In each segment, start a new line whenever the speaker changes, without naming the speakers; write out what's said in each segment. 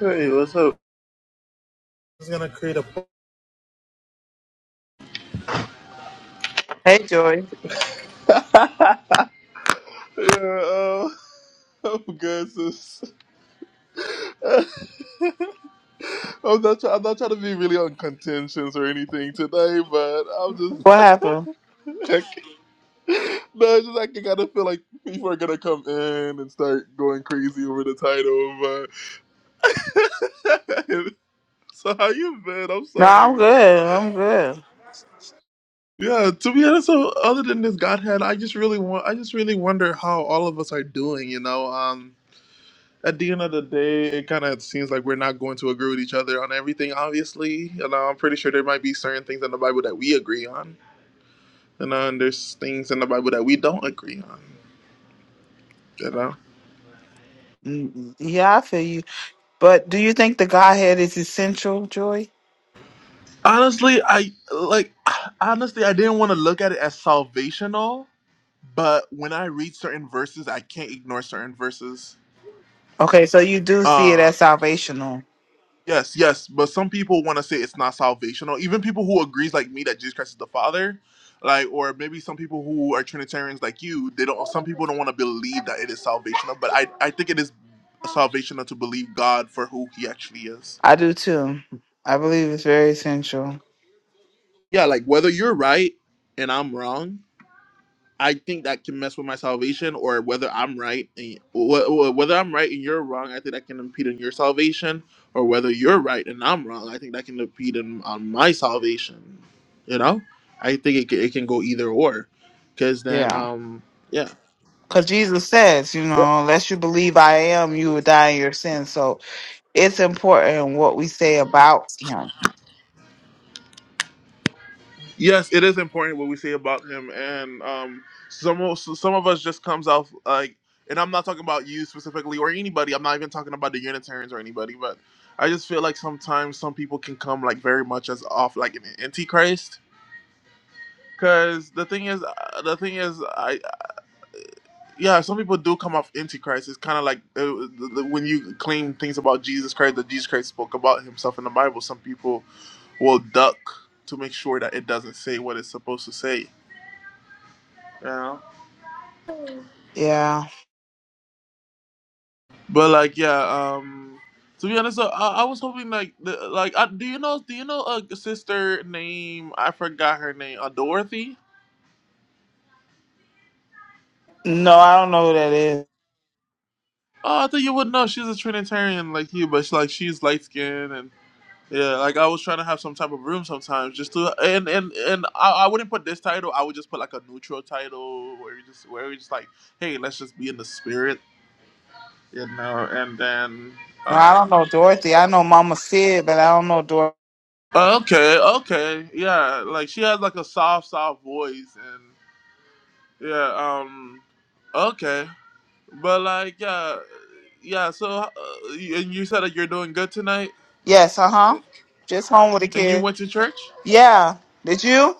Hey, what's up?
Hey, Joy.
Yeah, uh, I'm good, sis. I'm not, try- I'm not trying to be really on contentions or anything today, but I'm just,
What happened?
like, no, it's just like I kind of feel like people are gonna come in and start going crazy over the title. But so, how you been? I'm
No, I'm
sorry.
good. I'm good.
Yeah, to be honest, so other than this Godhead, I just really want, I just really wonder how all of us are doing. You know, um. at the end of the day, it kind of seems like we're not going to agree with each other on everything, obviously. You know, I'm pretty sure there might be certain things in the Bible that we agree on, you know, and there's things in the Bible that we don't agree on, you know.
Mm, mm, Yeah, I feel you. But do you think the Godhead is essential, Joy?
Honestly, I like, honestly, I didn't want to look at it as salvational, but when I read certain verses, I can't ignore certain verses.
Okay, so you do see it
Uh,
as salvational.
Yes, yes, but some people want to say it's not salvational. Even people who agrees like me that Jesus Christ is the Father, like, or maybe some people who are Trinitarians like you, they don't. Some people don't want to believe that it is salvational, but I, I think it is salvational to believe God for who He actually is.
I do too. I believe it's very essential.
Yeah, like whether you're right and I'm wrong, I think that can mess with my salvation, or whether I'm right, and, wh- wh- whether I'm right and you're wrong. I think that can impede on your salvation, or whether you're right and I'm wrong. I think that can impede on, on my salvation. You know, I think it, ca- it can go either or, because then,
Yeah.
um, yeah.
Because Jesus says, you know, unless you believe I am, you will die in your sins. So it's important what we say about him.
Yes, it is important what we say about him, and um, some of- some of us just comes out like, and I'm not talking about you specifically or anybody. I'm not even talking about the Unitarians or anybody, but I just feel like sometimes some people can come like very much as off like an antichrist. Cause the thing is, uh, the thing is, I uh, yeah, some people do come off antichrist. It's kind of like uh, the, the, when you claim things about Jesus Christ that Jesus Christ spoke about himself in the Bible. Some people will duck to make sure that it doesn't say what it's supposed to say you know.
Yeah.
But like, yeah. Um, to be honest, uh, I, I was hoping like, the, like, uh, do you know, do you know a sister named I forgot her name, uh, Dorothy?
No, I don't know who that is.
Oh, I thought you would know. She's a Trinitarian like you, but she, like she's light skinned and yeah. Like I was trying to have some type of room sometimes, just to and and and I, I wouldn't put this title. I would just put like a neutral title where we just where we just like, hey, let's just be in the spirit, you know. And then.
No, I
uh,
don't know Dorothy. I know Mama Sid, but I don't know Dorothy.
Okay, okay, yeah. Like she has like a soft, soft voice, and yeah, um, okay, but like yeah, yeah. So, uh, and you said that you're doing good tonight,
Yes, uh huh. Just home with the
and you
kids.
went to church.
Yeah. Did you?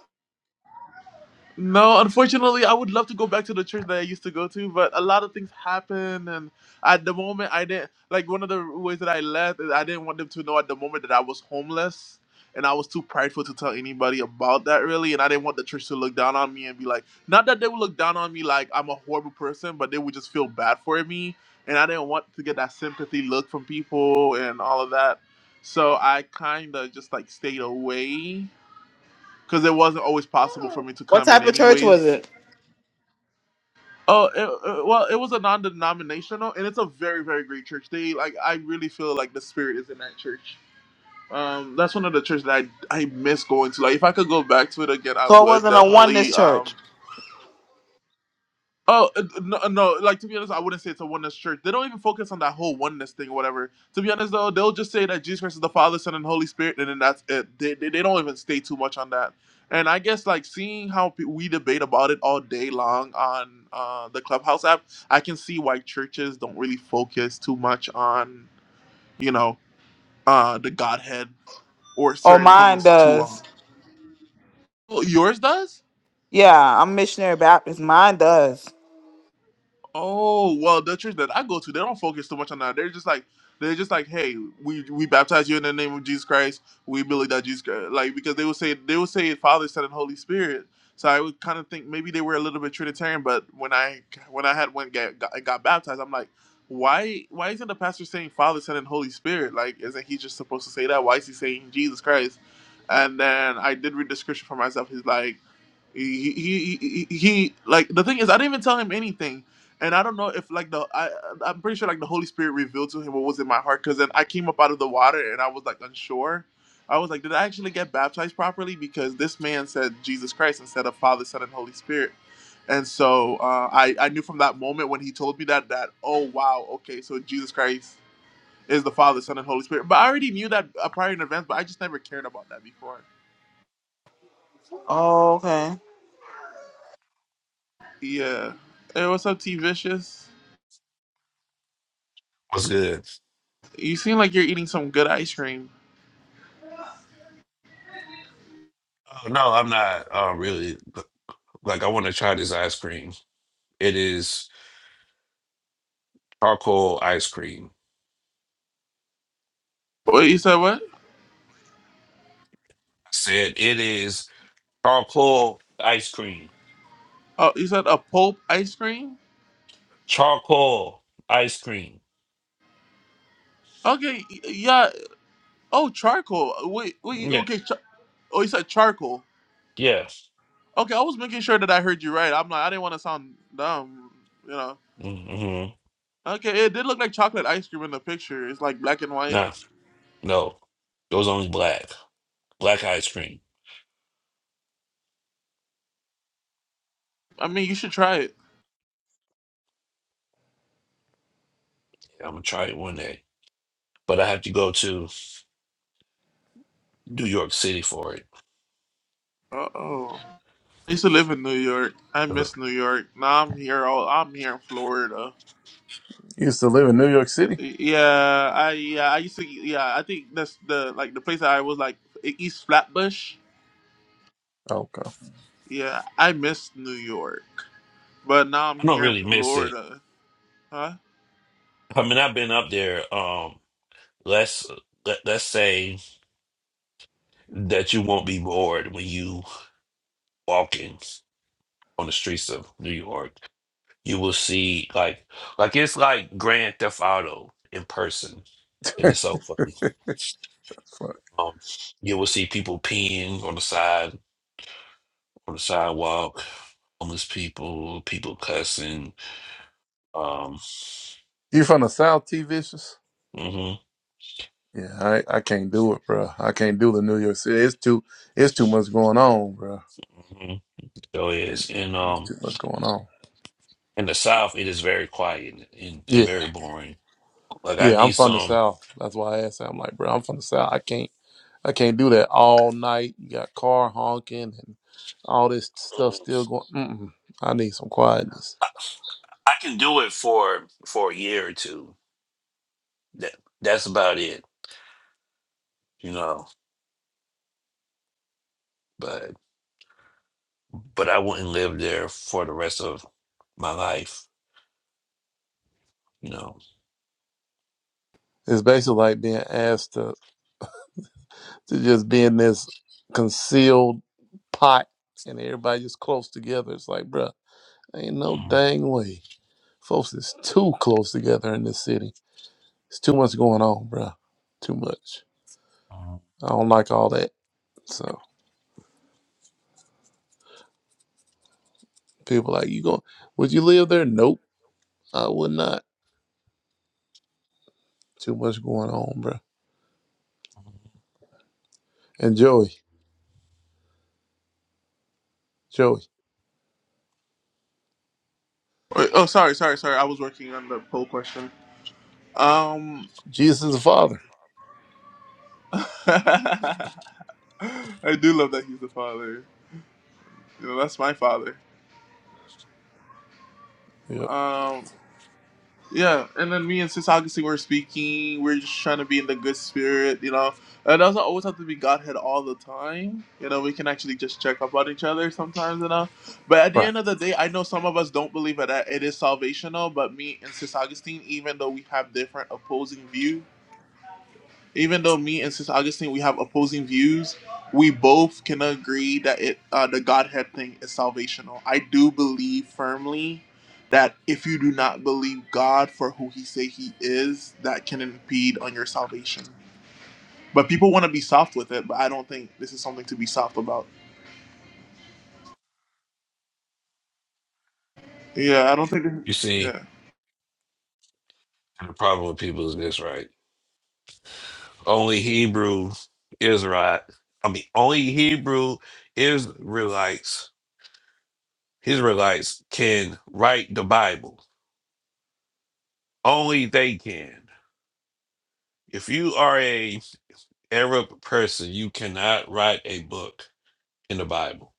No, unfortunately, I would love to go back to the church that I used to go to, but a lot of things happened, and at the moment, I didn't like one of the ways that I left is I didn't want them to know at the moment that I was homeless, and I was too prideful to tell anybody about that really, and I didn't want the church to look down on me and be like, not that they would look down on me like I'm a horrible person, but they would just feel bad for me, and I didn't want to get that sympathy look from people and all of that, so I kind of just like stayed away because it wasn't always possible for me to
What
come in
type of church was
anyways.
it?
Oh, it, uh, well, it was a non-denominational, and it's a very, very great church. They like, I really feel like the spirit is in that church. Um, that's one of the churches that I I miss going to. Like, if I could go back to it again, I
So it
would
wasn't a
definitely.
oneness
Um,
church.
Oh uh, no, no! Like to be honest, I wouldn't say it's a oneness church. They don't even focus on that whole oneness thing or whatever. To be honest, though, they'll just say that Jesus Christ is the Father, Son, and Holy Spirit, and then that's it. They they, they don't even stay too much on that. And I guess like seeing how pe- we debate about it all day long on uh, the Clubhouse app, I can see why churches don't really focus too much on you know uh, the Godhead or
Oh,
certain
mine
things too long.
does.
Well, Yours does?
Yeah, I'm missionary Baptist. Mine does.
Oh well, the church that I go to, they don't focus too much on that. They're just like, they're just like, hey, we we baptize you in the name of Jesus Christ. We believe that Jesus, Christ. like, because they would say they would say Father, Son, and Holy Spirit. So I would kind of think maybe they were a little bit Trinitarian. But when I when I had went get, got, got baptized, I'm like, why why isn't the pastor saying Father, Son, and Holy Spirit? Like, isn't he just supposed to say that? Why is he saying Jesus Christ? And then I did read the scripture for myself. He's like he, he, he, he, he- like the thing is, I didn't even tell him anything and I don't know if like the I I'm pretty sure like the Holy Spirit revealed to him what was in my heart because then I came up out of the water and I was like unsure. I was like, did I actually get baptized properly? Because this man said Jesus Christ instead of Father, Son, and Holy Spirit. And so uh, I I knew from that moment when he told me that that oh wow okay so Jesus Christ is the Father, Son, and Holy Spirit. But I already knew that uh, prior in advance, but I just never cared about that before.
Oh, okay.
Yeah. Hey, what's up, T Vicious?
What's good?
You seem like you're eating some good ice cream.
Oh, no, I'm not uh, really. Like, I want to try this ice cream. It is charcoal ice cream.
What you said? What?
I said it is charcoal ice cream.
Oh, you said a pulp ice cream?
Charcoal ice cream.
Okay, y- yeah. Oh, charcoal. uh, Wait, wait.
Yeah,
Okay. Char- oh, you said charcoal.
yeah.
Okay, I was making sure that I heard you right. I'm like, I didn't want to sound dumb, you know.
Mm-hmm.
Okay, it did look like chocolate ice cream in the picture. It's like black and white.
Nah, no. It was only black. Black ice cream.
I mean, you should try it.
Yeah, I'm gonna try it one day, but I have to go to New York City for it.
Uh oh. I used to live in New York. I miss
I
New York. Now I'm here. All I'm here in Florida.
You used to live in New York City?
Y- Yeah, I yeah I used to yeah I think that's the like the place that I was like East Flatbush.
Oh, okay.
Yeah, I miss New York, but now I'm
don't
here in
really miss it.
Florida. Huh?
I mean, I've been up there. Um, let's let, let's say that you won't be bored when you walking on the streets of New York. You will see like like it's like Grand Theft Auto in person, and it's so funny.
That's funny.
Um, you will see people peeing on the side on the sidewalk, homeless people, people cussing. Um,
You from the South, T Vicious?
hmm
Yeah, I, I can't do it, bro. I can't do the New York City. It's too it's too much going on, bro.
hmm So it is, and
It's
um,
too much going on.
in the South, it is very quiet and, and and
Yeah,
very boring. Like I
yeah. I'm
need
from the
some.
South. That's why I asked. that. I'm like, bro, I'm from the South. I can't I can't do that all night. You got car honking and all this stuff still going. Mm-mm. I need some quietness.
I can do it for for a year or two that that's about it, you know. But but I wouldn't live there for the rest of my life, you know.
It's basically like being asked to. to just being this concealed pot and everybody just close together. It's like, bruh, ain't no
Mm,
dang way. Folks is too close together in this city. It's too much going on, bruh. Too much.
mm.
I don't like all that. So people like, you go would you live there? Nope, I would not. Too much going on, bruh. And Joey, Joey,
Wait, oh, sorry, sorry, sorry. I was working on the poll question. Um,
Jesus is the Father.
I do love that he's the father. You know, that's my father.
Yep.
Um, Yeah, and then me and Sis Augustine were speaking. We're just trying to be in the good spirit, you know. It doesn't always have to be Godhead all the time. You know, we can actually just check up on each other sometimes, you know. But at the
Right.
end of the day, I know some of us don't believe that it is salvational. But me and Sis Augustine, even though we have different opposing views even though me and Sister Augustine we have opposing views, we both can agree that it uh, the Godhead thing is salvational. I do believe firmly that if you do not believe God for who He say He is, that can impede on your salvation. But people want to be soft with it, but I don't think this is something to be soft about. Yeah, I don't think. This,
You see,
yeah,
the problem with people is this, right? Only Hebrew Israelite, I mean, only Hebrew Israelites, Israelites can write the Bible. Only they can. If you are a Arab person, you cannot write a book in the Bible.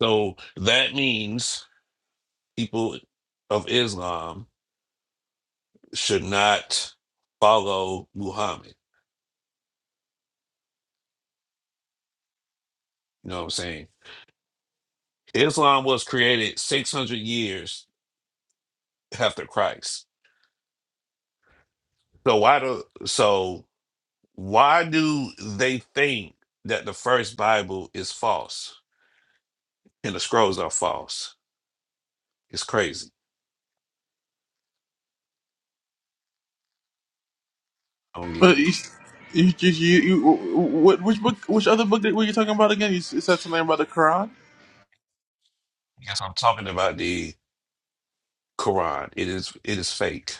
So that means people of Islam should not follow Muhammad. You know what I'm saying? Islam was created 600 years after Christ. So why do so why do they think that the first Bible is false and the scrolls are false? It's crazy. I don't get
but
it.
you, you, you, you, you what, which book, which other book that- were you talking about again? You s- said something about the Quran.
Because I'm talking about the Quran. It is it is fake.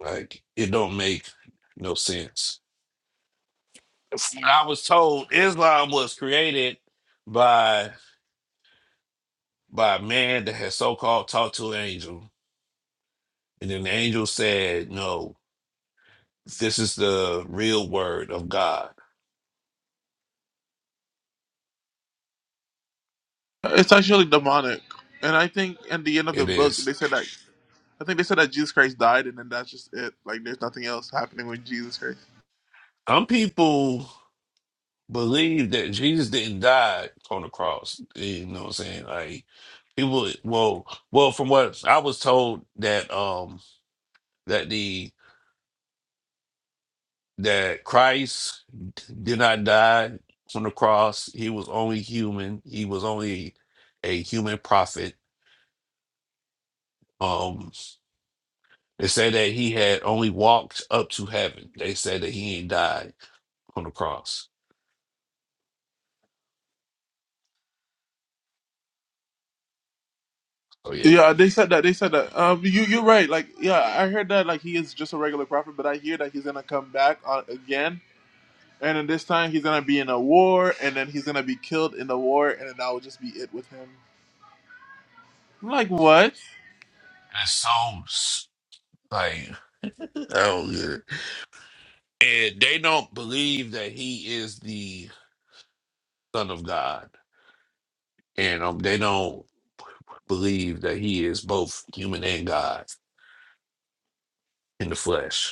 Like it don't make no sense. from what I was told, Islam was created by by a man that had so called talked to an angel, and then the angel said, "No, this is the real word of God.
It's actually demonic, and I think in the end of the
It
book
is."
they said that I think they said that Jesus Christ died, and then that's just it. Like there's nothing else happening with Jesus Christ.
Some people believe that Jesus didn't die on the cross. You know what I'm saying? Like people, well, well, from what I was told that um that the that Christ did not die on the cross. He was only human. He was only a human prophet. Um, they said that he had only walked up to heaven. They said that he ain't died on the cross. Oh yeah,
Yeah, they said that. They said that. Um, you you're right. Like yeah, I heard that. Like he is just a regular prophet, but I hear that he's gonna come back uh, again, and then this time he's gonna be in a war, and then he's gonna be killed in the war, and then that will just be it with him. I'm like what?
that's so s- like I don't get it. And they don't believe that he is the Son of God, and um, they don't believe that he is both human and God in the flesh.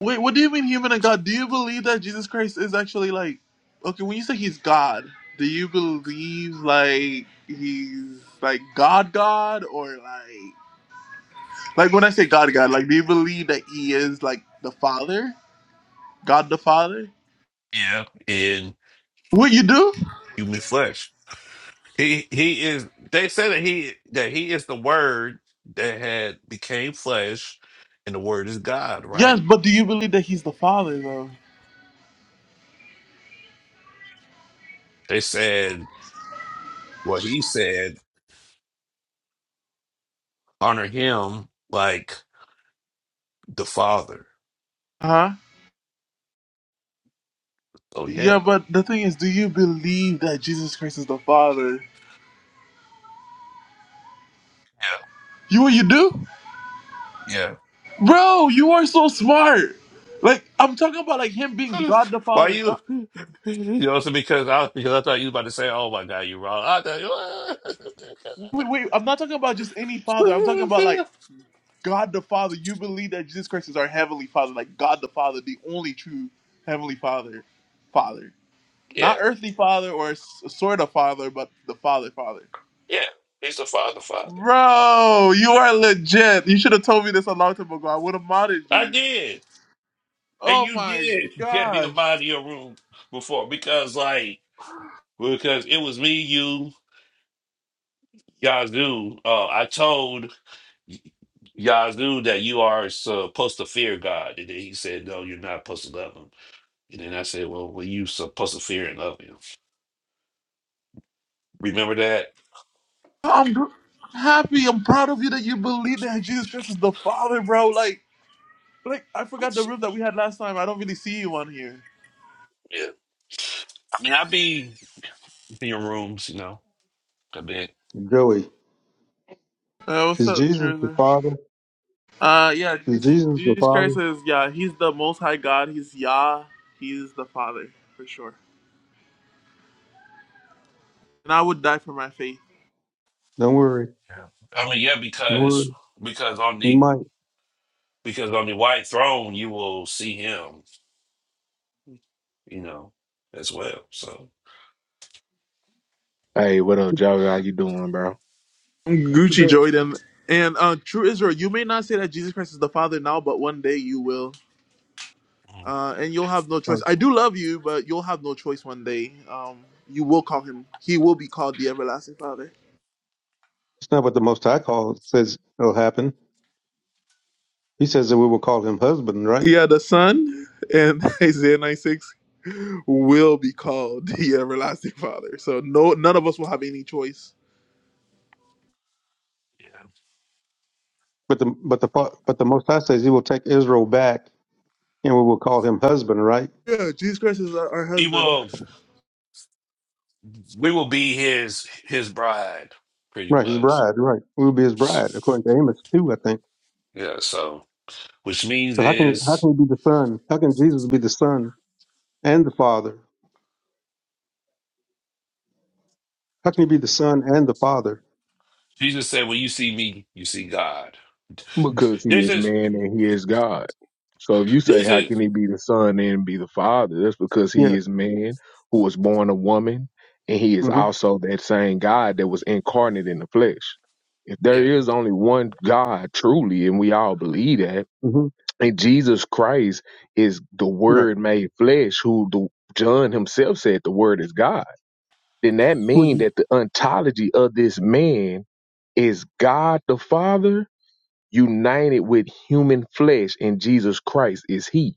Wait, what do you mean human and God? Do you believe that Jesus Christ is actually like okay, when you say he's God, do you believe like he's like God God or like like when I say God God, like do you believe that he is like the Father? God the Father?
Yeah, in
What you do?
human flesh. He he is. They say that he that he is the Word that had became flesh, and the Word is God.
Yes,
Right?
but do you believe that he's the Father though?
They said well, he said. Honor him like the Father.
Huh?
Oh
Yeah,
yeah,
but the thing is, do you believe that Jesus Christ is the Father? You what you do?
yeah,
Bro, you are so smart. Like I'm talking about like him being
yeah.
God the
Why
Father.
you? You know, so because I because I thought you were about to say, "Oh my God, you're wrong." I thought,
Wait, wait, I'm not talking about just any father. I'm talking about like
you-
God the Father. You believe that Jesus Christ is our heavenly Father, like God the Father, the only true heavenly Father, Father, not
yeah,
earthly Father or s- sort of Father, but the Father, Father.
yeah. He's the Father, Father.
Bro, you are legit. You should have told me this a long time ago. I would have modded
I
you.
did. And
Oh
you
my
did get me up
gosh,
out of your room before because, like, because it was me, you, Yazoo. Uh, I told Yazoo that you are supposed to fear God. And then he said, No, you're not supposed to love him. And then I said, Well, well you supposed to fear and love him. Remember that?
I'm gr- happy. I'm proud of you that you believe that Jesus Christ is the Father, bro. Like, like I forgot the room that we had last time. I don't really see you on here.
Yeah. I mean, i be in your rooms, you know, a bit.
Joey,
Uh, what's
is
up,
Jesus the
Trisha?
Father?
Uh, yeah,
Is
Jesus,
Jesus the
Jesus
Father?
Christ is yeah. He's the Most High God. He's Yah. He's the Father for sure. And I would die for my faith.
Don't worry.
I mean, yeah,
Don't
because
worry.
because on
We
the
might.
because on the white throne you will see him, you know, as well. So.
Hey, what up, Joey? How you doing, bro?
But
Gucci
Joey,
Jordan and uh, true Israel. You may not say that Jesus Christ is the Father now, but one day you will. Uh, and you'll have no
uh,
choice. I do love you, but you'll have no choice one day. Um, you will call him. He will be called the everlasting Father.
It's not what the Most High call says will happen. He says that we will call him husband, right?
Yeah, the Son and Isaiah 96 will be called the everlasting Father. So no, none of us will have any choice
Yeah.
But the but the fa- but the Most High says he will take Israel back, and we will call him husband, right?
Yeah, Jesus Christ is our, our
We
husband.
will we will be his his bride, pretty
Right, his
much.
bride, right? We will be his bride, according to Amos two, I think.
Yeah, so which means
So how can how
is
can he be the son? How can Jesus be the son and the father? How can he be the son and the father?
Jesus said, When you see me, you see God.
Because he
This
is
is
man and he is God. So if you say,
this
how can
is
he be the son and be the father? That's because he
Yes.
is man who was born a woman, and he is
hmm
also that same God that was incarnate in the flesh. If there
yeah.
is only one God truly, and we all believe that,
hmm
and Jesus Christ is the
Right.
Word made flesh, who the, John himself said the Word is God, then that
Who is
means
he,
that the ontology of this man is God the Father united with human flesh, and Jesus Christ is He.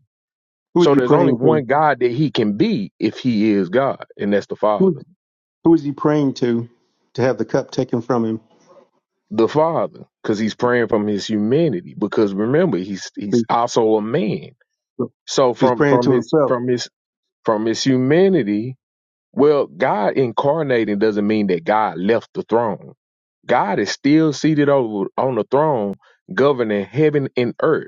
who is
So
he
there's only
praying
one
to?
God that He can be if He is God, and that's the Father.
Who is he praying to to have the cup taken from him?
The Father, because He's praying from His humanity. Because remember, He's He's also a man. So
He's
from
praying
from
to
His
himself.
from His from His humanity, well, God incarnating doesn't mean that God left the throne. God is still seated over on the throne, governing heaven and earth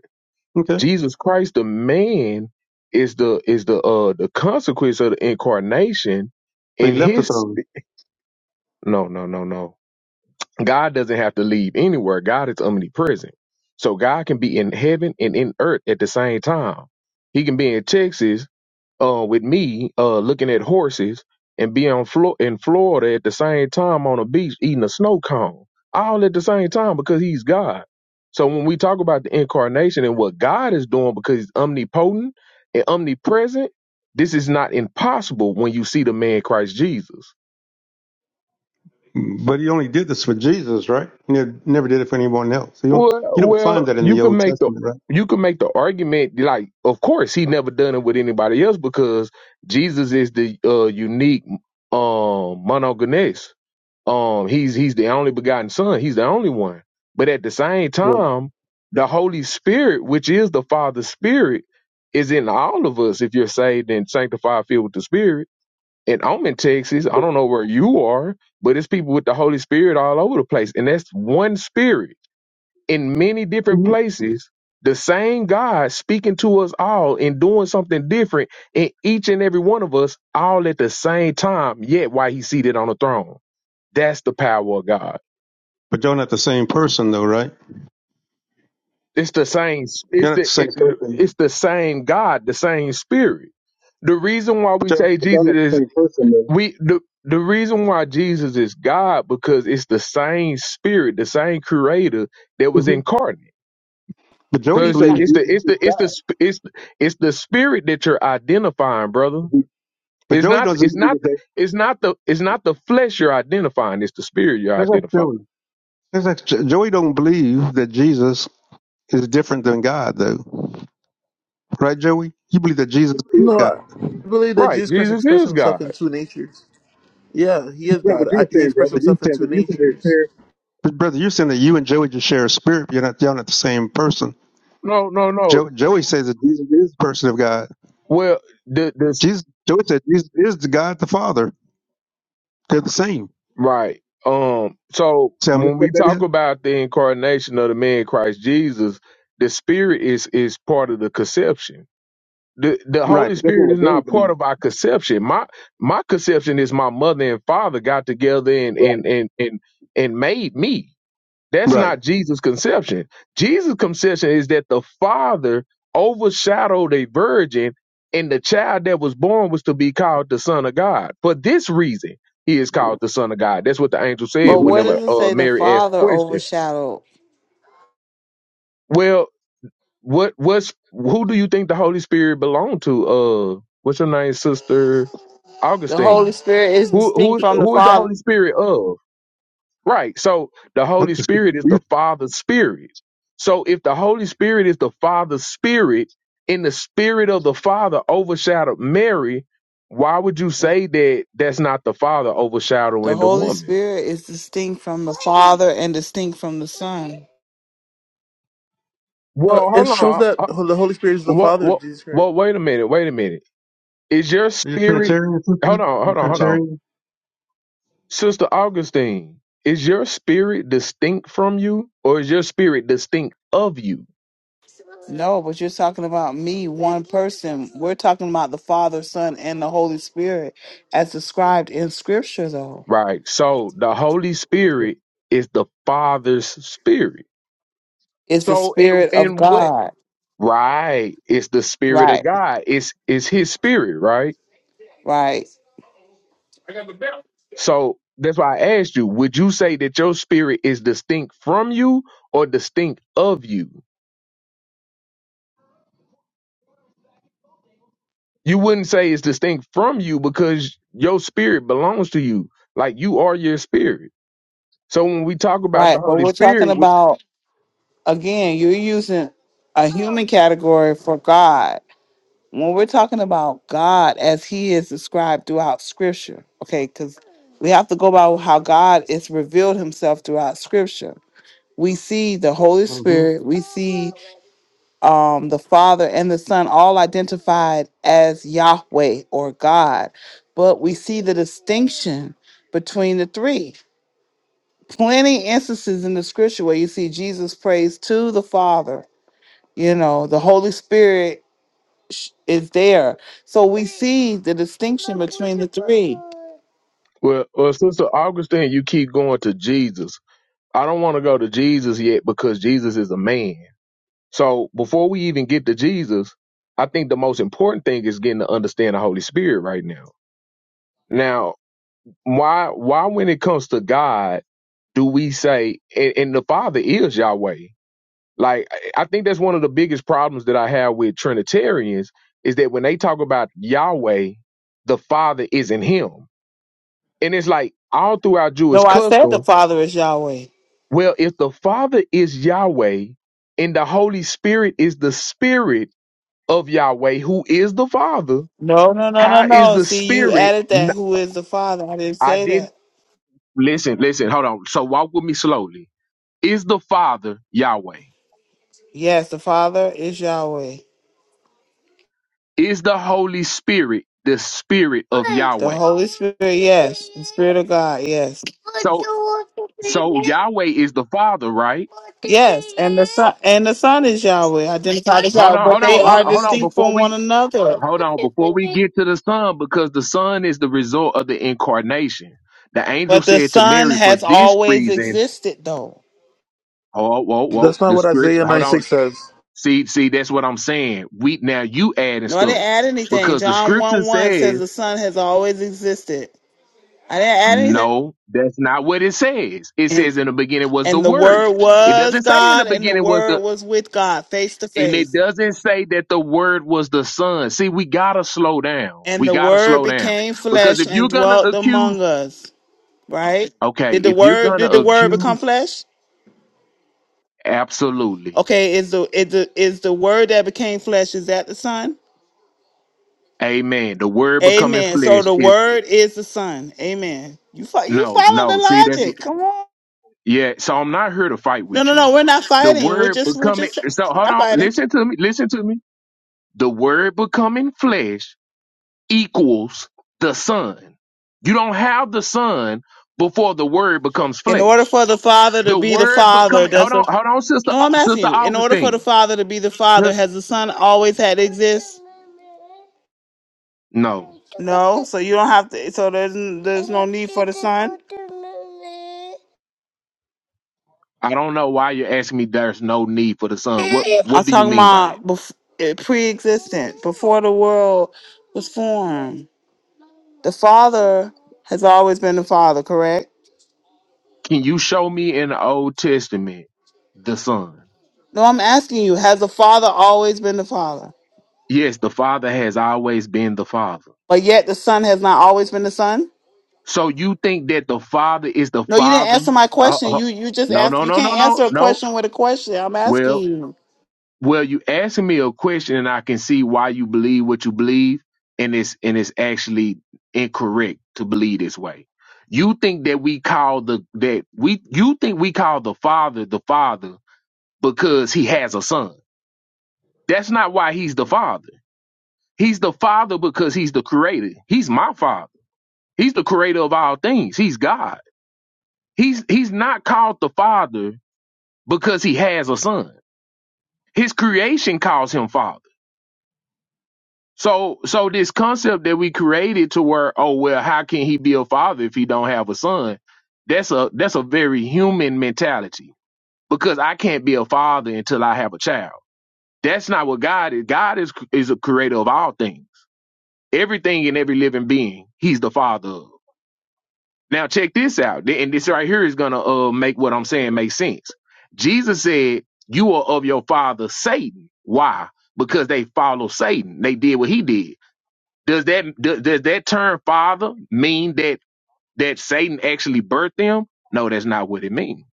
Okay.
Jesus Christ, the man, is the is the uh the consequence of the incarnation
So he
in
left the
his
throne.
no no no no. God doesn't have to leave anywhere. God is omnipresent. So God can be in heaven and in earth at the same time. He can be in Texas uh, with me uh, looking at horses and being on Flo- in Florida at the same time on a beach eating a snow cone, all at the same time because he's God. So when we talk about the incarnation and what God is doing because he's omnipotent and omnipresent, this is not impossible when you see the man Christ Jesus.
But he only did this for Jesus, right? He never, never did it for anyone else. You don't,
Well,
you don't find
well,
that in
you
the
can
Old
make the
Testament, right?
you can make the argument like, of course, he never done it with anybody else because Jesus is the uh, unique um monogenes Um, he's he's the only begotten son. He's the only one. But at the same
Right.
time, the Holy Spirit, which is the Father's Spirit, is in all of us if you're saved and sanctified, filled with the Spirit. And I'm in Texas. I don't know where you are, but it's people with the Holy Spirit all over the place. And that's one spirit in many different
Mhm.
places. The same God speaking to us all and doing something different in each and every one of us all at the same time, yet while he's seated on the throne. That's the power of God.
But you're not the same person, though, right?
It's the same.
You're
It's
not the
the it,
same person.
it's the same God, the same Spirit. The reason why
But
we
you're,
say
but you're
Jesus
not the
is
same person, though.
we the the reason why Jesus is God because it's the same Spirit, the same Creator that was
Mhm.
incarnate.
But
So
Joey
He-
it's the
believes
it's the
Jesus
it's
is
the it's the
God.
sp- it's the- it's the Spirit that you're identifying, brother.
Mhm. But
It's
Joey
not
doesn't
it's
believe
not
that. They,
it's not the it's not the flesh you're identifying. It's the Spirit you're
that's not
identifying.
Joey. That's not, Joey don't believe that Jesus is different than God, though. Right, Joey? You believe that Jesus is
No,
God.
I believe that
Right?
Jesus Christ
Jesus
expressed
is
himself in
God.
two natures. Yeah, he
That's
is
not
God.
what you were
I, he
saying,
expressed
brother. You
himself in
said
two
that you said they
natures.
share. But brother, you're saying that you and Joey just share a spirit, but you're not y'all not the same person.
No, no, no.
Jo- Joey says that Jesus is the person of God.
Well, th- this
Jesus Joey said Jesus is the God the Father. They're the same.
right. Um, so
See how
when
messed up
we
that is?
talk about the incarnation of the man Christ Jesus, the Spirit is is part of the conception. The the
Right,
Holy
But that's not
Spirit
what
is
Joey
not part
believes.
of our conception. My my conception is my mother and father got together and
Right.
and and and, and made me. That's
right.
not Jesus' conception. Jesus' conception is that the Father overshadowed a virgin, and the child that was born was to be called the Son of God. For this reason, he is called the Son of God. That's what the angel said
But
hmm
what does
whenever
it
uh,
say? The
Mary asked the
Father
question.
overshadowed.
Well, what what's who do you think the Holy Spirit belonged to? Uh, what's your name, Sister
The Holy
Augustine?
Spirit is
Who
distinct
who
from the
who is the
Father.
Holy Spirit of? Right. So the
Look
Holy
at this stupid
Spirit is the Father's Spirit. So if the Holy Spirit is the Father's Spirit and the Spirit of the Father overshadowed Mary, why would you
Are
say that that's not the Father
The
overshadowing the
Holy
woman?
Spirit is distinct from the Father and distinct from the Son.
Uh,
Well,
it
hold
shows
on.
that
Uh,
the Holy Spirit is the
Well,
Father of
well,
Jesus Christ.
well wait a minute. Wait a minute. Is your
you a
spirit.
Trinitarian sister? Are
Hold on.
you a
Hold on. Hold on.
Trinitarian?
Sister Augustine, is your spirit distinct from you or is your spirit distinct of you?
No, but you're talking about me, one person. We're talking about the Father, Son, and the Holy Spirit as described in Scripture, though.
Right. So the Holy Spirit is the Father's spirit.
It's the
So in
Spirit
in
of
what
God.
right? It's the spirit of
Right,
God. It's it's his spirit, right?
right,
So that's why I asked you, would you say that your spirit is distinct from you or distinct of you? You wouldn't say it's distinct from you because your spirit belongs to you. Like you are your spirit. So when we talk about the
right. But
Holy
we're talking
Spirit, we,
about, again, you're using a human category for God. When we're talking about God as He is described throughout Scripture, okay, because we have to go by how God is revealed Himself throughout Scripture. We see the Holy
hmm
Spirit, we see um, the Father and the Son, all identified as Yahweh or God. But we see the distinction between the three. Plenty instances in the scripture where you see Jesus prays to the Father. You know, the Holy Spirit sh- is there. So we see the distinction between the three.
well, well, Sister Augustine, you keep going to Jesus. I don't want to go to Jesus yet because Jesus is a man. So before we even get to Jesus, I think the most important thing is getting to understand the Holy Spirit right now. Now, why why when it comes to God do we say and, and the Father is Yahweh? Like I I think that's one of the biggest problems that I have with Trinitarians is that when they talk about Yahweh, the Father isn't him. And it's like all throughout Jewish
No, I said
custom,
the Father is Yahweh.
Well, if the Father is Yahweh and the Holy Spirit is the Spirit of Yahweh, who is the Father,
No, no, no, no,
how is
no.
the
See, you
Spirit?
added
n-
that. Who is the Father? I didn't
I
say
didn't
that.
listen, listen, hold on. So walk with me slowly. Is the Father Yahweh?
Yes, the Father is Yahweh.
Is the Holy Spirit the Spirit of
The
Yahweh?
Holy Spirit, yes. The Spirit of God, yes.
So, so Yahweh is the Father, right?
Yes, and the son and the son is Yahweh, identified as
Hold
Yahweh,
on,
but
hold on,
they
hold
are
on, hold on.
distinct
Before
from
we
one another.
Hold on, before we get to the Son, because the Son is the result of the incarnation. The angel
But the
said to
son
Mary, for
has
this
always
reason,
existed, though.
oh, whoa, whoa,
That's not
the
what Isaiah
scripture, hold
9 6
on.
says.
See, see, that's what I'm saying. We now you adding
No, I didn't
stuff
add anything.
because the
John
scripture
one one says
says,
the son has always existed. I didn't add anything.
no, that's not what it says. It
And,
says in the beginning was the
and the
word.
word
It
was
doesn't say in the
God, and the
beginning was
word
the,
was with God, face to
and it
face.
doesn't say that the word was the son. See, we gotta slow down.
And
We
the
gotta
word
slow down
became
because
flesh
if
and
you're gonna
dwelt
accuse
among us. Right?
Okay,
Did the
if you're
word
gonna
did the word become
accuse,
flesh?
absolutely.
Okay, is the is the is the word that became flesh is that the son?
Amen. The word becoming
Amen. So
flesh
the
is
word is the son. Amen. You fo- you
no,
follow the
no. See, that's
logic. Come on.
yeah. So I'm not here to fight
No,
with
no,
you.
no. We're not
The
fighting. We're
word
just we're
becoming
just
so
we're
hold
not
on,
fighting.
listen to me, listen to me. The word becoming flesh equals the son. You don't have the son before the word becomes
In order
flesh.
for the father to
The
be the
word
father,
becoming
does
hold on,
the
hold on, sister
no? I'm asking
sister
you. In order for the
Augustine.
father to be the father,
Just
has the son always had to exist?
no.
No. So you don't have to. So there's n- there's no need for the son.
I don't know why you're asking me there's no need for the son. What what
I'm
do you
talking
mean by that?
about bef- eh, pre-existent, before the world was formed. The Father has always been the Father, correct?
Can you show me in the Old Testament the son?
No, I'm asking you, has the Father always been the Father?
Yes, the father has always been the father.
But yet the Son has not always been the Son?
So you think that the father is the
No, you didn't
father?
answer my
Uh,
question.
uh,
You you just
no,
asked
no,
you
no, no,
can't
no,
answer a
no.
question with a question. I'm asking
Well,
you.
well, you asking me a question and I can see why you believe what you believe and it's and it's actually incorrect to believe this way. You think that we call the that we you think we call the father the father because he has a son. That's not why he's the father. He's the father because he's the creator. He's my father. He's the creator of all things. He's God. He's he's not called the father because he has a son. His creation calls him father. So so this concept that we created to where oh well how can he be a father if he don't have a son? That's a that's a very human mentality because I can't be a father until I have a child. That's not what God is. God is is a creator of all things. everything and every living being he's the father of now check this out th- and this right here is gonna uh make what i'm saying make sense jesus said you are of your father satan why because they follow satan they did what he did does that do- does that term father mean that that satan actually birthed them no that's not what it means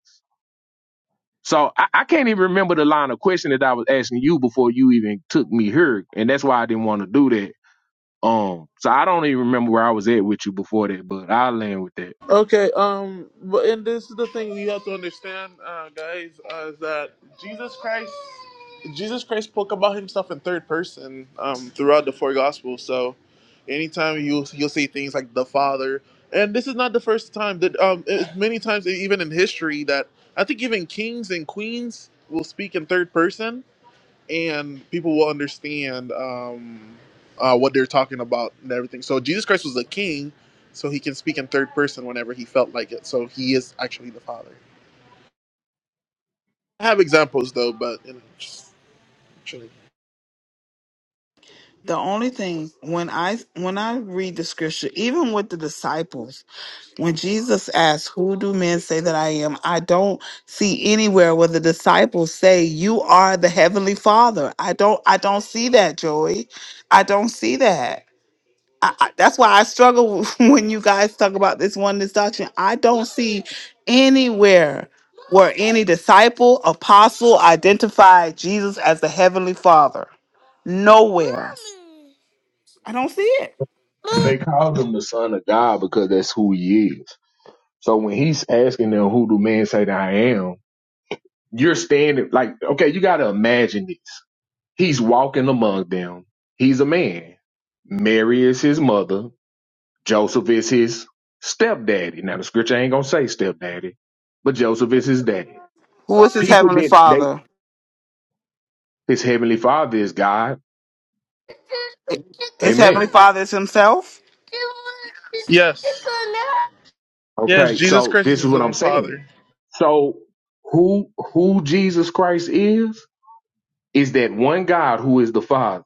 so I, I can't even remember the line of question that i was asking you before you even took me here and that's why i didn't want to do that Um, so I don't even remember where I was at with you before that, but I'll land with that.
Okay, um, but and this is the thing you have to understand, uh, guys, uh, is that Jesus Christ, Jesus Christ spoke about himself in third person um, throughout the four gospels. So, anytime you you'll see things like the Father, and this is not the first time that um, it, many times even in history that I think even kings and queens will speak in third person and people will understand um, uh, what they're talking about and everything. So Jesus Christ was a king, so he can speak in third person whenever he felt like it. So he is actually the Father. I have examples though, but you know, just chilling.
The only thing when I when I read the scripture, even with the disciples, when Jesus asks, "Who do men say that I am?" I don't see anywhere where the disciples say, "You are the heavenly Father." I don't I don't see that, Joey. I don't see that. I, I, that's why I struggle when you guys talk about this oneness doctrine. I don't see anywhere where any disciple, apostle identified Jesus as the heavenly Father. Nowhere. I don't see it.
They called him the son of God because that's who he is. So when he's asking them, who do men say that I am? You're standing like, okay, you got to imagine this. He's walking among them. He's a man. Mary is his mother. Joseph is his stepdaddy. Now the scripture ain't going to say stepdaddy, but Joseph is his dad.
Who is his
People
heavenly
did, they,
father?
his heavenly father is God.
His heavenly
Amen
father is himself.
Yes, yes,
Okay,
Jesus
so
Christ is
this is
his
what I'm
own Father.
saying. So who who Jesus Christ is is that one God who is the Father,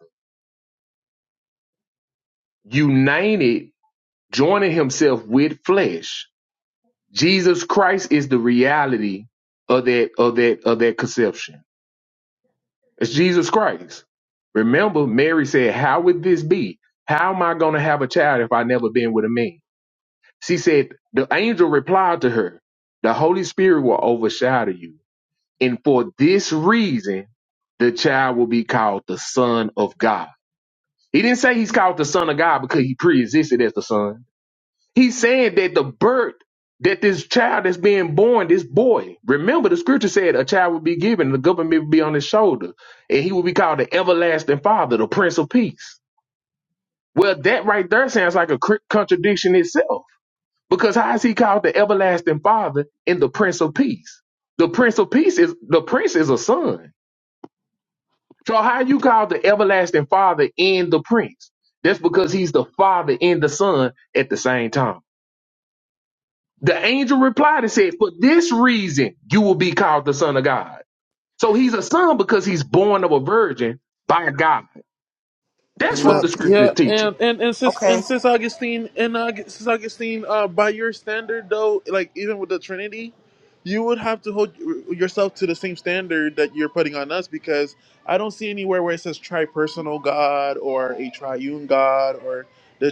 united, joining himself with flesh. Jesus Christ is the reality of that of that of that conception. It's Jesus Christ. Remember, Mary said, How would this be? How am I gonna have a child if I never been with a man? She said, The angel replied to her, The Holy Spirit will overshadow you And for this reason, the child will be called the Son of God. He didn't say he's called the Son of God because he pre-existed as the Son. He's saying that the birth that this child that's being born, this boy, remember the scripture said a child will be given, the government will be on his shoulder, and he will be called the everlasting father, the Prince of Peace. Well, that right there sounds like a cr- contradiction itself. Because how is he called the everlasting father and the Prince of Peace? The Prince of Peace is the prince is a son. So how you call the everlasting father and the prince? That's because he's the father and the son at the same time. The angel replied and said, For this reason you will be called the son of God. So he's a son because he's born of a virgin by God. That's what
Amen.
So,
the scripture is
Yeah,
teaching.
and and and since
okay.
and since Augustine and uh, since Augustine, uh, by your standard though, like even with the Trinity, you would have to hold y- yourself to the same standard that you're putting on us because I don't see anywhere where it says tripersonal God or a triune God or the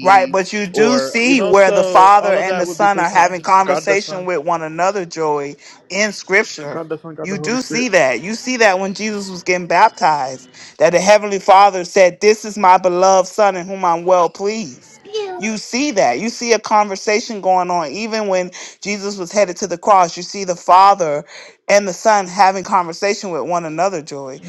Right, but you do
or you
see
know,
where the
so
father
all of
and
that
the
would be
son are
placed on
having
God the
conversation
Son,
with one another, Joey, in scripture.
God the Son, God the
You
Holy
do
Spirit.
see that. You see that when Jesus was getting baptized, that the heavenly father said, This is my beloved son in whom I'm well pleased. You see that. You see a conversation going on. Even when Jesus was headed to the cross, you see the father and the son having conversation with one another, Joey.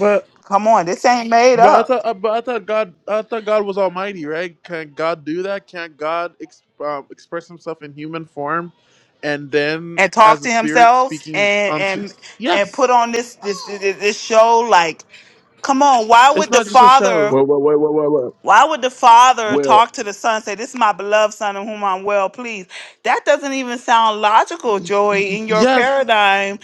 Come on, this ain't made
But I
up.
thought, uh, but I thought God, I thought God was Almighty, right? Can God do that? Can't God ex- um, express Himself in human form, and then
and talk
as a
to
spirit
himself
speaking
and
unto?
and and
Yes,
put on this this this, this show like come on why
it's
would the
not just a show.
father
Well, well, well, well, well, well.
why would the father
well
talk to the son and say this is my beloved son in whom i'm well pleased that doesn't even sound logical
Y- y- y-
joey in your
Yes,
paradigm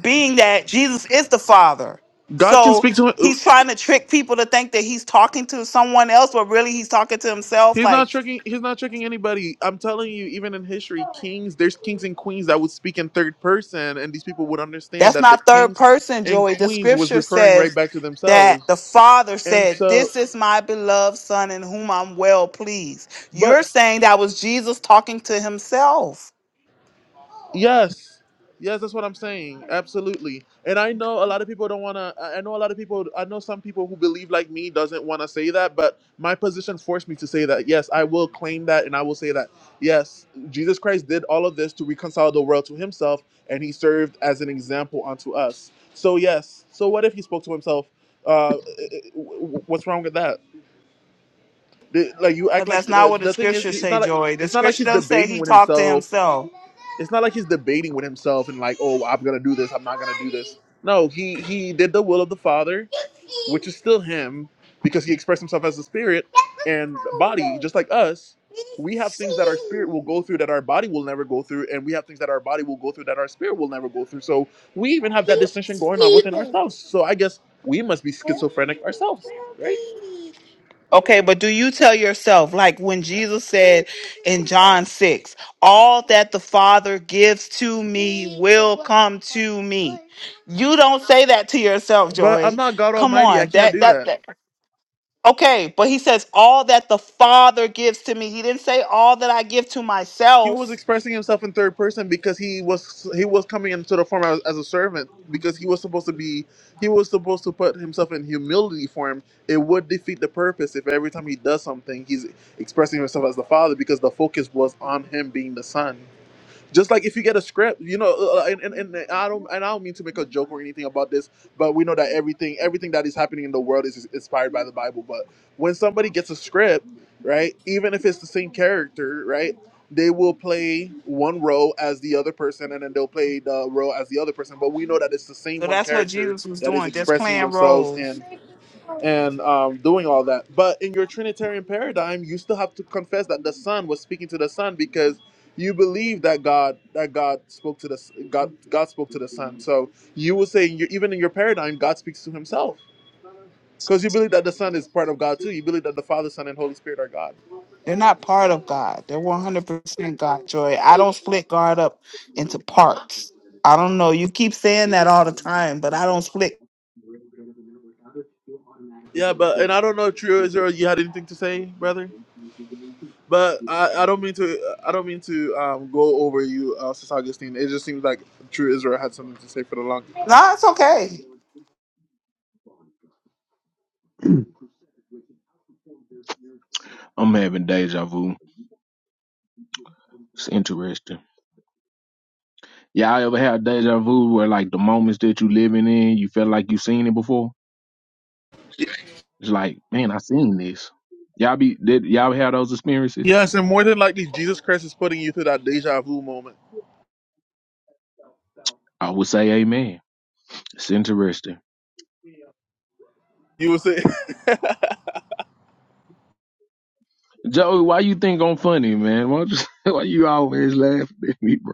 being that jesus is the father
God can
so
speak to him.
he's trying to trick people to think that he's talking to someone else but really he's talking to himself
He's not
like
tricking. He's not tricking anybody. I'm telling you, even in history, kings, there's kings and queens that would speak in third person, and these people would understand
That's
that the
not third
kings
person,
and
Joey. The
queens was
scripture
referring right
says
back to
that
themselves.
the father
And
said,
so,
This is my beloved son in whom I'm well pleased.
but
You're saying that was Jesus talking to himself.
Yes. Yes, that's what I'm saying. Absolutely. And I know a lot of people don't want to I I know a lot of people I know some people who believe like me doesn't want to say that, but my position forced me to say that. Yes, I will claim that and I will say that. Yes, Jesus Christ did all of this to reconcile the world to himself and he served as an example unto us. So yes. So what if he spoke to himself? Uh it- it- w- w- what's wrong with that? The- Like you
Because
act like
that's not
the
what the
the thing is
scriptures
it's
say,
not like
Joey. The
it's not like
scripture
he's
doesn't say
debating
he
with
talked to
himself
himself.
it's not like he's debating with himself and like, oh, I'm gonna do this, I'm not gonna do this. No, he he did the will of the Father, which is still him, because he expressed himself as a spirit and body, just like us. We have things that our spirit will go through that our body will never go through, and we have things that our body will go through that our spirit will never go through. So we even have that distinction going on within ourselves. So I guess we must be schizophrenic ourselves, right?
Okay, but do you tell yourself, like when Jesus said, in John 6 all that the Father gives to me will come to me. You don't say that to yourself,
But I'm
Joy.
not God
Come
Almighty. I
on.
can't
That
do
that,
that.
that Okay, but he says all that the Father gives to me. He didn't say all that I give to
he was
myself.
expressing himself in third person because he was he was coming into the form as, as a servant because he was supposed to be he was supposed to put himself in humility for him it would defeat the purpose if every time he does something he's expressing himself as the father because the focus was on him being the son just like if you get a script, you know, uh, uh, and, and, and I don't and I don't mean to make a joke or anything about this, but we know that everything everything that is happening in the world is is inspired by the Bible. But when somebody gets a script, right, even if it's the same character, right, they will play one role as the other person, and then they'll play the role as the other person. But we know that it's the same
So
one
that's what
character
Jesus was
that is
doing, just
expressing
playing
themselves, and
roles.
and um, doing all that. But in your Trinitarian paradigm, you still have to confess that the Son was speaking to the Son because you believe that God that God spoke to the S- God God spoke to the Son. So you will say you even in your paradigm, God speaks to Himself because you believe that the Son is part of God too. You believe that the Father, Son, and Holy Spirit are God.
They're not part of God. They're 100% God, Joy. I don't split God up into parts. I don't know. You keep saying that all the time, but I don't split
Yeah, but and I don't know, True Israel, you had anything to say, brother? But
Thank
I, I
you.
don't mean to I don't mean to um, go over you, uh, Sis Augustine. It just seems like True Israel had something to say for the long time.
No, it's okay.
I'm having deja vu. It's interesting. Y'all ever have deja vu where like the moments that you living in, you feel like you seen it before? It's like, man, I seen this. Y'all be did y'all have those experiences?
Yes, and more than likely, Jesus Christ is putting you through that deja vu moment.
I would say amen. It's interesting.
You were saying,
Joey, why you think I'm funny, man? Why, don't you, why you always laughing at me, bro?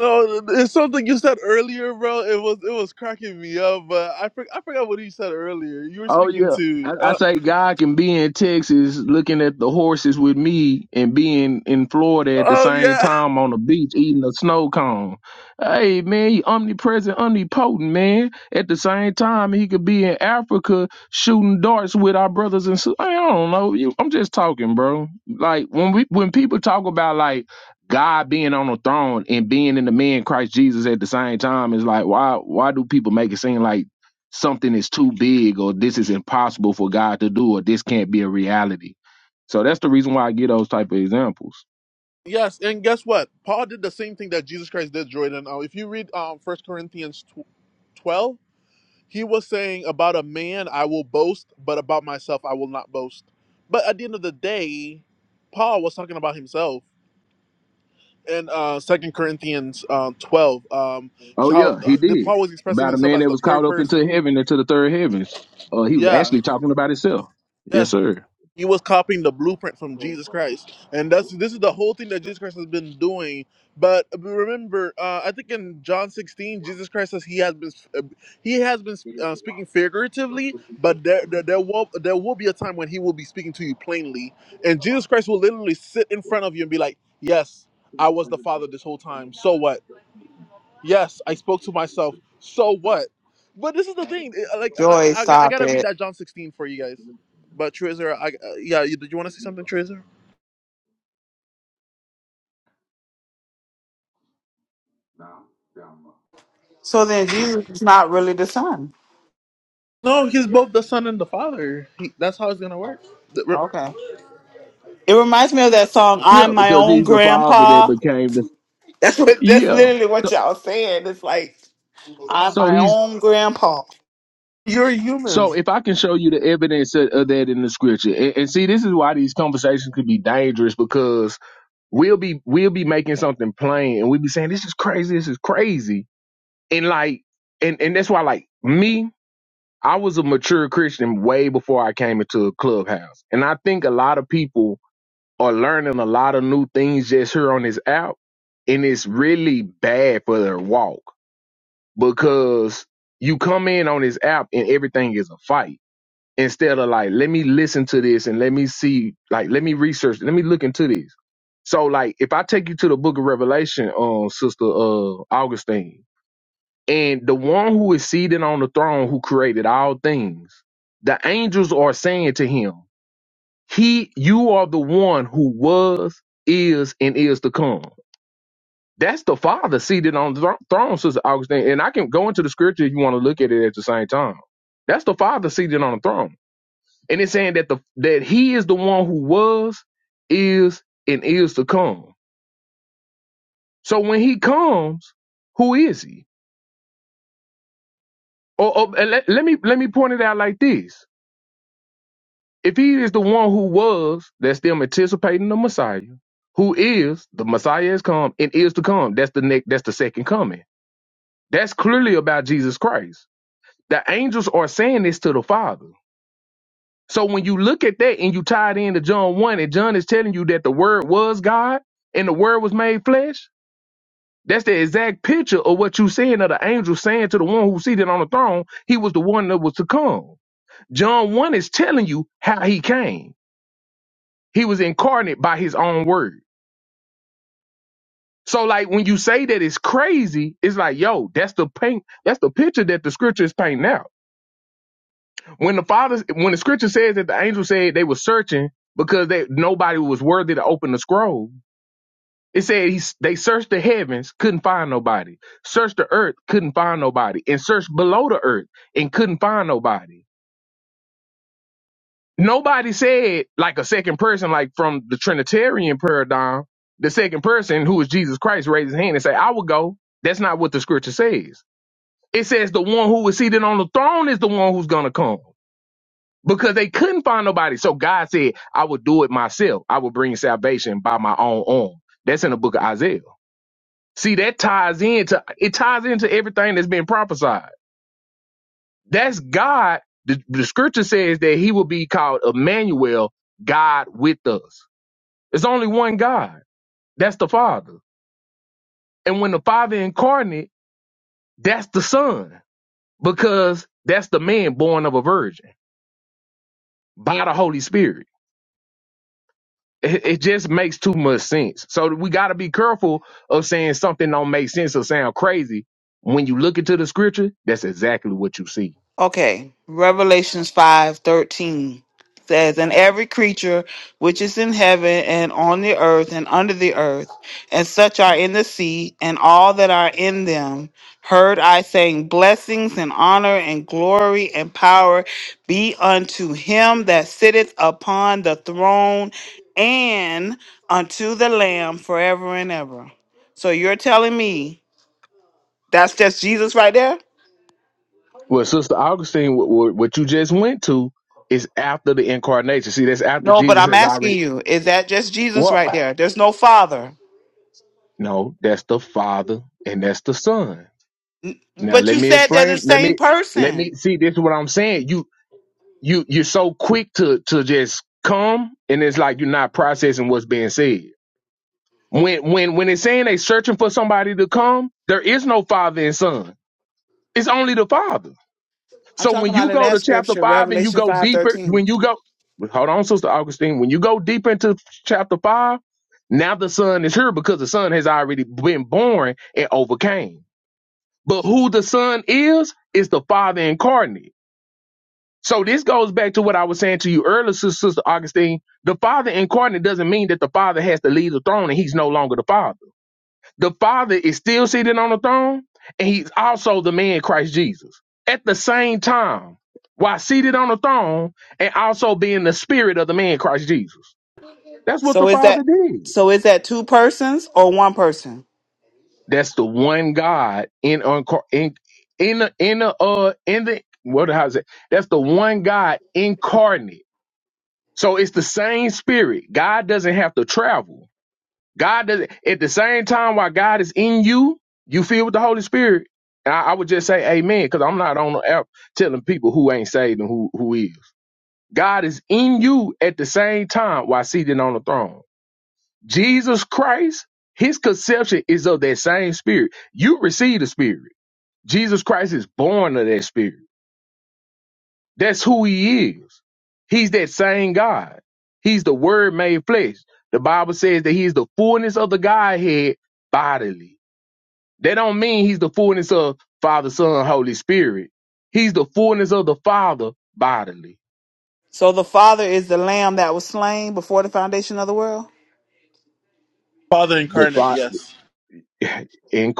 no, it's something you said earlier, bro. It was it was cracking me up, but I for, I forgot what you said earlier. You were
Oh
speaking
yeah.
to,
I, I
uh,
say God can be in Texas looking at the horses with me and being in Florida at the
oh
same
yeah,
time on the beach eating a snow cone. Hey man, he omnipresent, omnipotent, man. At the same time he could be in Africa shooting darts with our brothers and sisters. I don't know. You, I'm just talking, bro. Like when we when people talk about like God being on the throne and being in the man Christ Jesus at the same time, it's like why why do people make it seem like something is too big or this is impossible for God to do or this can't be a reality. So that's the reason why I get those type of examples.
yes, and guess what? Paul did the same thing that Jesus Christ did, Jordan. Uh, if you read um First Corinthians tw- twelve, he was saying about a man I will boast, but about myself I will not boast. But at the end of the day, Paul was talking about himself in uh second corinthians um 12 um
Oh
how
yeah, he
the
did.
paul was expressing
About a
himself
man
as
that
the
was caught
third
up into
person
heaven, into the third heavens. Uh, he was
yeah
actually talking about himself. Yes,
yes
sir.
he was copying the blueprint from jesus christ and that's this is the whole thing that jesus christ has been doing but remember uh i think in john 16 jesus christ says he has been uh, he has been uh, speaking figuratively but there, there there will there will be a time when he will be speaking to you plainly and jesus christ will literally sit in front of you and be like yes i was the father this whole time so what Yes, I spoke to myself. So what? But this is the thing. eh, Like I,
Joy,
I, got- I
stop
gotta read
it.
that John 16 for you guys. But Treasure, I, uh, yeah, you, did you want to say something, Treasure?
So then Jesus is not really the son.
No, he's both the son and the father. He, that's how it's gonna work. The- re-
Okay. It reminds me of that song,
Yeah,
I'm my
because
own
he's the father that
grandpa.
became the
That's what that's
Yeah.
literally what
So,
y'all saying. It's like I'm
so
my
he's
own grandpa.
You're human,
so if I can show you the evidence of of that in the scripture, and, and see, this is why these conversations could be dangerous because we'll be we'll be making something plain and we'll be saying this is crazy, this is crazy, and like and and that's why like me i was a mature christian way before i came into a clubhouse and i think a lot of people are learning a lot of new things just here on this app and it's really bad for their walk because you come in on this app and everything is a fight instead of like let me listen to this and let me see like let me research let me look into this so like if i take you to the book of revelation um sister uh augustine and the one who is seated on the throne who created all things, the angels are saying to him, He, you are the one who was, is, and is to come. That's the Father seated on the thro- throne, Sister Augustine. And I can go into the scripture if you want to look at it at the same time. That's the Father seated on the throne. And it's saying that the that he is the one who was, is, and is to come. So when he comes, who is he? Or, or and let, let me let me point it out like this If he is the one who was, that's them anticipating the Messiah, who is the Messiah has come and is to come. That's the next. That's the second coming. That's clearly about Jesus Christ. The angels are saying this to the Father. So when you look at that and you tie it into John one, and John is telling you that the Word was God and the Word was made flesh. That's the exact picture of what you saying of the angel saying to the one who's seated on the throne, he was the one that was to come. John 1 is telling you how he came. He was incarnate by his own word. So like when you say that it's crazy, it's like, yo, that's the paint, that's the picture that the scripture is painting out. When the father when the scripture says that the angel said they were searching because they nobody was worthy to open the scroll, it said he, they searched the heavens, couldn't find nobody. Searched the earth, couldn't find nobody. And searched below the earth and couldn't find nobody. nobody said like a second person, like from the Trinitarian paradigm, the second person who is Jesus Christ raised his hand and say, I will go. That's not what the scripture says. It says the one who is seated on the throne is the one who's gonna come. Because they couldn't find nobody. So God said, I will do it myself. I will bring salvation by my own arm. That's in the book of Isaiah. See, that ties into it ties into everything that's been prophesied. That's God. The, the scripture says that he will be called Emmanuel, God with us. It's only one God. That's the Father. And when the Father incarnate, that's the Son, because that's the man born of a virgin by the Holy Spirit. It, it just makes too much sense. So we got to be careful of saying something don't make sense or sound crazy. When you look into the scripture, that's exactly what you see.
Okay, Revelations five thirteen says, And every creature which is in heaven and on the earth and under the earth, and such are in the sea, and all that are in them, heard I saying, Blessings and honor and glory and power be unto him that sitteth upon the throne and unto the Lamb forever and ever. So you're telling me that's just Jesus right there?
Well, Sister Augustine, what, what what you just went to is after the incarnation. See, that's after
No, but
Jesus
I'm
has already.
asking you, is that just Jesus
Well,
right there? There's no Father.
no, that's the Father and that's the Son. Now
But
let
you
me
said they're the
explain. Let
same
me let me
person.
see. This is what I'm saying. You you you're so quick to to just come, and it's like you're not processing what's being said. When when when it's saying they searching for somebody to come, there is no father and son. It's only the father.
I'm
So
talking
when
about
you
in
go
that
to chapter
scripture,
five and you
Revelation
go deeper,
5:13.
when you go hold on, Sister Augustine, when you go deep into chapter five, now the son is here because the son has already been born and overcame. But who the son is is the father incarnate. So this goes back to what I was saying to you earlier, Sis- Sister Augustine. The Father incarnate doesn't mean that the Father has to leave the throne and he's no longer the Father. The Father is still seated on the throne, and he's also the man Christ Jesus. At the same time, while seated on the throne and also being the spirit of the man Christ Jesus. That's what the
So is
Father
that
did.
so is that two persons or one person?
That's the one God in unco- in in the in the uh in the what how's it? That's the one God incarnate So it's the same spirit. God doesn't have to travel. God doesn't at the same time while God is in you, you feel with the Holy Spirit. And I, I would just say amen, because I'm not on the app telling people who ain't saved and who who is. God is in you at the same time while seated on the throne. Jesus Christ, his conception is of that same spirit. You receive the spirit. Jesus Christ is born of that spirit. That's who he is. He's that same God. He's the word made flesh. The Bible says that he's the fullness of the Godhead bodily. That don't mean he's the fullness of Father, Son, Holy Spirit. He's the fullness of the Father bodily.
So the Father is the lamb that was slain before the foundation of the world?
Father
The
incarnate.
Father
Yes.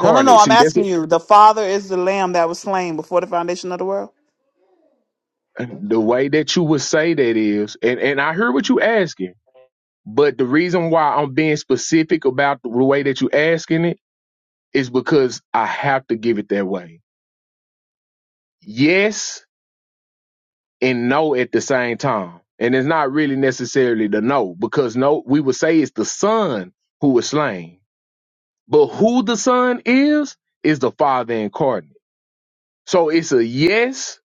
No, no, no. I'm
See, that's
asking
it.
you. The Father is the lamb that was slain before the foundation of the world.
the way that you would say that is, and, and I hear what you asking, but the reason why I'm being specific about the way that you asking it is because I have to give it that way. Yes, and no at the same time. And it's not really necessarily the no, because no, we would say it's the son who was slain. But who the son is, is the father incarnate. So it's a yes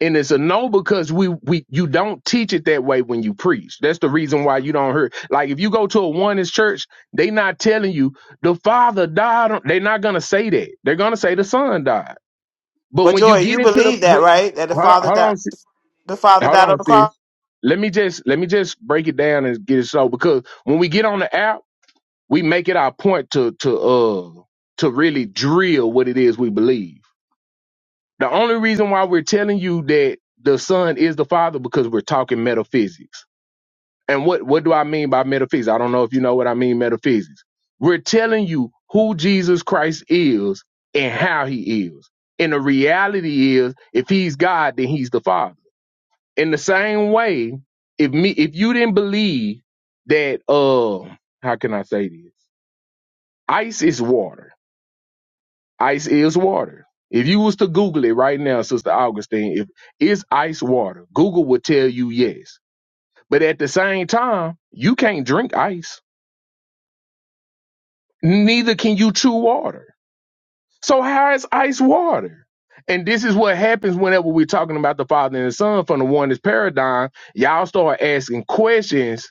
and it's a no because we, we you don't teach it that way when you preach. That's the reason why you don't hear like if you go to a oneness church, they not telling you the father died. on-" They're not gonna say that. They're gonna say the son died. But
But
when you
Joy,
get
you
into the
believe that,
when,
right? That the
hold on,
Father
hold
died
on, sis-
the Father
hold
died on
on,
the
sis.
cross.
let me just let me just break it down and get it so because when we get on the app, we make it our point to to uh to really drill what it is we believe. The only reason why we're telling you that the son is the father because we're talking metaphysics. And what what do I mean by metaphysics? I don't know if you know what I mean metaphysics. We're telling you who Jesus Christ is and how he is. And the reality is if he's God, then he's the father in the same way, if me if you didn't believe that uh how can I say this? Ice is water. Ice is water. If you was to Google it right now, Sister Augustine, if is ice water, Google would tell you yes. But at the same time, you can't drink ice. Neither can you chew water. So how is ice water? And this is what happens whenever we're talking about the Father and the Son from the oneness paradigm. Y'all start asking questions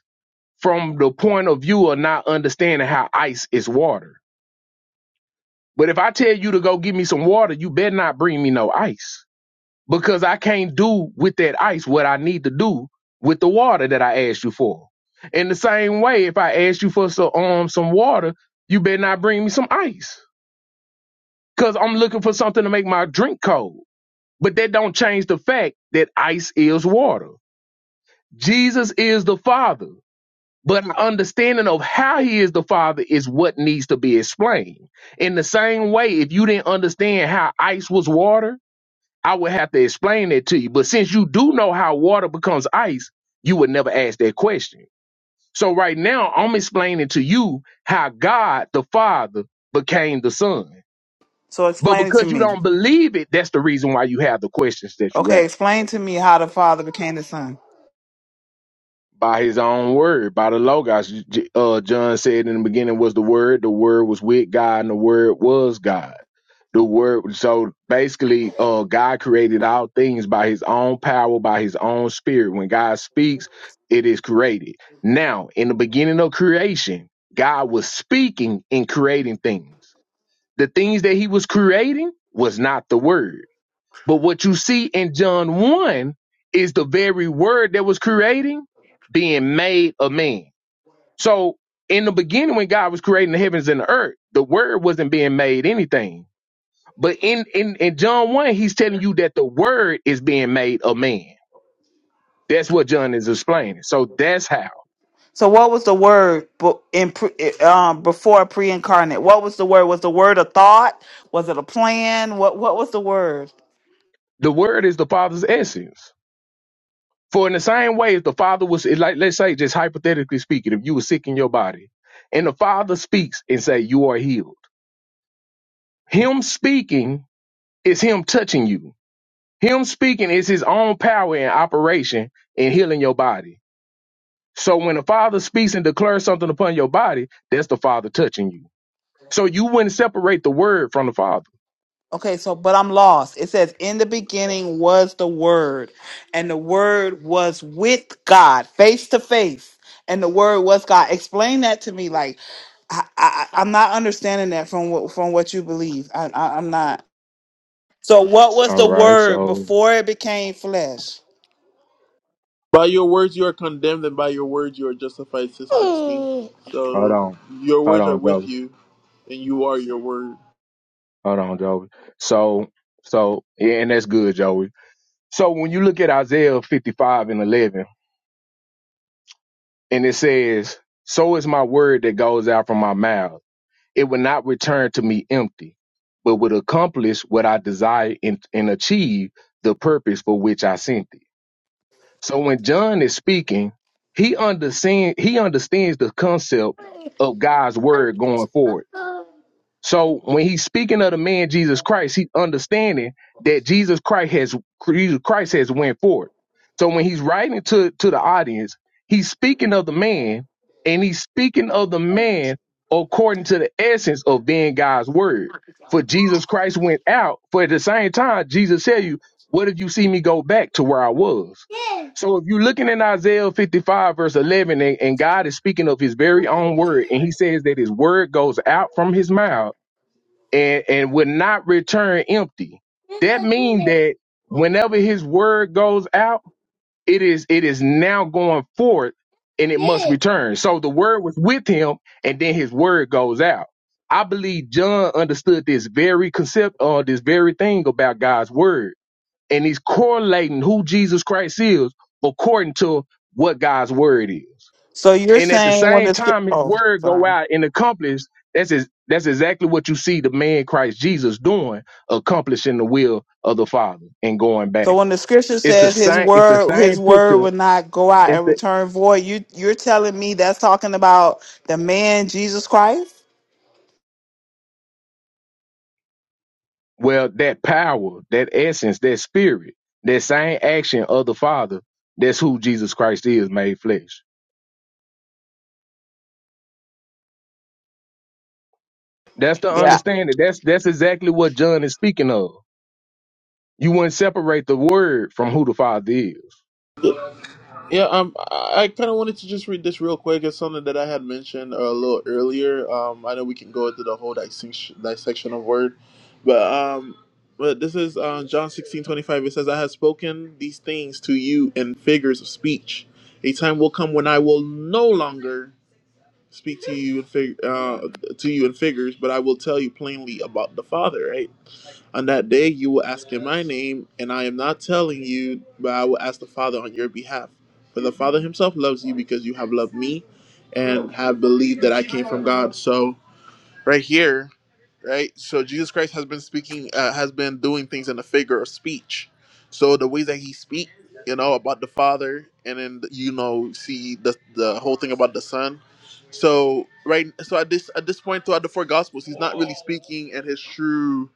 from the point of view of not understanding how ice is water. But if I tell you to go get me some water, you better not bring me no ice because I can't do with that ice what I need to do with the water that I asked you for. In the same way, if I asked you for some um some water, you better not bring me some ice because I'm looking for something to make my drink cold. But that don't change the fact that ice is water. Jesus is the Father. But our understanding of how he is the father is what needs to be explained. In the same way, if you didn't understand how ice was water, I would have to explain that to you. But since you do know how water becomes ice, you would never ask that question. So right now, I'm explaining to you how God the Father became the Son.
So
But
explain it to
because you
me.
don't believe it, that's the reason why you have the questions that you have.
Okay, explain to me how the Father became the Son.
by his own word, by the Logos. J- Uh, John said in the beginning was the Word, the Word was with God, and the Word was God. The Word, so basically, uh, God created all things by his own power, by his own spirit. When God speaks, it is created. Now, in the beginning of creation, God was speaking and creating things. The things that he was creating was not the Word but what you see in John 1 is the very word that was creating being made a man. So in the beginning, when God was creating the heavens and the earth, the word wasn't being made anything. But in, in, in John 1, he's telling you that the word is being made a man. That's what John is explaining. So that's how
So what was the word bu- in pre, eh, um before pre-incarnate? What was the word? Was the word a thought? Was it a plan? What what was the word?
the word is the father's essence. For in the same way, if the father was like, let's say, just hypothetically speaking, if you were sick in your body and the father speaks and say, you are healed Him speaking is him touching you. Him speaking is his own power in operation in healing your body. So when the Father speaks and declares something upon your body, that's the Father touching you. So you wouldn't separate the word from the Father.
Okay, so but I'm lost. It says in the beginning was the word, and the word was with God, face to face, and the word was God. Explain that to me like I, I I'm not understanding that from what from what you believe. I, I I'm not. So what was
All
the
right.
word
So
before it became flesh?
By your words you are condemned, and by your words you are justified, says Augustine.
hold
So
on.
your
Hold
words are
on,
with
Joey.
you, and you are your word.
Hold on, Joey. So so yeah, and that's good, Joey. So when you look at Isaiah 55 and 11, and it says, "So is my word that goes out from my mouth." it would not return to me empty, but would accomplish what I desire and, and achieve the purpose for which I sent it. So when John is speaking, he understand he understands the concept of God's word going forward so when he's speaking of the man Jesus Christ, he's understanding that Jesus Christ has Jesus Christ has went forward. So when he's writing to, to the audience, he's speaking of the man, and he's speaking of the man according to the essence of being God's word. For Jesus Christ went out, for at the same time, Jesus tell you, What if you see me go back to where I was? So if you're looking in Isaiah 55, verse 11, and, and God is speaking of his very own word, and he says that his word goes out from his mouth and, and would not return empty. That means that whenever his word goes out, it is it is now going forth and it must return. So the word was with him and then his word goes out. I believe John understood this very concept or this very thing about God's word. And he's correlating who Jesus Christ is according to what God's word is
So you're
and at the
saying when
same
the script?
time his
Oh,
word go
sorry.
out and accomplish that's his, that's exactly what you see the man Christ Jesus doing accomplishing the will of the father and going
So
back
when the scripture
it's the
says his
same it's the
word his
same
word
picture
would not go out
it's
and
the
return void, you you're telling me that's talking about the man Jesus Christ?
well that power that essence that spirit that same action of the father that's who Jesus Christ is made flesh that's the
Yeah.
understanding that's that's exactly what John is speaking of you wouldn't separate the word from who the father is
Yeah, um, I kind of wanted to just read this real quick. It's something that I had mentioned uh, a little earlier. Um, I know we can go into the whole dissection, dissection of word, but um, but this is um, John sixteen twenty five. It says, "I have spoken these things to you in figures of speech. A time will come when I will no longer speak to you in fig- uh, to you in figures, but I will tell you plainly about the Father." Right. On that day you will ask in my name, and I am not telling you, but I will ask the Father on your behalf. For the Father himself loves you because you have loved me and have believed that I came from God. So, right here, right? So, Jesus Christ has been speaking, uh, has been doing things in a figure of speech. So, the ways that he speak, you know, about the Father, and then, you know, see the, the whole thing about the Son. So, right, so at this at this point throughout the four Gospels, he's not really speaking in his true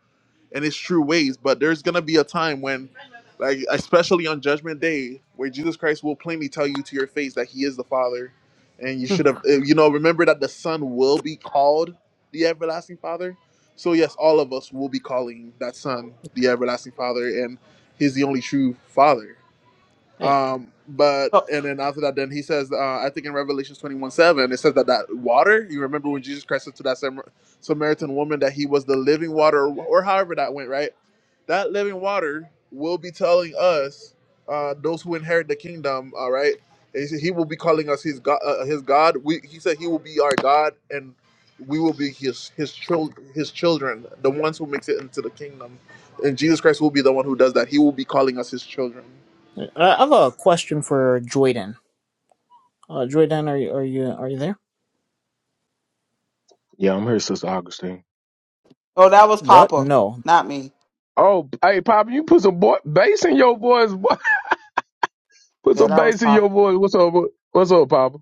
in his true ways. But there's gonna be a time when, like especially on Judgment Day, where Jesus Christ will plainly tell you to your face that He is the Father, and you
Hmm.
should have, uh, you know, remember that the Son will be called the everlasting Father. So yes, all of us will be calling that Son the everlasting Father, and He's the only true Father.
Hey,
Um, but
So
and then after that, then he says, uh, I think in Revelation twenty one seven, it says that that water. You remember when Jesus Christ said to that Samar- Samaritan woman that he was the living water, or however that went, right? That living water will be telling us, uh, those who inherit the kingdom, all right. And He said he will be calling us his God. Uh, his God. We, he said he will be our God, and we will be his his chil- his children, the ones who makes it into the kingdom. And Jesus Christ will be the one who does that. He will be calling us his children.
I have a question for Joyden. Uh, Joyden, are you are you are you there?
yeah i'm here sister augustine
oh that was
What?
Papa,
No.
not me.
Oh, hey, Papa, you put some boy, bass in your voice. boy. Put
Yeah,
some
that was
bass in your
Papa.
voice. What's up? boy? What's up, Papa?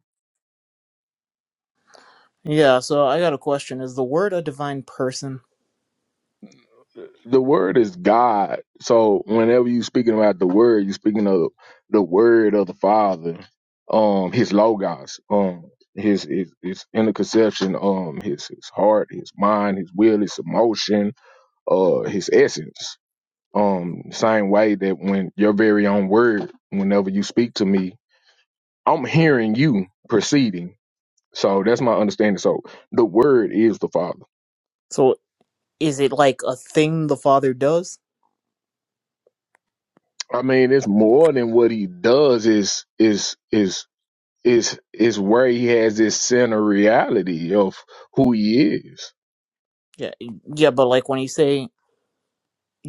Yeah. So I got a question. Is the word a divine person?
The word is God. So whenever you speaking about the word, you speaking of the word of the Father, um, His logos, um, His His, his inner conception, um, His His heart, His mind, His will, His emotion, uh, His essence. Um, same way that when your very own word, whenever you speak to me, I'm hearing you proceeding So that's my understanding. So the word is the Father.
So is it like a thing the Father does?
I mean, it's more than what he does is is is is is where he has this center reality of who he is.
Yeah. Yeah. But like when you say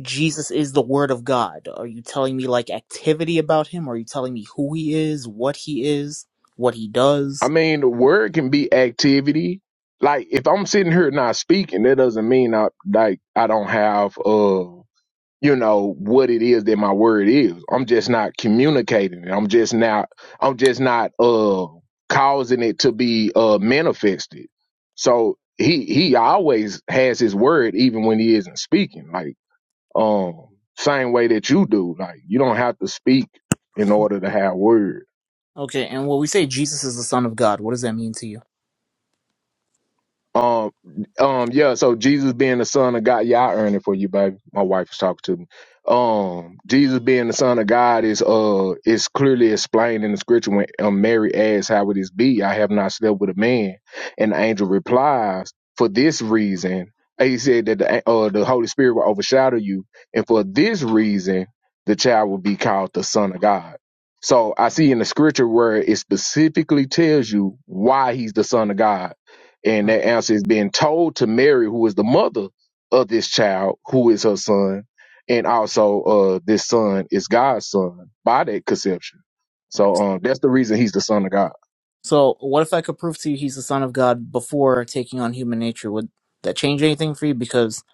Jesus is the Word of God, are you telling me like activity about him? Are you telling me who he is, what he is, what he
I
does?
mean, the word can be activity. Like if I'm sitting here not speaking, that doesn't mean I like I don't have uh you know what it is that my word is i'm just not communicating it i'm just not i'm just not uh causing it to be uh manifested so he he always has his word even when he isn't speaking like um same way that you do like you don't have to speak in order to have words
Okay. And when we say Jesus is the Son of God, what does that mean to you?
Um, um, yeah. So Jesus being the Son of God, yeah, I earn it for you, baby. My wife was talking to me. Um, Jesus being the Son of God is uh is clearly explained in the scripture when um, Mary asks, "How would this be? I have not slept with a man." And the angel replies, "For this reason." He said that the uh, the Holy Spirit will overshadow you, and for this reason, the child will be called the Son of God. So I see in the scripture where it specifically tells you why he's the Son of God and
Huh,
that answer is being told to Mary, who is the mother of this child, who is her son, and also uh this son is God's son by that conception.
Right.
So um that's the reason he's the son of God.
So, what if I could prove to you he's the son of God before taking on human nature? Would that change anything for you? Because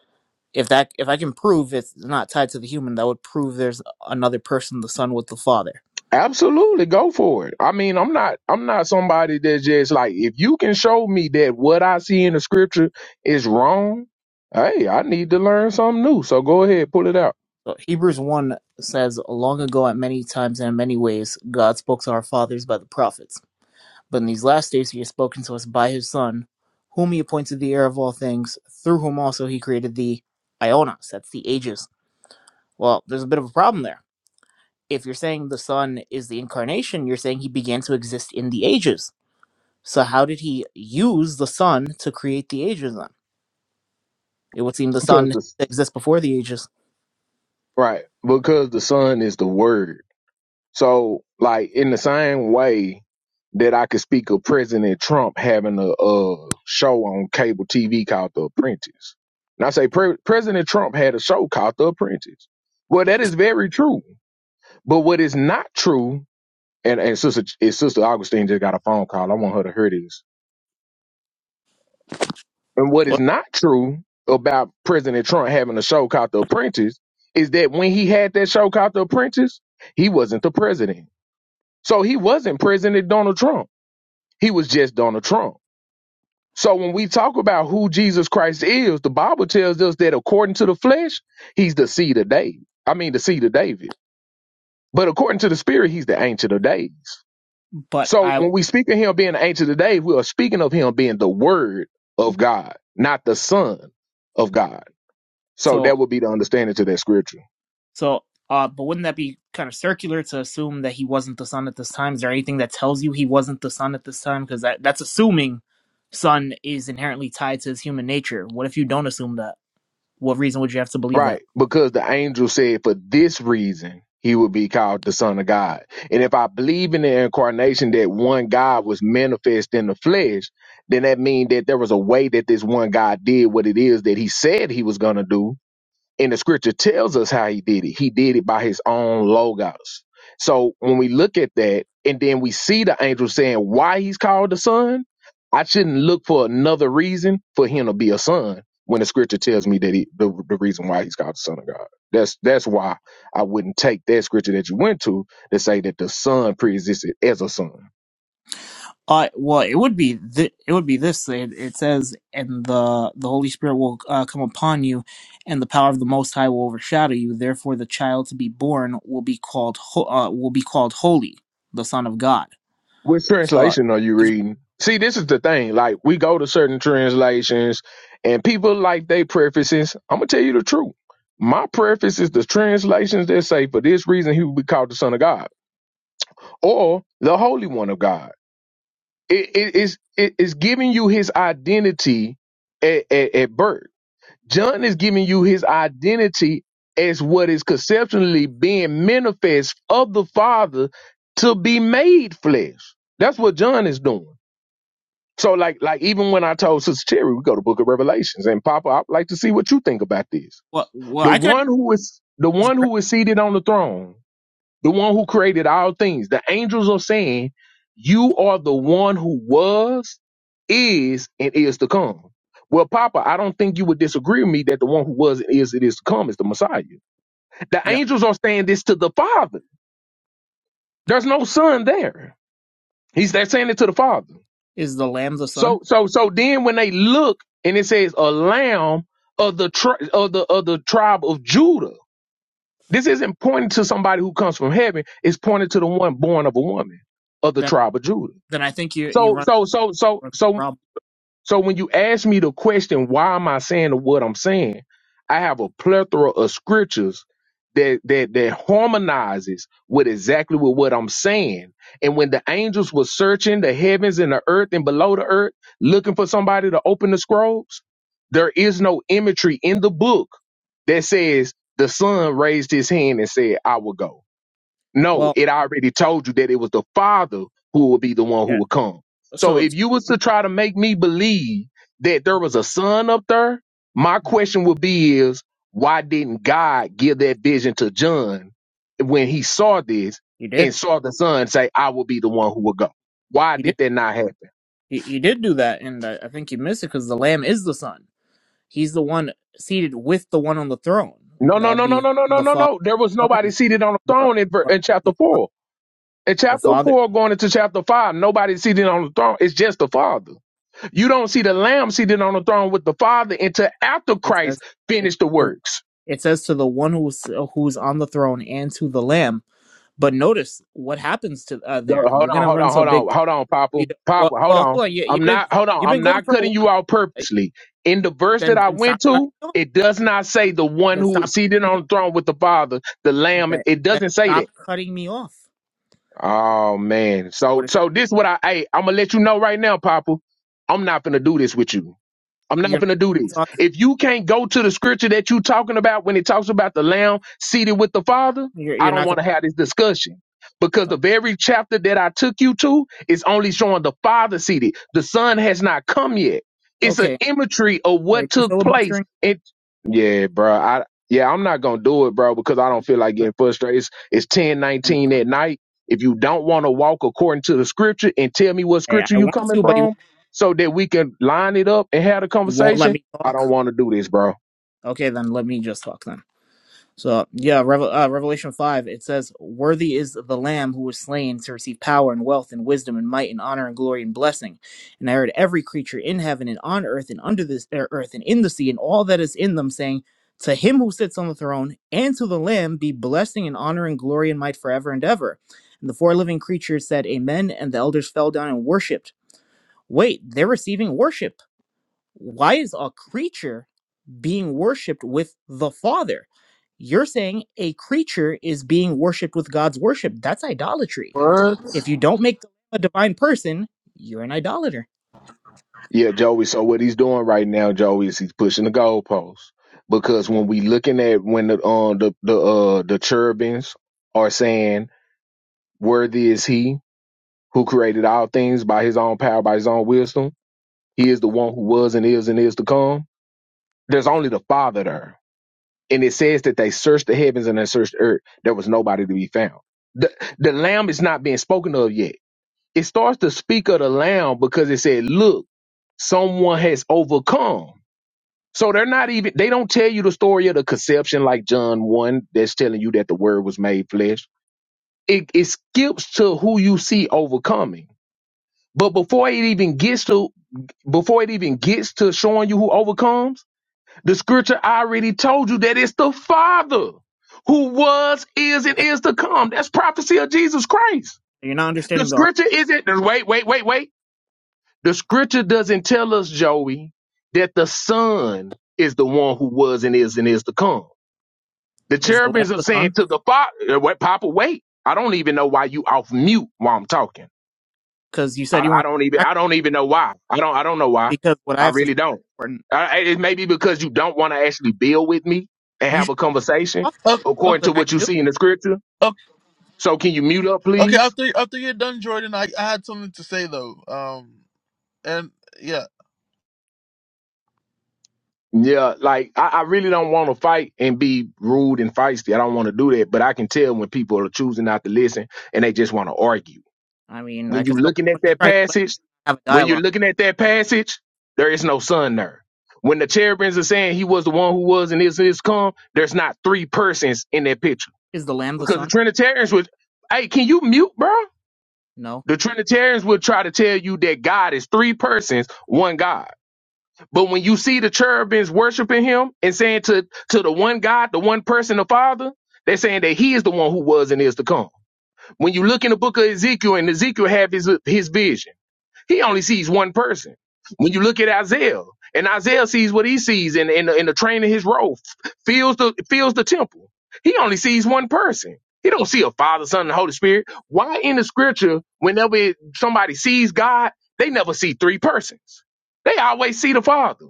if that if I can prove it's not tied to the human, that would prove there's another person, the son with the father.
Absolutely, go for it. I mean, I'm not I'm not somebody that's just like if you can show me that what I see in the scripture is wrong, hey, I need to learn something new. So go ahead, pull it out.
So Hebrews one says, "Long ago, at many times and in many ways, God spoke to our fathers by the prophets. But in these last days, He has spoken to us by His Son, whom He appointed the heir of all things, through whom also He created the Ionas. That's the ages. Well, there's a bit of a problem there if you're saying the Son is the incarnation, you're saying he began to exist in the ages. So how did he use the Son to create the ages then? It would seem the
Because
Son
the
exists before the ages.
right, because the son is the word So, like in the same way that I could speak of President Trump having a, uh show on cable TV called The Apprentice, and I say Pre- President Trump had a show called The Apprentice. Well, that is very true. But what is not true, and and sister, and sister Augustine just got a phone call. I want her to hear this. And what is
Well,
not true about President Trump having a show called The Apprentice is that when he had that show called The Apprentice, he wasn't the president. So he wasn't President Donald Trump He was just Donald Trump. So when we talk about who Jesus Christ is, the Bible tells us that according to the flesh, he's the seed of David. I mean, the seed of David. But according to the spirit, he's the ancient of days.
but
So
I
when we speak of him being the ancient of days, we are speaking of him being the word of God, not the son of God. So
so
that would be the understanding to that scripture.
so uh but wouldn't that be kind of circular to assume that he wasn't the son at this time? Is there anything that tells you he wasn't the son at this time? Because that that's assuming son is inherently tied to his human nature. What if you don't assume that? What reason would you have to believe that?
Right, because the angel said for this reason he would be called the Son of God. And if I believe in the incarnation that one God was manifest in the flesh, then that means that there was a way that this one God did what it is that he said he was going to do and the scripture tells us how he did it. He did it by his own logos. So when we look at that, and then we see the angel saying why he's called the son, I shouldn't look for another reason for him to be a son when the scripture tells me that he, the, the reason why he's called the son of God. That's that's why I wouldn't take that scripture that you went to to say that the son preexisted as a son.
Uh, well, it would be th- it would be this. It, it says, "And the the Holy Spirit will uh, come upon you, and the power of the Most High will overshadow you. Therefore, the child to be born will be called ho- uh, will be called holy, the Son of God."
Which
So, uh,
translation are you
it's
reading? See, this is the thing. Like, we go to certain translations and people like they prefaces. I'm going to tell you the truth. My preface is the translations that say, for this reason, he will be called the Son of God or the Holy One of God. it's, it's giving you his identity at, at, at birth. John is giving you his identity as what is conceptually being manifest of the Father to be made flesh. That's what John is doing. So like like even when I told Sister Cherry we go to Book of Revelations and Papa, I'd like to see what you think about this.
what well,
The
I could
one who is the one
just break-
who is seated on the throne, the one who created all things, the angels are saying, You are the one who was, is, and is to come. Well, Papa, I don't think you would disagree with me that the one who was and is and is to come is the Messiah. The
yeah
angels are saying this to the Father. There's no son there. He's they're saying it to the Father.
is the Lamb the Son?
So so so then when they look and it says a lamb of the tri- of the of the tribe of Judah. This isn't pointing to somebody who comes from heaven. It's pointing to the one born of a woman of the
Then
tribe of Judah.
then I think you you
So
run
so so so
into a
so
problem.
so when you ask me the question, why am I saying what I'm saying? I have a plethora of scriptures that that that harmonizes with exactly with what I'm saying. And when the angels were searching the heavens and the earth and below the earth, looking for somebody to open the scrolls, there is no imagery in the book that says the son raised his hand and said, "I will go." No,
Well,
it already told you that it was the Father who would be the one who
yeah.
would come. So
So
if
it's,
you was to try to make me believe that there was a son up there, my question would be is why didn't God give that vision to John when he saw this
you did
and saw the son say, I will be the one who will go? Why
you did
did that not happen?
you, you did do that, and I, I think you missed it because the Lamb is the Son. He's the one seated with the one on the throne.
No,
That
no,
would
no, no,
be
no, no, no,
the
no,
Father,
no. There was nobody
Son,
seated on the
but,
throne in, ver-
but
in
the
chapter
Father,
four. In
the
chapter
Father.
four, going into chapter five, nobody seated on the throne. It's just the Father. You don't see the Lamb seated on the throne with the Father until after
It says
Christ
it,
finished the works.
it says to the one who's who's on the throne and to the Lamb. But notice what happens to uh,
Go-
there.
Hold
You're
on,
gonna
hold
run
on,
to a
hold on,
big.
hold on, Papa,
Well,
Papa, hold
well,
on.
hold on. You, you've
I'm
been
not, hold on,
you've been
I'm
going
not
for a
cutting
while.
you out
Uh,
purposely. In the verse that
Then
I
then stop
went
cutting
to,
me off.
it does not say the one
Then
who is
stop cutting
seated
me
on the throne with the Father, the
off.
Lamb. It
Then,
it
then
doesn't say
stop
that.
cutting me off.
Oh man,
What
so
if
so this what I, hey, I'm gonna let you know right now, Papa. I'm not gonna do this with you. I'm not
you're not
gonna do this.
gonna talk?
If you can't go to the scripture that you talking about when it talks about the lamb seated with the father,
You're
I
you're
don't
not
want to
gonna.
have this discussion. Because the very chapter that I took you to is only showing the father seated. The son has not come yet.
uh,
It's an
Okay.
imagery of
Are you
what
done
took place.
filibustering?
And yeah, bro. I yeah, I'm not gonna do it, bro, because I don't feel like
Then
getting frustrated. It's it's 10,
then
nineteen
don't.
at night. If you don't want to walk according to the scripture and tell me what
I,
scripture
I
you
want
coming
to, but you won't
from, so that we can line it up and have the
won't let
conversation.
me
I
talk.
don't want to do this, bro.
Okay, then let me just talk then. So, yeah, Revel- uh, Revelation 5, it says, Worthy is the Lamb who was slain to receive power and wealth and wisdom and might and honor and glory and blessing. And I heard every creature in heaven and on earth and under this er, earth and in the sea and all that is in them saying, To him who sits on the throne and to the Lamb be blessing and honor and glory and might forever and ever. And the four living creatures said, Amen. And the elders fell down and worshipped. wait, they're receiving worship. Why is a creature being worshiped with the Father? You're saying a creature is being worshiped with God's worship. That's idolatry.
What?
If you don't make the Lamb a divine person, you're an idolater.
Yeah, Joey. So what he's doing right now, Joey, is he's pushing the goalpost because when we looking at when the uh, the the uh, the cherubims are saying, "Worthy is he who created all things by his own power, by his own wisdom. He is the one who was and is and is to come." There's only the Father there, and it says that they searched the heavens and they searched the earth. There was nobody to be found. The the Lamb is not being spoken of yet It starts to speak of the lamb because it said, look, someone has overcome. So they're not even, they don't tell you the story of the conception like John 1 that's telling you that the word was made flesh. It, it skips to who you see overcoming. But before it even gets to before it even gets to showing you who overcomes, the scripture already told you that it's the Father who was, is, and
Right?
is to come. That's prophecy of Jesus Christ.
You're not
The
understanding the argument.
scripture isn't wait, wait, wait, wait. The scripture doesn't tell us, Joey, that the Son is the one who was and is and is to come. The
Is the Lamb
cherubims are
the
saying
Son?
to the Father, "What, Papa? Wait! I don't even know why you off mute while I'm talking.
Because you said
I,
you
I
weren't
don't even.
gonna
I don't even know why. I don't. I don't know why.
because what I
I
have to
really
say
don't.
is important.
I, it may be because you don't want to actually build with me and
You
have
just
a conversation
thought,
Oh, oh,
according
so
to
now you
what you
do.
see in the scripture.
oh,
So can you mute up,
okay,
please?
after after you're done, Jordan, I, I had something to say though. Um, and yeah,
Yeah, like I, I really don't want to fight and be rude and feisty. I don't want to do that, but I can tell when people are choosing not to listen and they just want to argue.
I mean, I
When
could
you're
tell
looking at
someone's just
that
trying to lecture,
passage,
and have a
when you're
dialogue.
looking at that passage, there is no sun there. When the cherubims are saying he was the one who was and is and is come, there's not three persons in that picture
Is the Lamb the
because the
Son?
Trinitarians would. Hey, can you mute, bro?
No.
The Trinitarians would try to tell you that God is three persons, one God. But when you see the cherubims worshiping him and saying to, to the one God, the one person, the Father, they're saying that he is the one who was and is to come. When you look in the book of Ezekiel and Ezekiel have his, his vision, he only sees one person. When you look at Isaiah and Isaiah sees what he sees in, in, the, in the train of his robe, fills the, fills the temple. He only sees one person. He don't see a Father, Son, and Holy Spirit. Why in the scripture, whenever somebody sees God, they never see three persons. They always see the Father.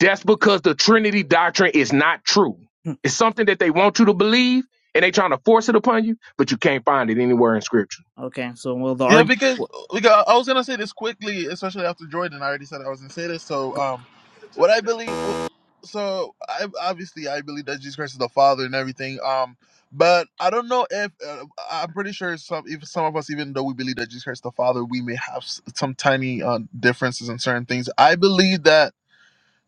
That's because the Trinity doctrine is not true.
Hmm.
It's something that they want you to believe and they trying to force it upon you, but you can't find it anywhere in scripture.
Okay, so well, the
yeah,
argument.
because because I was gonna say this quickly, especially after Jordan. I already said I was gonna say this. So, um, what I believe, w- so I obviously I believe that Jesus Christ is the Father and everything. Um, but I don't know if uh, I'm pretty sure some if some of us, even though we believe that Jesus Christ is the Father, we may have s- some tiny uh, differences in certain things. I believe that.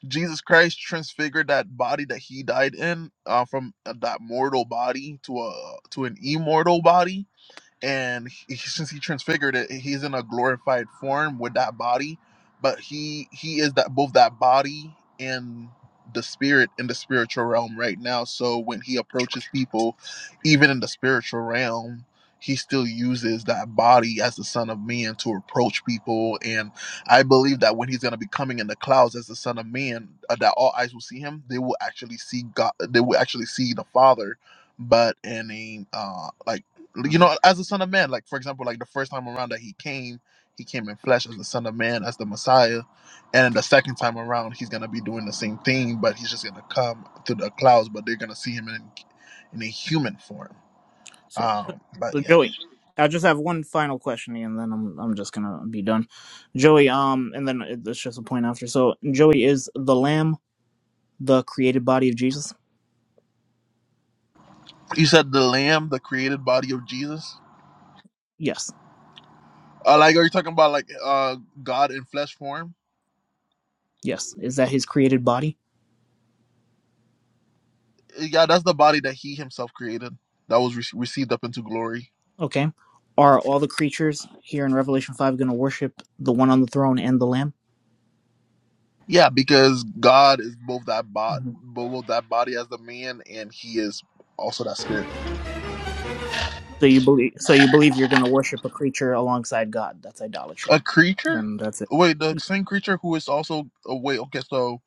Jesus Christ transfigured that body that he died in uh, from uh, that mortal body to a to an immortal body and he, since he transfigured it he's in a glorified form with that body but he he is that both that body and the spirit in the spiritual realm right now so when he approaches people even in the spiritual realm he still uses that body as the son of man to approach people and i believe that when he's going to be coming in the clouds as the son of man uh, that all eyes will see him they will actually see god they will actually see the father but in a uh like you
Uh-huh.
know, as the Son of Man. Like for example, like the first time around that he came, he came in flesh as the Son of Man, as the Messiah, and the second time around, he's gonna be doing the same thing, but he's just gonna come through the clouds, but they're gonna see him in in a human form.
so
Um, but
So
yeah,
Joey, I just have one final question, and then I'm I'm just gonna be done. Joey, um, and then it- it's just a point after. So Joey is the Lamb, the created body of Jesus.
you said the Lamb, the created body of Jesus.
Yes,
Uh, like, are you talking about like uh God in flesh form?
yes. Is that his created body?
Yeah, that's the body that He Himself created that was re- received up into glory.
Okay. Are all the creatures here in Revelation five going to worship the one on the throne and the Lamb?
Yeah, because God is both that bo-
hmm
both that body as the man, and He is also that spirit.
So you believe? So you believe you're going to worship a creature alongside God? That's idolatry.
A creature?
Then that's it.
Wait, the same creature who is also. Oh, wait, okay, so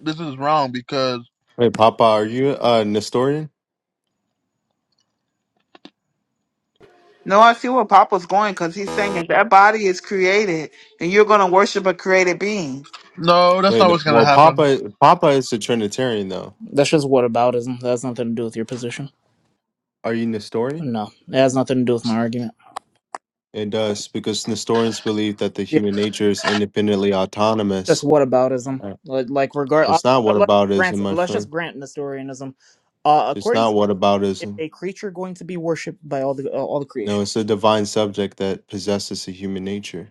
this is wrong because
Wait, Papa, are you a Nestorian?
No, I see where Papa's going because he's saying if that body is created and you're gonna worship a created being.
no, that's
Wait,
not
no-
what's gonna
well,
happen.
Papa, Papa is a Trinitarian, though.
That's just whataboutism. That has nothing to do with your position.
Are you Nestorian?
No, it has nothing to do with my argument.
It does because Nestorians believe that the human nature is independently
just
autonomous.
whataboutism.
Right.
Like, like regard, uh,
It's not
let's
whataboutism,
grant,
my
let's just
friend.
grant Nestorianism. Uh,
It's
according
not
to is
whataboutism.
a creature going to be worshipped by all the uh, all the
No,
creation?
it's a divine subject that possesses a human nature.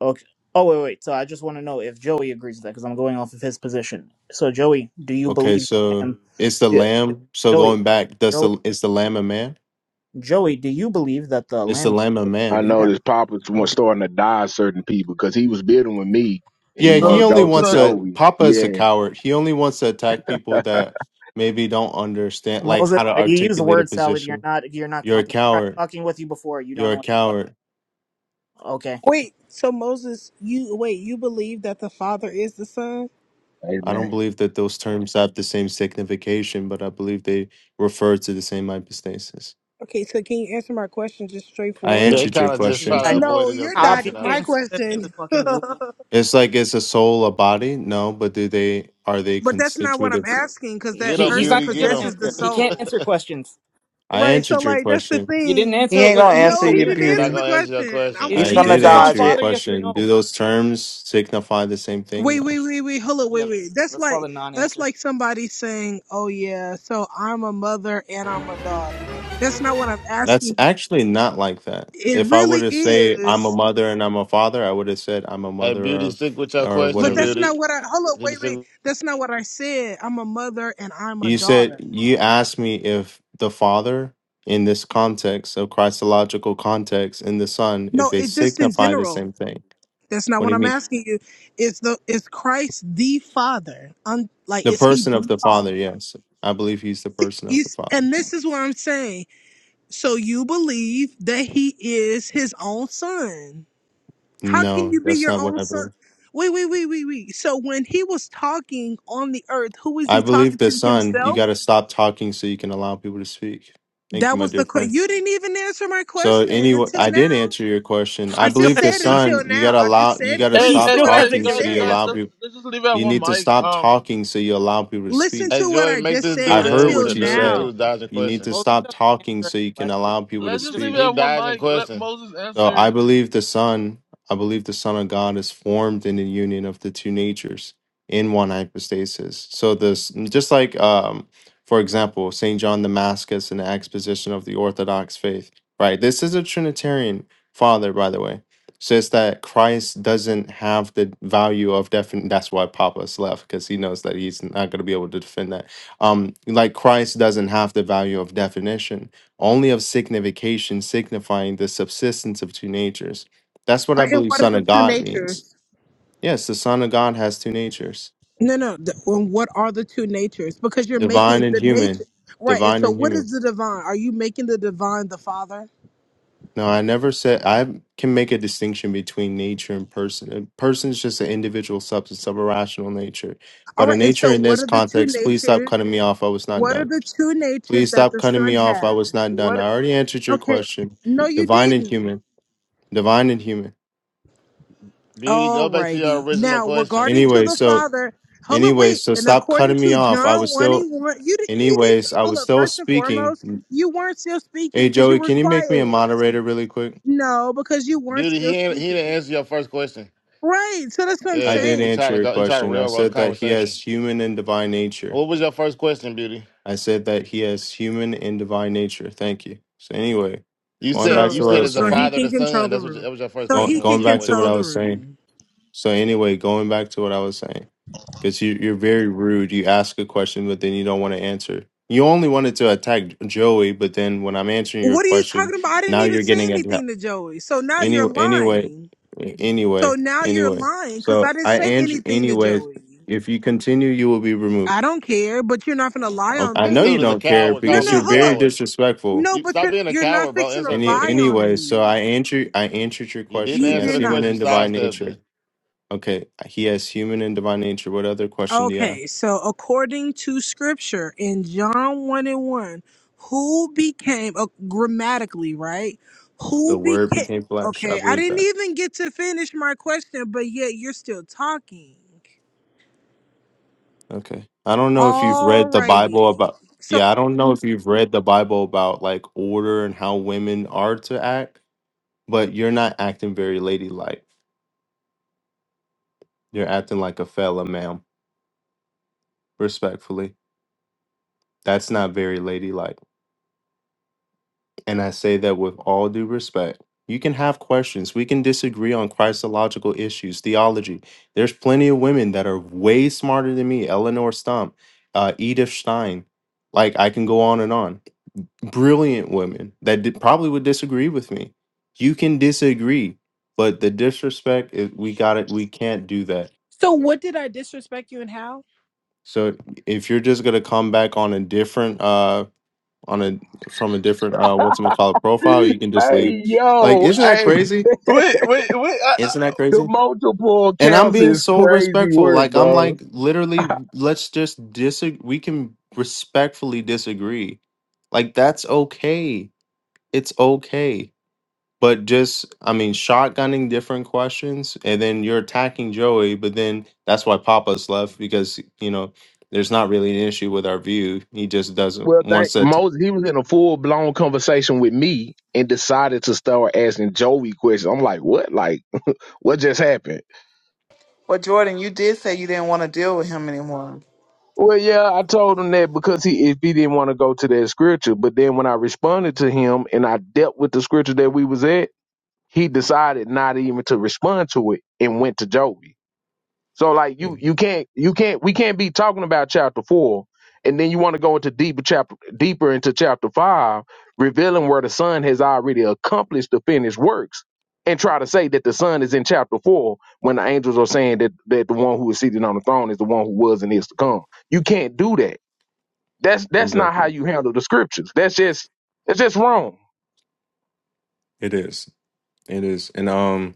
Okay. Oh wait, wait. So I just want to know if Joey agrees with that because I'm going off of his position. So Joey, do you
Okay,
believe the
so
lamb?
it's the
Yeah.
lamb. So
Joey,
going back, does
Joey,
the is the lamb a man?
Joey, do you believe that the
It's
lamb
the
is
lamb a
a
man.
I
created man?
noticed Papa was
Do,
starting to die certain people because he was bidding with me and he
Yeah, he
So,
wanted to
only
go to
wants
so
to.
Joey.
Papa is a
Yeah.
coward. He only wants to attack people that maybe don't understand, like
Moses,
how to
you use the
articulate a
word salad. You're
position.
not. You're not
You're a
competent. I tried
coward.
talking with you before. You don't
You're
know
a
what you're
coward.
talking.
Wait, so Moses, you wait, you believe that the Father is the Son?
I don't
Amen.
believe that those terms have the same signification, but I believe they refer to the same hypostasis.
Okay, so can you answer my question just
I
straightforward?
They
answered your
kind of just
Yeah,
question.
try
I
to
know.
avoid
No,
your
you're
I'll
question.
dodging
I
obfuscate
my
was
and say this to this
question.
fucking woo.
but
It's like is a soul a body? No, but do they are they
that's not what I'm
constitutive?
asking because
get
that
He,
him,
he's
person
not
beauty,
going to
get
give an
him.
possesses the
answer. He can't
soul.
answer questions.
I
Right, so
answered your
like that's the
question.
You didn't
thing.
He
answer it
ain't
with
gonna
anything
No,
answer
he
your
coherent.
didn't
He not
answer
beauty.
the
gonna answer your
question.
question.
I'm
Is
gonna
He's
Yeah.
I
gonna
Jesus
did
his own
answer
dodge
your
father?
it.
Yes or
question.
no?
Do those terms signify the same thing?
Wait,
No.
wait, wait, wait. Hold up,
Yeah,
wait, wait. That's
let's call
like
it a
that's
non-answer.
like somebody saying, "Oh yeah, so I'm a mother and I'm a daughter." That's not what I'm
That's
asking you.
actually not like that.
It
If I were
really
to say I'm a
is.
mother and I'm a father, I would have said I'm a
Hey,
mother
beauty,
or
stick with your
or
But
question,
whatever.
that's
beauty.
not what I hold up,
Beauty,
wait, wait.
stick.
That's not what I said. I'm a mother and I'm a
You said
daughter.
you asked me if the father in this context, so Christological context, and the son, if
No,
they
it's just in
signify the same
general.
thing.
That's not
What do
what
you
I'm
mean?
asking you. Is the is Christ the Father? Un, like
The
is he
person of
the
the father,
Father?
yes. I believe he's the person of the
Is
father.
and this is what I'm saying. So you believe that he is his own son. How can
No,
you be
that's
your
not what
own
I
son?
believe.
Wait, wait, wait, wait, wait. So when he was talking on the earth, who was
I
he
believe
talking
the
to?
son, you
Himself?
gotta stop talking so you can allow people to speak. Thank you,
That
my
was
dear
the
friend.
que- you didn't even answer my
So
question
anyway,
until
I did
now.
answer your question.
I
I
He still
just
believe
hasn't
the
said
given.
son,
until
you
now.
gotta
I just
allow, you
said,
gotta
He
hey,
listen
stop
to
hey,
still
what I
guys,
hasn't
talking
just
so
guys,
given an
you
said.
guys,
allow
answer.
let's,
people.
let's just leave it at
You
one
need to
mic.
stop
Um,
talking so you allow people to
Listen
speak.
Hey,
to what
Joy,
I
make
just
this
said
I
dude
heard
until
answer,
what you
dude. This
said.
now.
dude's dodging
You need to
questions.
Moses
stop
doesn't
talking
answer
so
any
you can
questions.
allow people to
let's
He
just
just
leave
speak.
it at
He
one
filibusters.
dodging
mic. Let
questions.
Moses
So I
answer.
believe the Son, I believe the Son of God is formed in the union of the two natures in one hypostasis. So this, just like, um, for example, Saint John Damascus in the exposition of the Orthodox faith, right? This is a Trinitarian father, by the way. Says that Christ doesn't have the value of defin. That's why Papa's left because he knows that he's not going to be able to defend that. Um, like Christ doesn't have the value of definition only of signification signifying the subsistence of two natures. That's what
Or
I
in
believe
what are
Son
the
of
two
God means.
natures?
Yes, the Son of God has two natures,
No, no. The, in what are the two natures? Because you're making
divine and
the nature.
human.
Right. And
Divine
so
and
what
human.
is the divine? Are you making the divine the Father?
No, I never said I can make a distinction between nature and person. A person is just an individual substance of a rational nature.
All
But a
right. And
nature
so
in
what
this
are the two
context, please stop
natures?
cutting me off. I was not
What are
done.
the two natures
Please
that
stop
the
cutting
Son
me off. I
has?
was not done.
What?
I already answered your
Okay.
question.
No, you
Divine and
didn't.
human. Divine and human.
Beauty, go back to your
Alrighty.
original
Now,
question.
regarding to
Anyway,
the
so
father, hold up,
Anyways,
wait.
so
And
stop
according
cutting me
to
off. I
John
was
1
still,
and 1, you did, you did,
anyways, I
hold
was
up,
still
first and
speaking.
foremost, you weren't still speaking
Hey,
because you
Joey,
were
can you make me a
quiet.
moderator really quick?
No, because you weren't
Beauty, he
still
ain't, he didn't
speaking.
answer your first question.
Right. So that's what I'm
I
Yeah,
did
he
saying.
tried
answer
to
your
go. He tried to
question. I
railroad the
said that he
conversation.
has human and divine nature.
What was your first question, Beauty?
I said that he has human and divine nature. Thank you. So anyway,
You
going
said
back
you
to what I
said
So,
was
it's the
so he
saying.
father, the
can control
son.
the
That's what your,
room.
that was your first
So
Going
question.
he
Was
can
going
he
back to
avoided
what
control
I
the
was
that?
saying.
room.
So anyway, going back to what I was saying. because you you're very rude. You ask a question, but then you don't want to answer. You only wanted to attack Joey, but then when I'm answering your
What are you
question,
talking about? I didn't
now
even
you're
say
getting attacked.
anything to Joey. So now you're
Anyway, anyway,
lying. So
anyway,
now you're
anyway.
lying because I
So
didn't
I
say
answer
anything to
anyway.
Joey.
If you continue, you will be
I
removed.
don't care, but you're not gonna lie
Oh,
on
I
This
know
me.
you
dude is a
don't care
coward,
No,
calling
because you're
no,
people
hold
very
up.
cowards.
disrespectful.
No,
You
but
stop
you're
being a
you're not
coward, bro.
fixing to
Answer a
Any
lie
question.
on
anyway, so
me.
I answer I answered your
You didn't
question.
You
He
answer
has
did
the
human
question. You
and
not.
divine
sidestepped
nature.
it.
Okay, he has human and divine nature. What other question do you have?
Okay, so according to scripture in John 1 and 1, who became uh, grammatically, right?
The
Who
word
became
became flesh. I
Okay, I
believe
didn't
that.
even get to finish my question, but yet you're still talking.
Okay. I don't know if you've read the Bible
Alrighty.
about, yeah, I don't know if you've read the Bible about like order and how women are to act, but you're not acting very ladylike. You're acting like a fella, ma'am, respectfully. That's not very ladylike. And I say that with all due respect. You can have questions. We can disagree on Christological issues, theology. There's plenty of women that are way smarter than me. Eleanor Stump, uh, Edith Stein. Like I can go on and on brilliant women that did, probably would disagree with me. You can disagree, but the disrespect is, we got it. We can't do that.
So what did I disrespect you and how?
So if you're just gonna come back on a different uh on a from a different uh what's it call it profile, you can just leave.
Hey,
Like,
yo.
isn't that
Hey,
crazy?
Wait, wait, wait!
Isn't that
the
crazy?
multiple
And I'm
accounts
being
is
so
crazy
respectful.
work,
Like I'm
bro.
like literally, let's just disagree. We can respectfully disagree. Like that's okay. It's okay but just I mean, shotgunning different questions, and then you're attacking Joey. But then that's why Papa's left because you know there's not really an issue with our view. He just doesn't
Well, thank
wants to. Attack.
Moses. He was in a full blown conversation with me and decided to start asking Joey questions. I'm like, what? Like, what just happened?
But Jordan, you did say you didn't want to deal with him anymore.
Well, yeah, I told him that because he if he didn't want to go to that scripture, but then when I responded to him and I dealt with the scripture that we was at, he decided not even to respond to it and went to Joey. So like you you can't you can't we can't be talking about chapter four and then you want to go into deeper chapter deeper into chapter five, revealing where the son has already accomplished the finished works, and try to say that the son is in chapter four when the angels are saying that that the one who is seated on the throne is the one who was and is to come. You can't do that. That's that's not how
Exactly,
you handle the scriptures. That's just that's just wrong.
it is. It is, and um,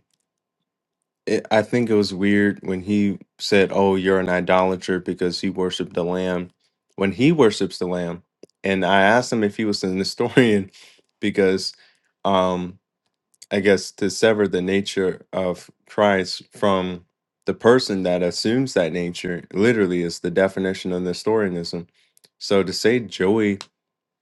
it, I think it was weird when he said, "Oh, you're an idolater because he worshipped the lamb," when he worships the lamb. And I asked him if he was an historian because. um. I guess, to sever the nature of Christ from the person that assumes that nature literally is the definition of Nestorianism. So to say Joey,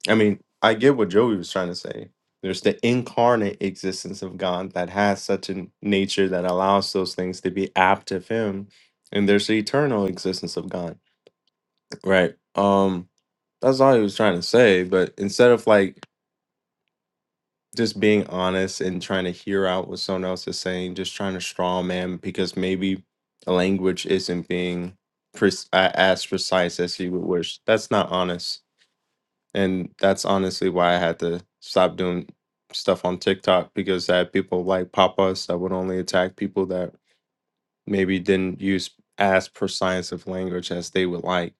I mean, I get what Joey was trying to say. There's the incarnate existence of God that has such a nature that allows those things to be apt of him. And there's the eternal existence of God. Right. Um, that's all he was trying to say. But instead of like just being honest and trying to hear out what someone else is saying, just trying to straw man because maybe a language isn't being pre- as precise as you would wish. That's not honest. And that's honestly why I had to stop doing stuff on TikTok because I had people like pop us that would only attack people that maybe didn't use as precise of language as they would like.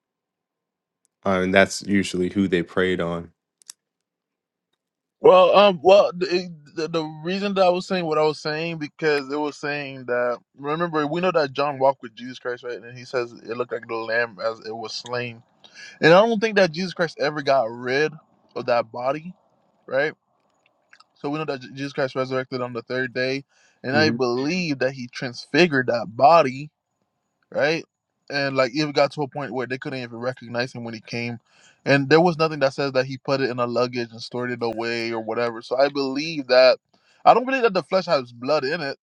Uh, and that's usually who they preyed on.
Well, um, well, the, the, the reason that I was saying what I was saying because it was saying that remember we know that John walked with Jesus Christ, right? And he says it looked like the lamb as it was slain, and I don't think that Jesus Christ ever got rid of that body, right? So we know that J- Jesus Christ resurrected on the third day, and I
hmm
believe that he transfigured that body right? And like it got to a point where they couldn't even recognize him when he came, and there was nothing that says that he put it in a luggage and stored it away or whatever. So I believe that I don't believe that the flesh has blood in it,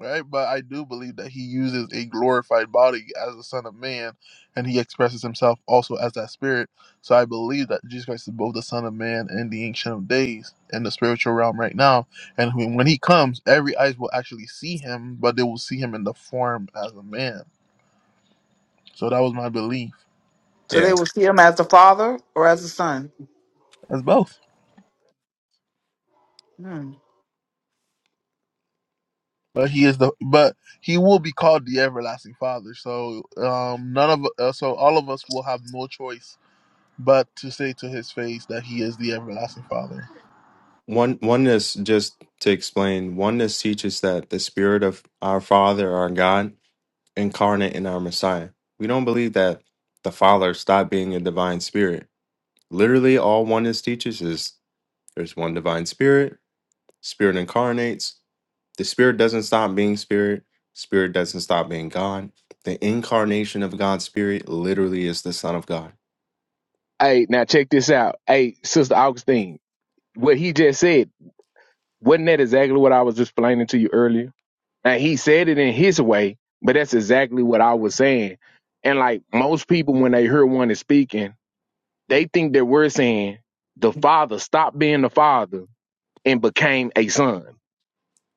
right? But I do believe that he uses a glorified body as the Son of Man, and he expresses himself also as that Spirit. So I believe that Jesus Christ is both the Son of Man and the Ancient of Days in the spiritual realm right now. And when when he comes, every eyes will actually see him, but they will see him in the form as a man so that was my belief.
So
Yeah.
they will see him as the father or as the son.
As both.
Hmm.
But he is the but he will be called the everlasting father. So um none of uh, so all of us will have no choice but to say to his face that he is the everlasting father.
One oneness, just to explain, oneness teaches that the spirit of our Father, our God, incarnate in our Messiah. We don't believe that the Father stopped being a divine spirit. Literally, all oneness teaches is there's one divine spirit, spirit incarnates. The spirit doesn't stop being spirit, spirit doesn't stop being God. The incarnation of God's spirit literally is the Son of God.
Hey, now check this out. Hey, Sister Augustine, what he just said, wasn't that exactly what I was explaining to you earlier? Now he said it in his way, but that's exactly what I was saying. And like most people, when they hear one is speaking, they think that we're saying the father stopped being the father and became a son.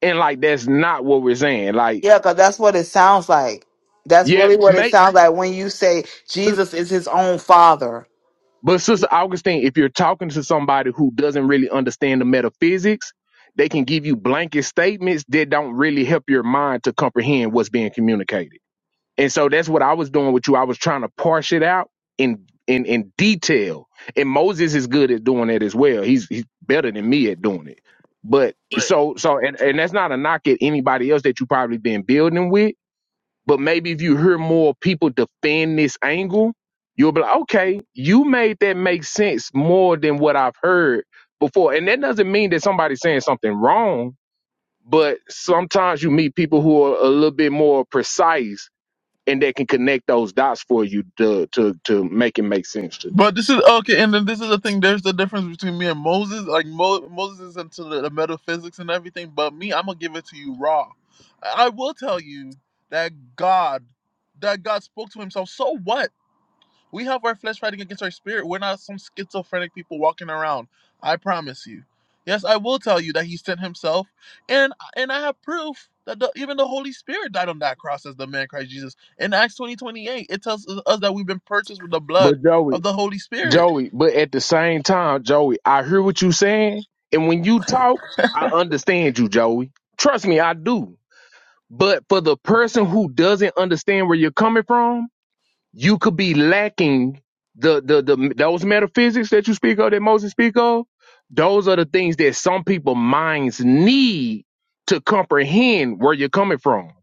And like that's not what we're saying. Like,
Yeah, because that's what it sounds like. That's
yeah,
really what it
make
sounds like when you say Jesus is his own father.
but Sister Augustine, if you're talking to somebody who doesn't really understand the metaphysics, they can give you blanket statements that don't really help your mind to comprehend what's being communicated. And so that's what I was doing with you. I was trying to parse it out in in in detail. And Moses is good at doing it as well. He's he's better than me at doing it. But so so and, and that's not a knock at anybody else that you probably been building with. But maybe if you hear more people defend this angle, you'll be like, okay, you made that make sense more than what I've heard before. And that doesn't mean that somebody's saying something wrong, but sometimes you meet people who are a little bit more precise and that can connect those dots for you to to to make it make sense to you.
But this is okay, and then this is the thing. There's the difference between me and Moses. Like Mo, Moses is into the, the metaphysics and everything, but me, I'm gonna give it to you raw. I I will tell you that God, that God spoke to Himself. So what? We have our flesh fighting against our spirit. We're not some schizophrenic people walking around. I promise you. Yes, I will tell you that he sent himself, and and I have proof that the, even the Holy Spirit died on that cross as the man Christ Jesus. In Acts twenty twenty eight, it tells us that we've been purchased with the blood
But Joey,
of the Holy Spirit.
Joey, but at the same time, Joey, I hear what you saying, and when you talk, I understand you, Joey. Trust me, I do. But for the person who doesn't understand where you're coming from, you could be lacking the the the those metaphysics that you speak of, that Moses speak of. Those are the things that some people minds need to comprehend where you're coming from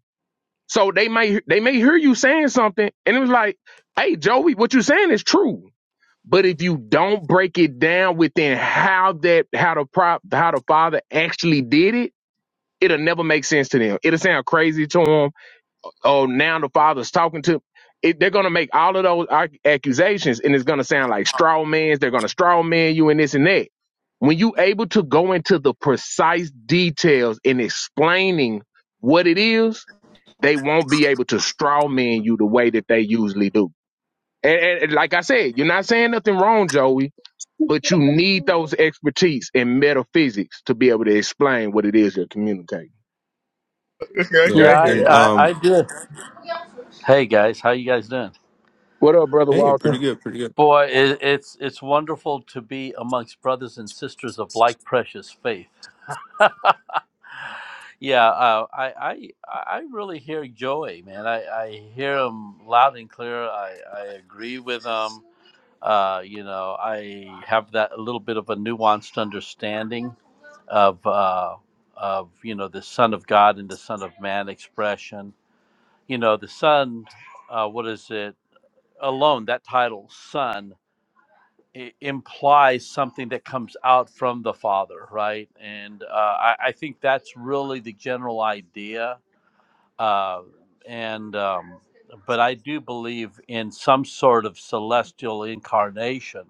So they may they may hear you saying something, and it was like, "Hey, Joey, what you saying is true." But if you don't break it down within how that how the prop how the father actually did it, it'll never make sense to them. It'll sound crazy to them. Oh, now the father's talking to. It, they're gonna make all of those ac- accusations, and it's gonna sound like straw man's. They're gonna straw man you and this and that. When you able to go into the precise details in explaining what it is, they won't be able to straw man you the way that they usually do. And, and, and like I said, you're not saying nothing wrong, Joey, but you need those expertise in metaphysics to be able to explain what it is you're communicating.
Okay, okay,
Yeah,
Yeah,
I
I,
hear
and
you.
I, I
um,
did. Hey guys, how you guys doing?
What up, brother
hey,
Walter?
pretty good, pretty good.
Boy, it, it's it's wonderful to be amongst brothers and sisters of like precious faith. yeah, uh, I, I I really hear Joey, man. I, I hear him loud and clear. I, I agree with him. Uh, you know, I have that a little bit of a nuanced understanding of uh, of you know the Son of God and the Son of Man expression. You know, the Son. Uh, what is it? alone, that title, son, i- implies something that comes out from the father, right? And uh, I, I think that's really the general idea. Uh, and um, but I do believe in some sort of celestial incarnation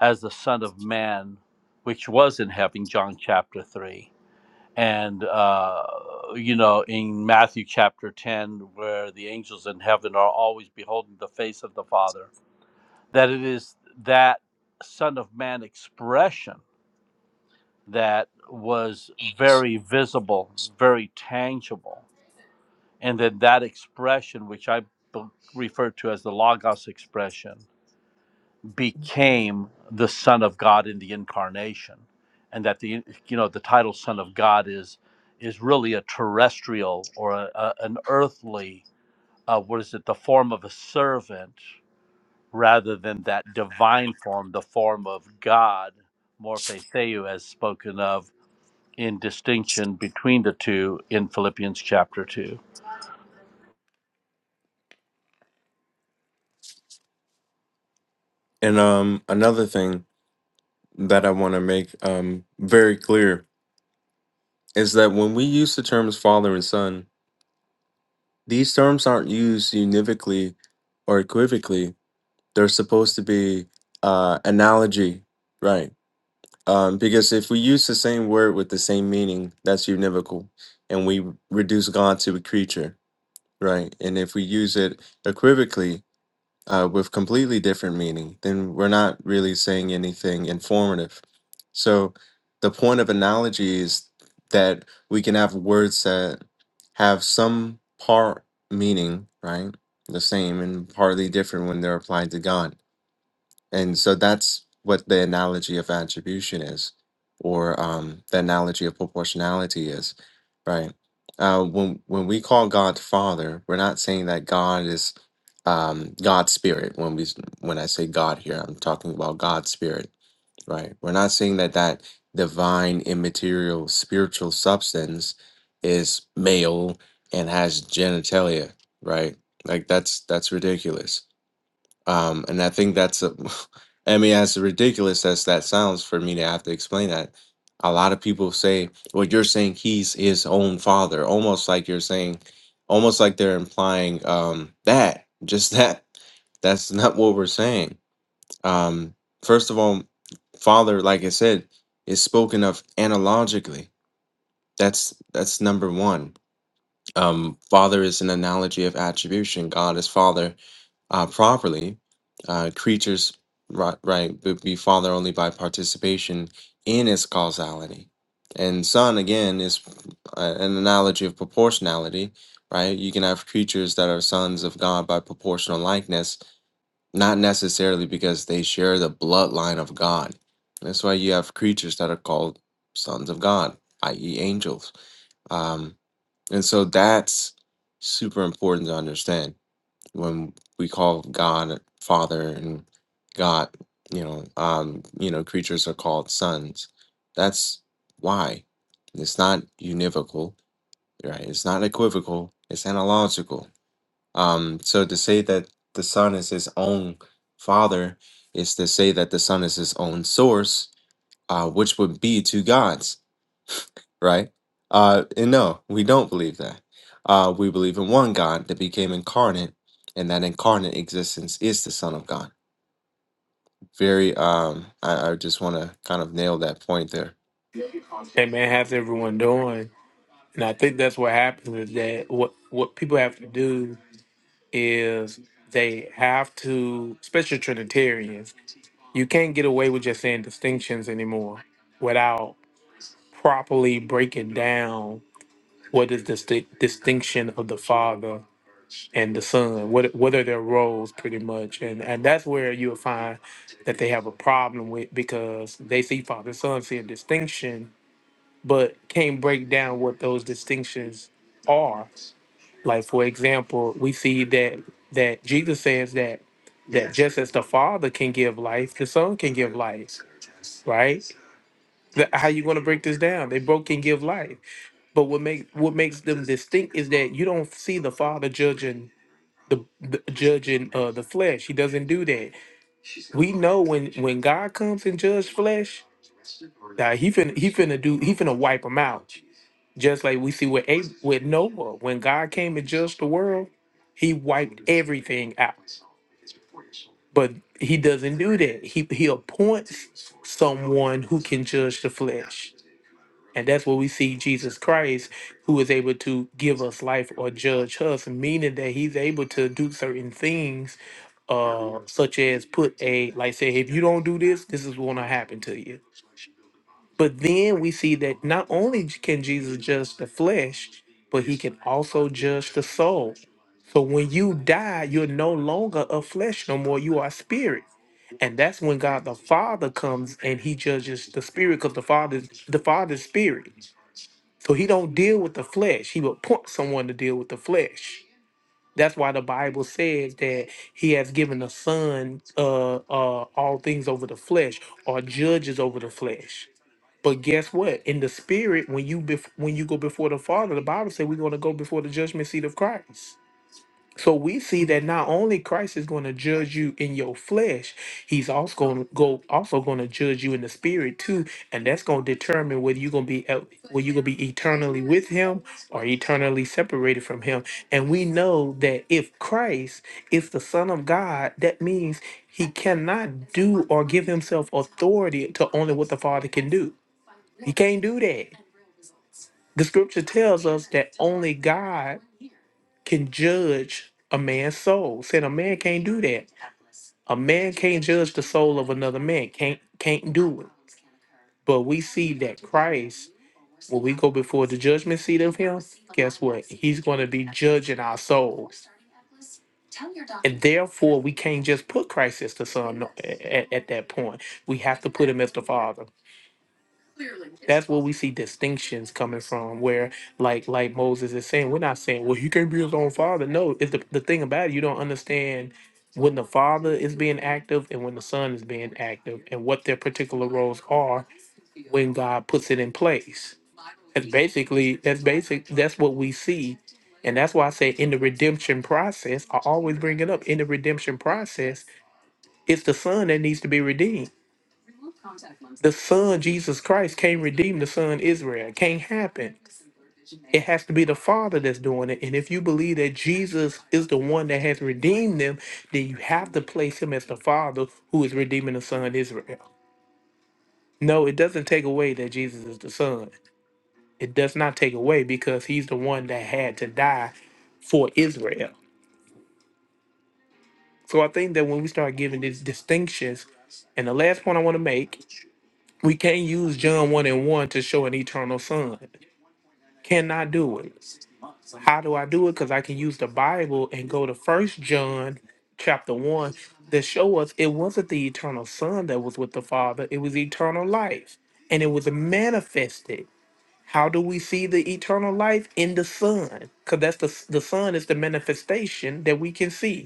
as the Son of Man, which was in heaven, John chapter three, and uh, you know in Matthew chapter ten, where the angels in heaven are always beholding the face of the Father that it is that Son of Man expression that was very visible, very tangible. And then that expression, which I b- refer to as the Logos expression, became the Son of God in the incarnation. And that the you know the title Son of God is is really a terrestrial or a, a- an earthly uh, what is it the form of a servant rather than that divine form, the form of God, Morphe Theu, as spoken of in distinction between the two in Philippians chapter 2.
And um, another thing. that I want to make um, very clear is that when we use the terms father and son, these terms aren't used univocally or equivocally. They're supposed to be uh, analogy, right? Um, because if we use the same word with the same meaning, that's univocal, and we reduce God to a creature, right? And if we use it equivocally, uh, with completely different meaning, then we're not really saying anything informative. So the point of analogy is that we can have words that have some part meaning, right? The same and partly different when they're applied to God. And so that's what the analogy of attribution is, or um, the analogy of proportionality is, right? Uh, when when we call God Father, we're not saying that God is um, God's Spirit. When we s- when I say God here, I'm talking about God's Spirit, right? We're not saying that that divine, immaterial, spiritual substance is male and has genitalia, right? Like that's that's ridiculous um, and I think that's a, I mean, as ridiculous as that sounds for me to have to explain that, a lot of people say, well, you're saying he's his own father, almost like you're saying, almost like they're implying um, that, just that. That's not what we're saying. Um, first of all, father, like I said, is spoken of analogically. That's that's number one. Um, father is an analogy of attribution. God is father uh, properly, uh, creatures right, right would be father only by participation in its causality, and son again is uh, an analogy of proportionality. Right, you can have creatures that are sons of God by proportional likeness, not necessarily because they share the bloodline of God. That's why you have creatures that are called sons of God, i.e., angels. Um, and so that's super important to understand when we call God Father and God, you know, um, you know, creatures are called sons. That's why. It's not univocal, right? It's not equivocal, it's analogical. Um, so to say that the son is his own father is to say that the son is his own source, uh, which would be two gods right? Uh, and no, we don't believe that. Uh, we believe in one God that became incarnate, and that incarnate existence is the Son of God. Very, um, I, I just want to kind of nail that point there.
Hey man, how's everyone doing? And I think that's what happens is that what what people have to do is they have to, especially Trinitarians, you can't get away with just saying distinctions anymore without properly breaking down what is the sti- distinction of the father and the son. What what are their roles, pretty much, and and that's where you'll find that they have a problem with because they see father and son see a distinction but can't break down what those distinctions are. Like for example, we see that that Jesus says that that just as the Father can give life, the Son can give life, right? The- how you going to break this down? They both can give life, but what make what makes them distinct is that you don't see the Father judging the, the judging uh, the flesh. He doesn't do that. We know when when God comes and judge flesh, now he finna he finna do he finna wipe them out. Just like we see with Ab- with Noah, when God came to judge the world, He wiped everything out. But He doesn't do that. He He appoints someone who can judge the flesh, and that's what we see Jesus Christ, who is able to give us life or judge us, meaning that He's able to do certain things, uh, such as put a like say, if you don't do this, this is going to happen to you but then we see that not only can Jesus judge the flesh, but he can also judge the soul. So when you die, you're no longer of flesh no more, you are spirit. And that's when God the Father comes and he judges the spirit because the Father the Father's spirit. So he don't deal with the flesh. He will point someone to deal with the flesh. That's why the Bible says that he has given the son uh, uh, all things over the flesh or judges over the flesh. But guess what? In the spirit, when you bef- when you go before the Father, the Bible says we're going to go before the judgment seat of Christ. So we see that not only Christ is going to judge you in your flesh, he's also going to go also going to judge you in the spirit too, and that's going to determine whether you're going to be el- whether you're going to be eternally with him or eternally separated from him. And we know that if Christ is the son of God, that means he cannot do or give himself authority to only what the Father can do. He can't do that. The scripture tells us that only God can judge a man's soul. Said a man can't do that. A man can't judge the soul of another man. Can't can't do it. But we see that Christ, when we go before the judgment seat of him, guess what? He's going to be judging our souls. And therefore, we can't just put Christ as the Son no- a- at, that point. We have to put him as the Father. That's where we see distinctions coming from. Where, like, like Moses is saying, we're not saying, well, he can't be his own father. No, it's the, the thing about it, you don't understand when the father is being active and when the son is being active, and what their particular roles are when God puts it in place. That's basically that's basic. That's what we see, and that's why I say in the redemption process, I always bring it up. In the redemption process, it's the son that needs to be redeemed the Son Jesus Christ can't redeem the Son Israel. It can't happen. It has to be the Father that's doing it. And if you believe that Jesus is the one that has redeemed them, then you have to place him as the Father who is redeeming the Son Israel. No, it doesn't take away that Jesus is the Son. It does not take away because he's the one that had to die for Israel. So I think that when we start giving these distinctions, and the last point I want to make We can't use John 1 and 1 to show an eternal son. Cannot do it. How do I do it? Because I can use the Bible and go to first John chapter 1 to show us it wasn't the eternal son that was with the Father, it was eternal life. And it was manifested. How do we see the eternal life in the Son? Because that's the the Son is the manifestation that we can see.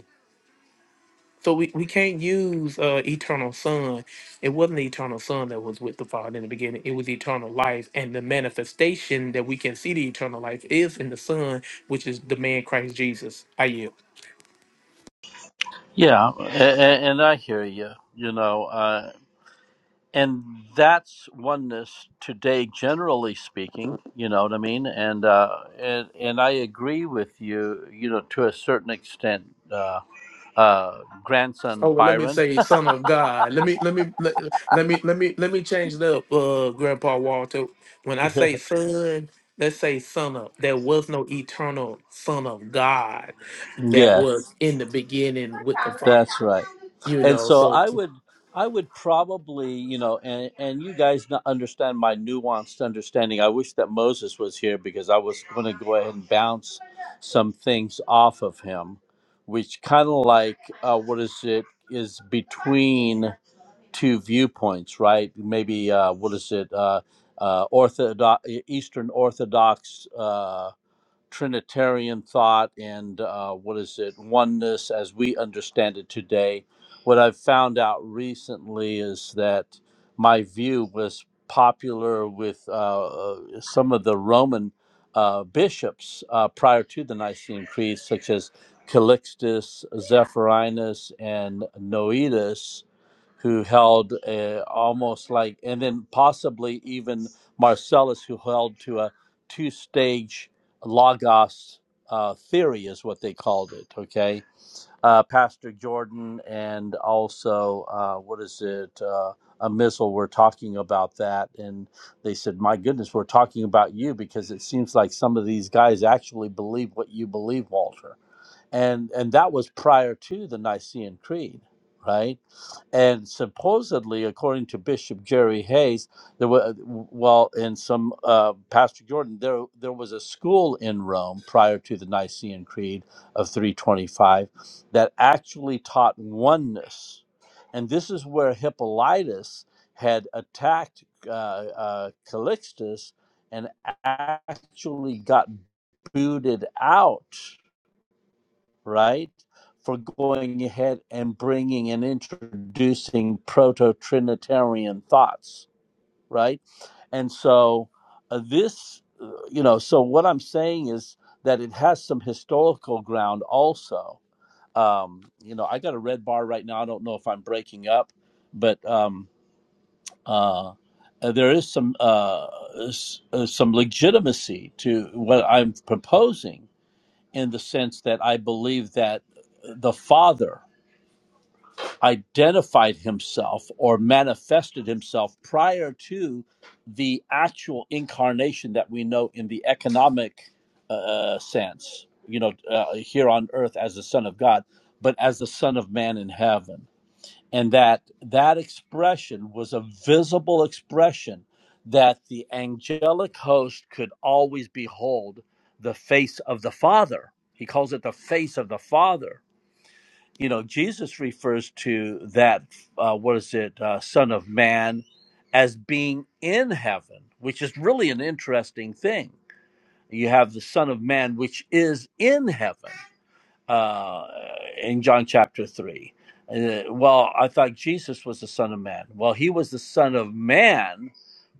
So we, we can't use uh, eternal son. It wasn't the eternal son that was with the Father in the beginning. It was eternal life. And the manifestation that we can see the eternal life is in the Son, which is the man Christ Jesus. I yield.
Yeah, and, and I hear you, you know, uh, and that's oneness today, generally speaking, you know what I mean? And, uh, and, and I agree with you, you know, to a certain extent, uh, uh,
Oh
grandson
well, let me
Byron.
say son of God. Let me let me let, let me let me let me change it up, uh Grandpa Walter. When I say son, let's say son of there was no eternal son of God that
Yes.
was in the beginning with the Father.
That's right.
You
And
know,
so
so
I
that's
would I would probably, you know, and and you guys not understand my nuanced understanding. I wish that Moses was here because I was going to go ahead and bounce some things off of him, which kind of like uh, what is it is between two viewpoints, right? Maybe uh, what is it uh, uh, orthodox Eastern Orthodox uh, Trinitarian thought and uh, what is it, oneness as we understand it today. What I've found out recently is that my view was popular with uh, uh, some of the Roman uh, bishops uh, prior to the Nicene Creed, such as Calixtus, Zephyrinus, and Noetus who held uh, almost like, and then possibly even Marcellus, who held to a two stage logos uh, theory, is what they called it. Okay. Uh, Pastor Jordan and also, uh, what is it? Uh, a missile were talking about that, and they said, My goodness, we're talking about you because it seems like some of these guys actually believe what you believe, Walter and and that was prior to the Nicene Creed, right? And supposedly, according to Bishop Jerry Hayes, there was well, and some uh, Pastor Jordan, there there was a school in Rome prior to the Nicene Creed of 325 that actually taught oneness, and this is where Hippolytus had attacked uh, uh, Calixtus and actually got booted out right? For going ahead and bringing and introducing proto Trinitarian thoughts, right? And so uh, this, uh, you know, so what I'm saying is that it has some historical ground also. Um, you know, I got a red bar right now. I don't know if I'm breaking up, but um, uh, uh, there is some uh, s- uh, some legitimacy to what I'm proposing in the sense that I believe that the Father identified himself or manifested himself prior to the actual incarnation that we know in the economic uh, uh, sense, you know, uh, here on earth as the Son of God, but as the Son of Man in heaven and that that expression was a visible expression that the angelic host could always behold the face of the father he calls it the face of the father you know jesus refers to that uh, what is it uh, son of man as being in heaven which is really an interesting thing you have the son of man which is in heaven uh, in John chapter 3. Uh, well, I thought Jesus was the Son of Man. Well, he was the Son of Man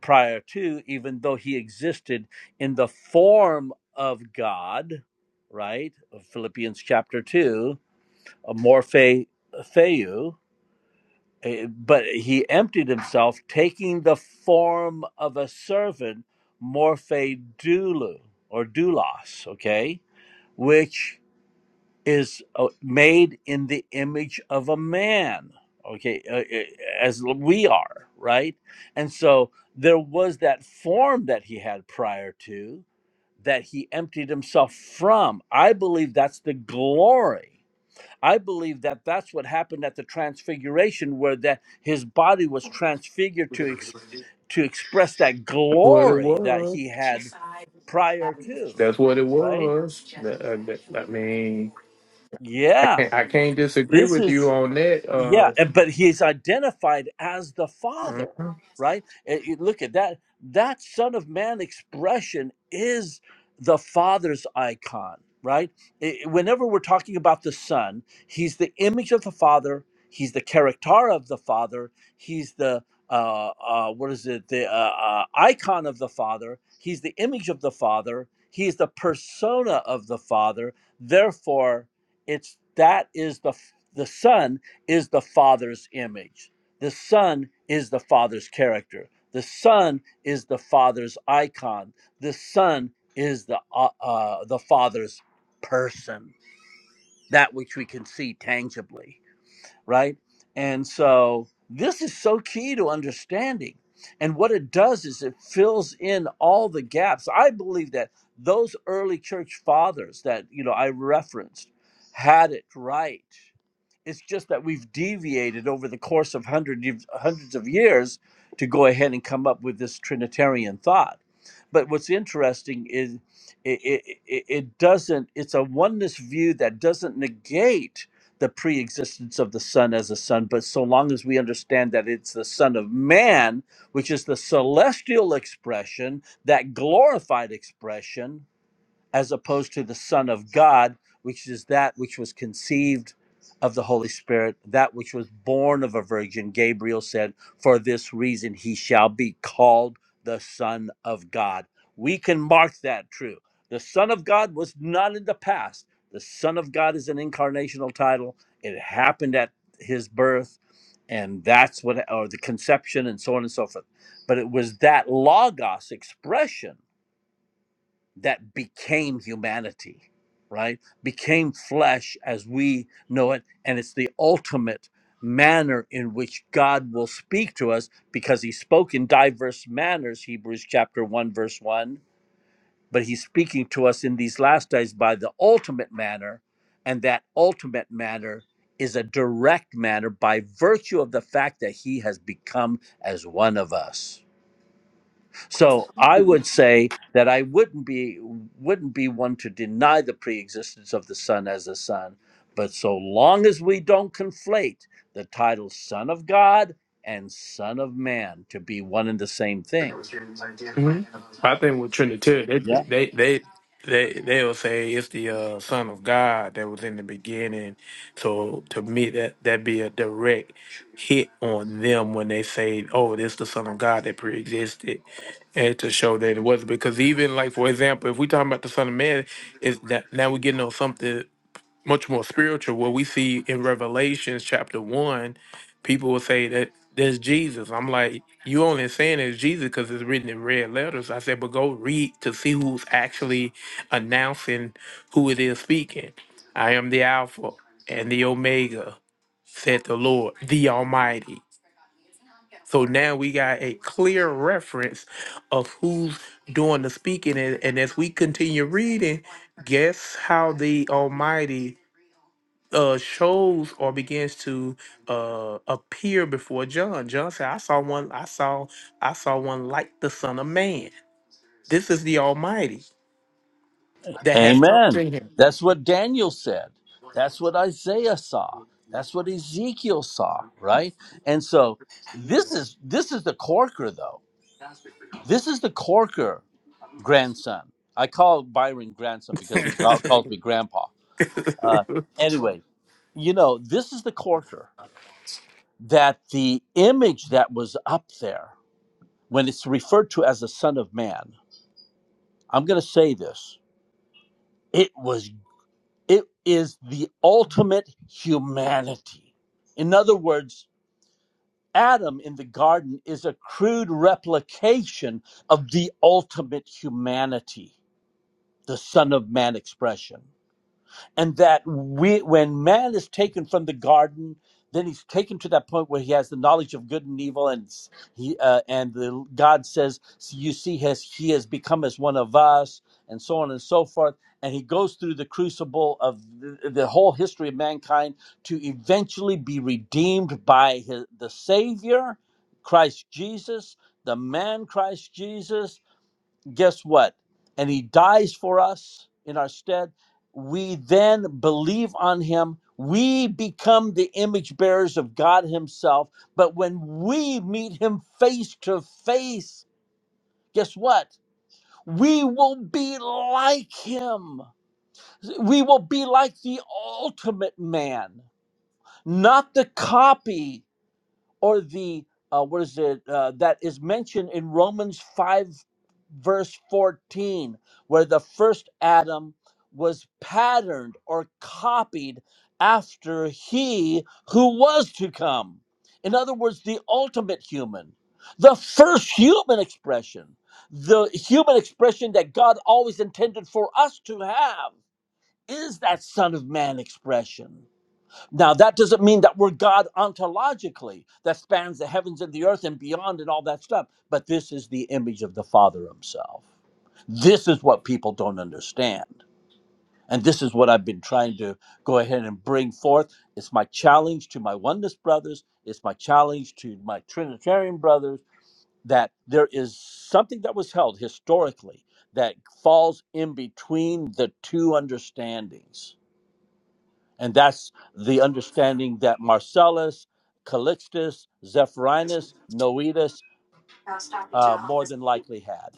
prior to, even though he existed in the form of God, right? Philippians chapter 2, uh, morphe theu. uh, But he emptied himself, taking the form of a servant, morphe doulou or doulos, okay? Which is uh, made in the image of a man okay uh, uh, as we are right and so there was that form that he had prior to that he emptied himself from i believe that's the glory i believe that that's what happened at the transfiguration where that his body was transfigured to ex- to express that
what it
glory that
was.
he had prior to
That's what it
right
was. That- uh, that- I mean, I
yeah
can't I can't disagree
this
with you
is
on that.
Yeah,
Uh,
and- but he's identified as the Father,
mhm.
right? And you look at that. That Son of Man expression is the Father's icon, right? I- whenever we're talking about the Son, he's the image of the Father. He's the character of the Father. He's the uh, uh, what is it? The uh, uh, icon of the Father. He's the image of the Father. He's the persona of the Father. Therefore, it's that is the f- the Son is the Father's image. The Son is the Father's character. The Son is the Father's icon. The Son is the uh, uh, the Father's person, that which we can see tangibly right? And so this is so key to understanding. And what it does is it fills in all the gaps. I believe that those early church fathers that you know I referenced had it right. It's just that we've deviated over the course of hundred, years- hundreds of years to go ahead and come up with this Trinitarian thought. But what's interesting is it, it, it it doesn't, it's a oneness view that doesn't negate the pre-existence of the Son as a Son, but so long as we understand that it's the Son of Man, which is the celestial expression, that glorified expression, as opposed to the Son of God, which is that which was conceived of the Holy Spirit, that which was born of a virgin. Gabriel said, For this reason he shall be called the Son of God. We can mark that true. The Son of God was not in the past. The Son of God is an incarnational title. It happened at his birth, and that's what, or the conception, and so on and so forth. But it was that Logos expression that became humanity, right? Became flesh as we know it. And it's the ultimate manner in which God will speak to us because he spoke in diverse manners, Hebrews chapter 1, verse 1. But he's speaking to us in these last days by the ultimate manner. And that ultimate manner is a direct manner by virtue of the fact that he has become as one of us so I would say that I wouldn't be wouldn't be one to deny the preexistence of the Son as a Son, but so long as we don't conflate the title Son of God and Son of Man to be one and the same thing.
hmm I think with Trinitarian, they
Yeah.
they they they they'll say it's the uh, Son of God that was in the beginning. So to me, that that be a direct hit on them when they say, "Oh, this the Son of God that preexisted," and to show that it wasn't. Because even like for example, if we talking about the Son of Man, is that now we're getting on something? much more spiritual. What we see in Revelations chapter one, people will say that there's Jesus. I'm like, you only saying it's Jesus because it's written in red letters. I said, but go read to see who's actually announcing who it is speaking. I am the Alpha and the Omega, said the Lord, the Almighty. So now we got a clear reference of who's doing the speaking. And, and as we continue reading, guess how the Almighty uh shows or begins to uh appear before John. John said, I saw one, I saw, I saw one like the Son of Man. This is the Almighty that has come
Amen.
to
That's what Daniel said. That's what Isaiah saw. That's what Ezekiel saw, right? And so this is this is the corker though. This is the corker grandson. I call Byron grandson because he call, calls
him.
me grandpa. Uh, anyway, you know, this is the corker that the image that was up there when it's referred to as the Son of Man. I'm going to say this: it was, it is the ultimate humanity. In other words. Adam in the garden is a crude replication of the ultimate humanity, the Son of Man expression. and that we, when man is taken from the garden, then he's taken to that point where he has the knowledge of good and evil, and he uh, and the, God says, "So "You see, has he has become as one of us," and so on and so forth. And he goes through the crucible of the, the whole history of mankind to eventually be redeemed by his, the Savior, Christ Jesus, the man Christ Jesus guess what? And he dies for us in our stead. We then believe on him. We become the image bearers of God himself. But when we meet him face to face, guess what? We will be like him. We will be like the ultimate man, not the copy or the uh, what is it uh, that is mentioned in Romans 5 verse 14 where the first Adam was patterned or copied after he who was to come in other words the ultimate human the first human expression the human expression that God always intended for us to have is that son of man expression now, that doesn't mean that we're God ontologically, that spans the heavens and the earth and beyond and all that stuff, but this is the image of the Father Himself. This is what people don't understand. And this is what I've been trying to go ahead and bring forth. It's my challenge to my oneness brothers, it's my challenge to my Trinitarian brothers that there is something that was held historically that falls in between the two understandings and that's the understanding that Marcellus, Calixtus, Zephyrinus, Noetus uh, more than likely had.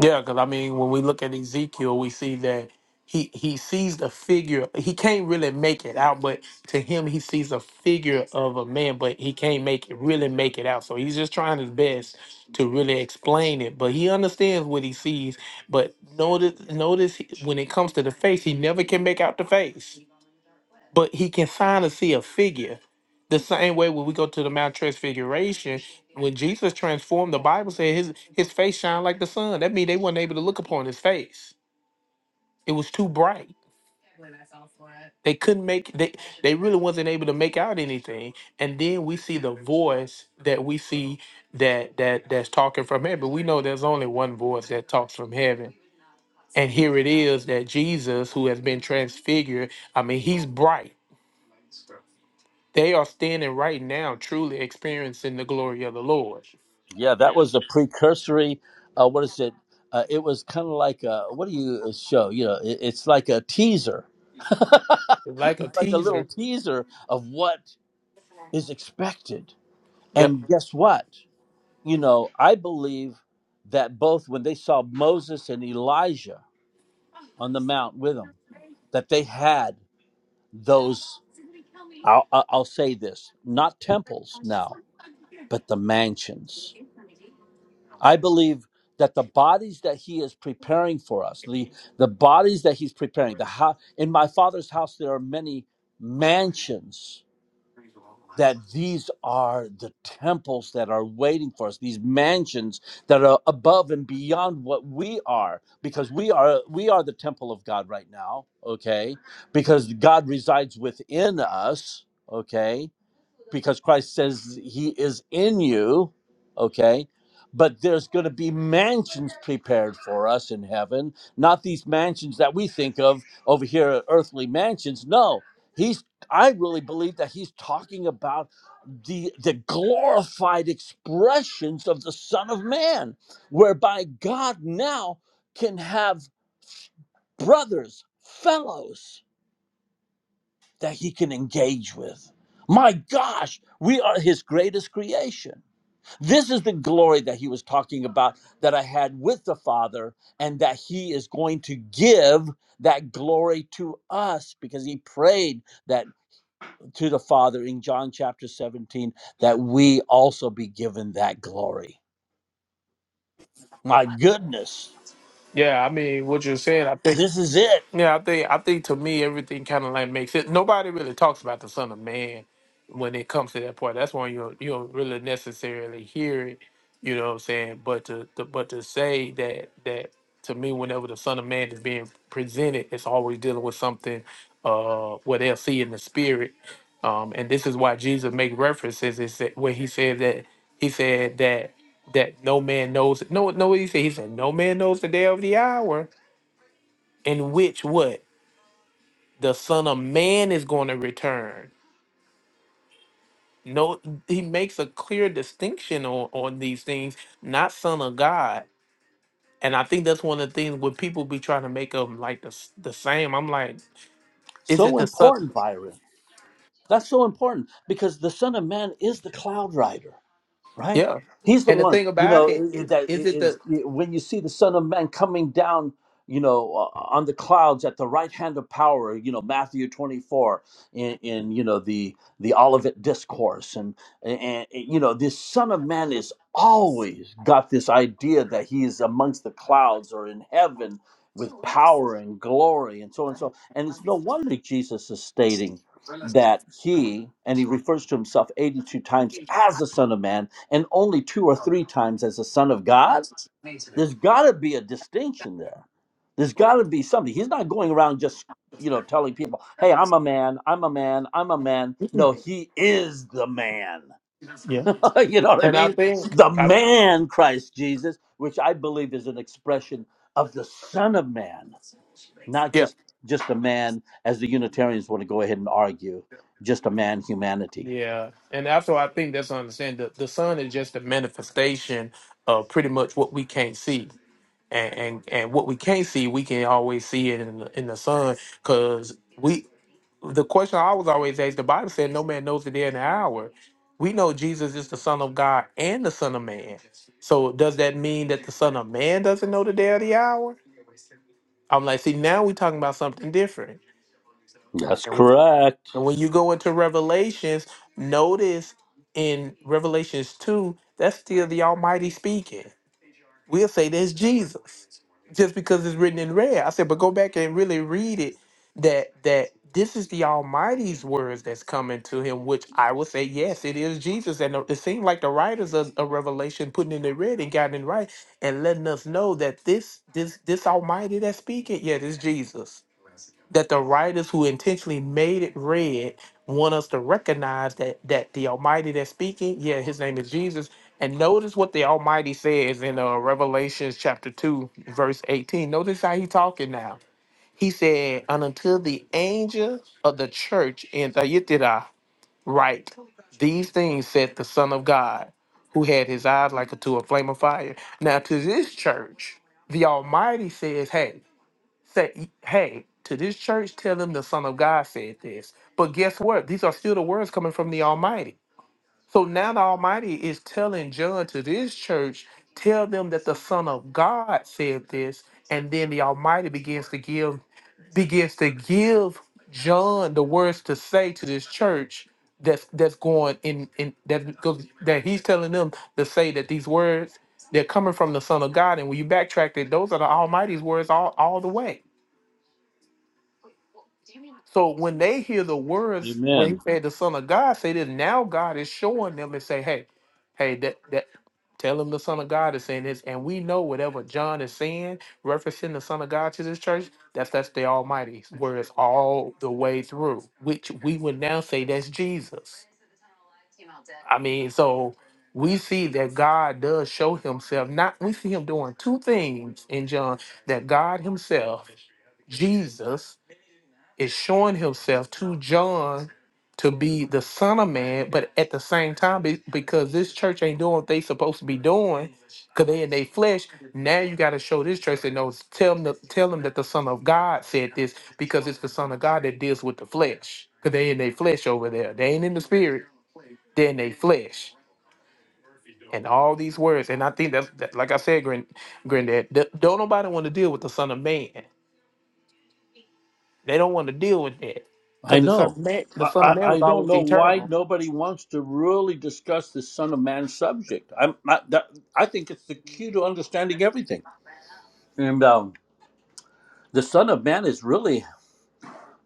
Yeah, because I mean, when we look at Ezekiel, we see that he he sees the figure. He can't really make it out, but to him, he sees a figure of a man, but he can't make it really make it out. So he's just trying his best to really explain it, but he understands what he sees. But notice notice he- when it comes to the face, he never can make out the face but he can sign to see a figure. The same way when we go to the Mount Transfiguration, when Jesus transformed, the Bible said his his face shined like the sun. That means they weren't able to look upon his face. It was too bright. They couldn't make they they really wasn't able to make out anything. And then we see the voice that we see that that that's talking from heaven. We know there's only one voice that talks from heaven. And here it is that Jesus, who has been transfigured, I mean, he's bright They are standing right now, truly experiencing the glory of the Lord.
Yeah, that was the precursory. Uh, what is it? Uh, it was kind of like a, what do you uh, show? You know, it, it's like a teaser.
Like a
it's like a little
teaser.
teaser of what is expected.
Yep.
And guess what? You know, I believe that both when they saw Moses and Elijah on the mount with them, that they had those I'll, I'll I'll say this not temples now, but the mansions. I believe that the bodies that he is preparing for us, the, the bodies that he's preparing, the house, in my father's house, there are many mansions that these are the temples that are waiting for us these mansions that are above and beyond what we are because we are we are the temple of god right now okay because god resides within us okay because Christ says he is in you, okay? But there's going to be mansions prepared for us in heaven, not these mansions that we think of over here, earthly mansions. No, he's I really believe that he's talking about the the glorified expressions of the Son of Man, whereby God now can have brothers, fellows that he can engage with. My gosh, we are his greatest creation. This is the glory that he was talking about that I had with the Father, and that he is going to give that glory to us because he prayed that to the Father in John chapter 17 that we also be given that glory. My goodness,
Yeah, I mean, what you're saying, I think.
this is it.
Yeah, I think I think to me everything kind of like makes it. Nobody really talks about the Son of Man when it comes to that part. That's why you don't- you don't really necessarily hear it. You know what I'm saying? But to, to but to say that that to me, whenever the Son of Man is being presented, it's always dealing with something uh what they'll see in the spirit. Um, and this is why Jesus make references is that when he said that he said that that no man knows no no what he said he said no man knows the day of the hour in which what the son of man is going to return no he makes a clear distinction on, on these things not son of god and i think that's one of the things when people be trying to make them like the, s- the same i'm like is it
So
the son
important, Byron. That's so important because the Son of Man is the cloud rider. right?
yeah
He's the
and the
one,
thing
you
about
know, that
it
is
is is it the
when you see the Son of Man coming down, you know, uh, on the clouds at the right hand of power, you know, Matthew 24 in, in you know, the the Olivet discourse and, and and, you know, this Son of Man is always got this idea that he is amongst the clouds or in heaven with power and glory and so on and so. on. And it's no wonder Jesus is stating that he and he refers to himself 82 times as the son of man and only two or three times as a son of God, there's got to be a distinction there. There's got to be something. He's not going around just, you know, telling people, "Hey, I'm a man. I'm a man. I'm a man." No, he is the man.
yeah
you know what I
and i
mean?
think
The
I,
man Christ Jesus, which I believe is an expression of the son of man, not
yeah
just just a man as the unitarians want to go ahead and argue, just a man humanity.
yeah and also i think that's understand that the son is just a manifestation of pretty much what we can't see and and, and what we can't see, we can always see it in the, in the sun. Because we, the question I was always asked, the Bible said, "No man knows the day and the hour." We know Jesus is the Son of God and the Son of Man. So does that mean that the Son of Man doesn't know the day or the hour? I'm like, see, now we're talking about something different.
That's
And when,
correct.
and when you go into Revelations, notice in Revelations two, that's still the Almighty speaking We'll say that's Jesus just because it's written in red. I said, but go back and really read it. That that this is the Almighty's words that's coming to him, which I will say, yes, it is Jesus. And it seemed like the writers of, of Revelation putting in the red and got it right and letting us know that this this this Almighty that's speaking, yeah, this Jesus. That the writers who intentionally made it red want us to recognize that that the Almighty that's speaking, yeah, his name is Jesus and notice what the Almighty says in uh, Revelations chapter 2, verse 18. Notice how he talking now. He said, And until the angel of the church in Thyatira write, These things said the Son of God, who had his eyes like unto a flame of fire. Now to this church, the Almighty says, Hey, say, hey, to this church, tell them the Son of God said this. But guess what? These are still the words coming from the Almighty. So now the Almighty is telling John to this church, tell them that the Son of God said this, and then the Almighty begins to give begins to give John the words to say to this church that's that's going in in that goes that he's telling them to say that these words they're coming from the Son of God. And when you backtrack it, those are the Almighty's words all, all the way. So when they hear the words when he
Amen.
said the Son of God, say this now God is showing them and say, hey, hey, that that tell them the Son of God is saying this, and we know whatever John is saying, referencing the Son of God to this church, that's that's the Almighty's words all the way through, which we would now say that's Jesus. I mean, so we see that God does show himself. Not we see him doing two things in John that God himself, Jesus, is showing himself to John to be the Son of Man, but at the same time, be- because this church ain't doing what they supposed to be doing, because they in their flesh. Now you got to show this church that knows. Tell them, tell them that the Son of God said this, because it's the Son of God that deals with the flesh. Because they in their flesh over there. They ain't in the spirit. They in their flesh. And all these words, and I think that's that, like I said, Grand, Granddad. th- don't nobody want to deal with the Son of Man. They don't want to deal with that
I
because the son of
know.
man, the
I,
son of man
I
was
I don't
always
know why
eternal.
nobody wants to really discuss this Son of Man subject. I'm not, that, I think it's the key to understanding everything. And um, the Son of Man is really,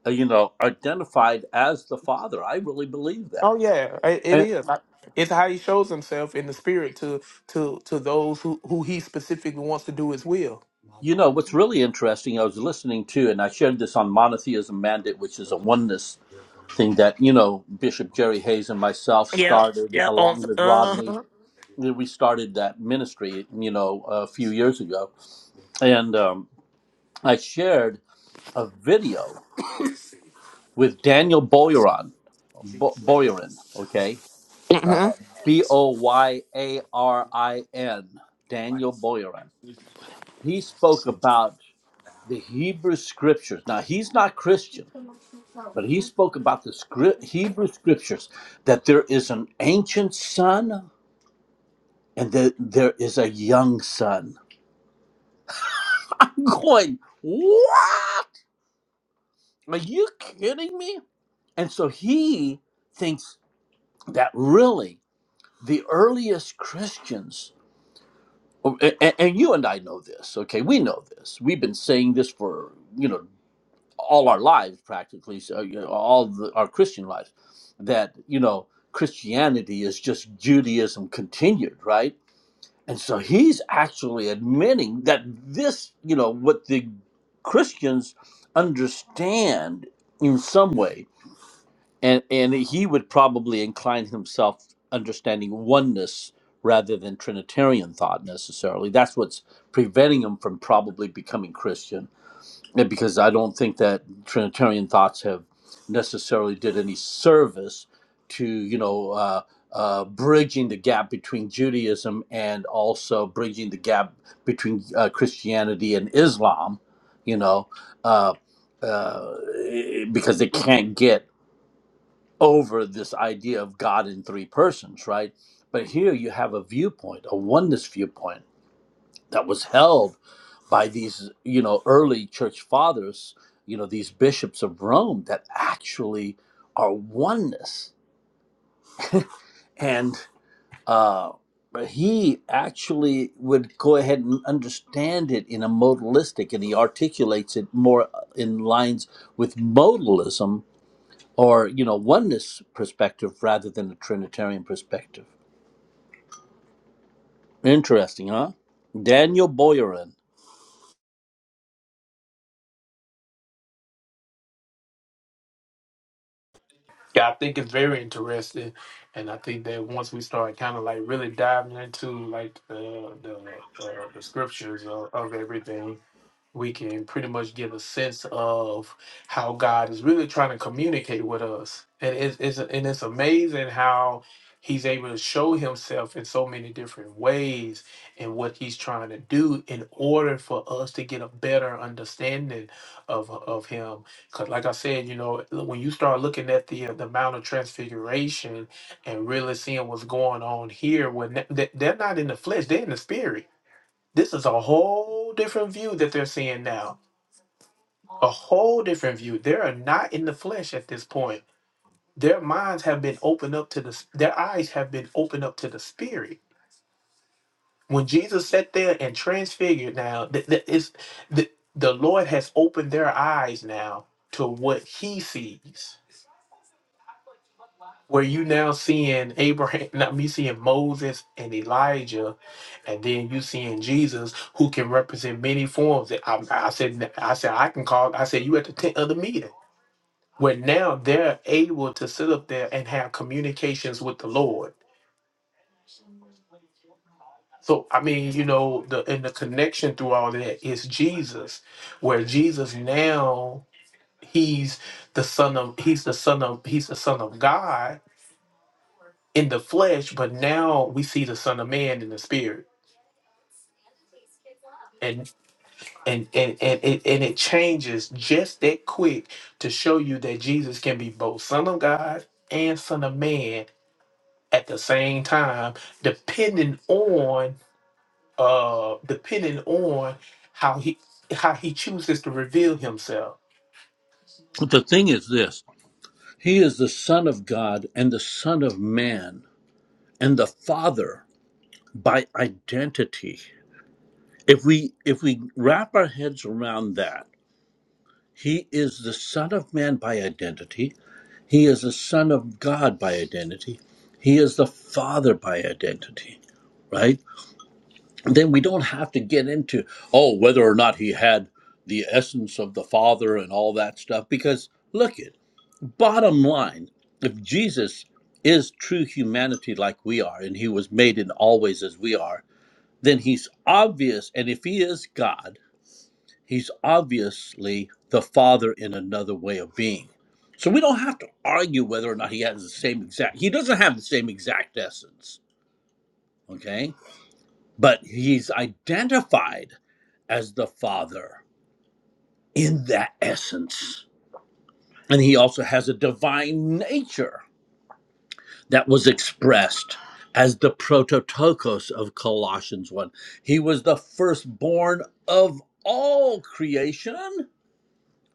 uh, you know, identified as the Father. I really believe
Oh
that.
yeah, it, it
And
is. I- It's how he shows himself in the spirit to to to those who who he specifically wants to do his will.
you know what's really interesting? I was listening to, and I shared this on Monotheism Mandate, which is a oneness thing that you know Bishop Jerry Hayes and myself
Yep.
started
Yep. On.
along with
Uh.
Rodney
huh.
we started that ministry, you know, a few years ago, and um, I shared a video with Daniel Boyarin, Bo- Boyarin, okay,
hmm
B O Y A R I N, Daniel Boyarin. He spoke about the Hebrew scriptures. Now he's not Christian, but he spoke about the script, Hebrew scriptures that there is an ancient son and that there is a young son. I'm going what? Are you kidding me? And so he thinks that really the earliest Christians, and, and you and I know this, okay? We know this. We've been saying this for, you know, all our lives practically, so, you know, all the, our Christian lives, that, you know, Christianity is just Judaism continued, right? And so he's actually admitting that this, you know, what the Christians understand in some way and and he would probably incline himself understanding oneness rather than trinitarian thought necessarily that's what's preventing him from probably becoming christian And because i don't think that trinitarian thoughts have necessarily did any service to you know uh, uh, bridging the gap between judaism and also bridging the gap between uh, christianity and islam you know uh, uh, because they can't get over this idea of God in three persons, right? But here you have a viewpoint, a oneness viewpoint that was held by these, you know, early church fathers, you know, these bishops of Rome that actually are oneness. And uh, he actually would go ahead and understand it in a modalistic, and he articulates it more in lines with modalism or you know oneness perspective rather than a trinitarian perspective interesting huh daniel Boyarin.
Yeah, I think it's very interesting, and I think that once we start kind of like really diving into like the the uh, the scriptures of, of everything, we can pretty much get a sense of how God is really trying to communicate with us. And it's, it's and it's amazing how he's able to show himself in so many different ways and what he's trying to do in order for us to get a better understanding of of him because like i said you know when you start looking at the the mount of transfiguration and really seeing what's going on here when they're not in the flesh they're in the spirit this is a whole different view that they're seeing now. A whole different view. They are not in the flesh at this point. Their minds have been opened up to the their eyes have been opened up to the spirit. When Jesus sat there and transfigured now, th- th- it's- the, the Lord has opened their eyes now to what he sees where you now seeing Abraham, not me seeing Moses and Elijah, and then you seeing Jesus, who can represent many forms. That I, I said, I said I can call. I said you at the tent of the meeting, where now they're able to sit up there and have communications with the Lord. So I mean, you know, the and the connection through all that is Jesus, where Jesus now he's the son of he's the son of he's the son of God in the flesh, but now we see the Son of Man in the spirit. And and and and it and it changes just that quick to show you that Jesus can be both Son of God and Son of Man at the same time, depending on uh depending on how he how he chooses to reveal himself.
the thing is this he is the son of god and the son of man and the father by identity if we if we wrap our heads around that he is the son of man by identity he is the son of god by identity he is the father by identity right then we don't have to get into oh whether or not he had the essence of the father and all that stuff because look it bottom line if jesus is true humanity like we are and he was made in always as we are then he's obvious and if he is god he's obviously the father in another way of being so we don't have to argue whether or not he has the same exact he doesn't have the same exact essence okay but he's identified as the Father in that essence. And he also has a divine nature that was expressed as the prototokos of Colossians 1. He was the firstborn of all creation,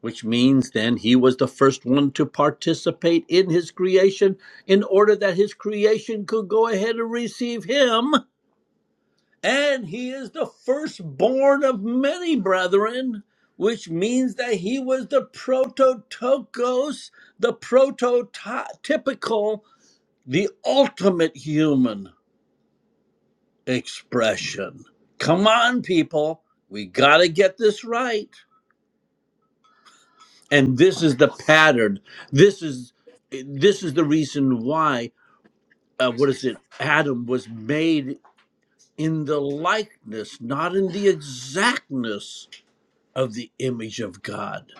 which means then he was the first one to participate in his creation in order that his creation could go ahead and receive him And he is the firstborn of many brethren, which means that he was the prototokos, the prototypical, the ultimate human expression. Come on, people. We got to get this right. And this is the pattern. This is this is the reason why uh, what is it? Adam was made in the likeness, not in the exactness of the image of God.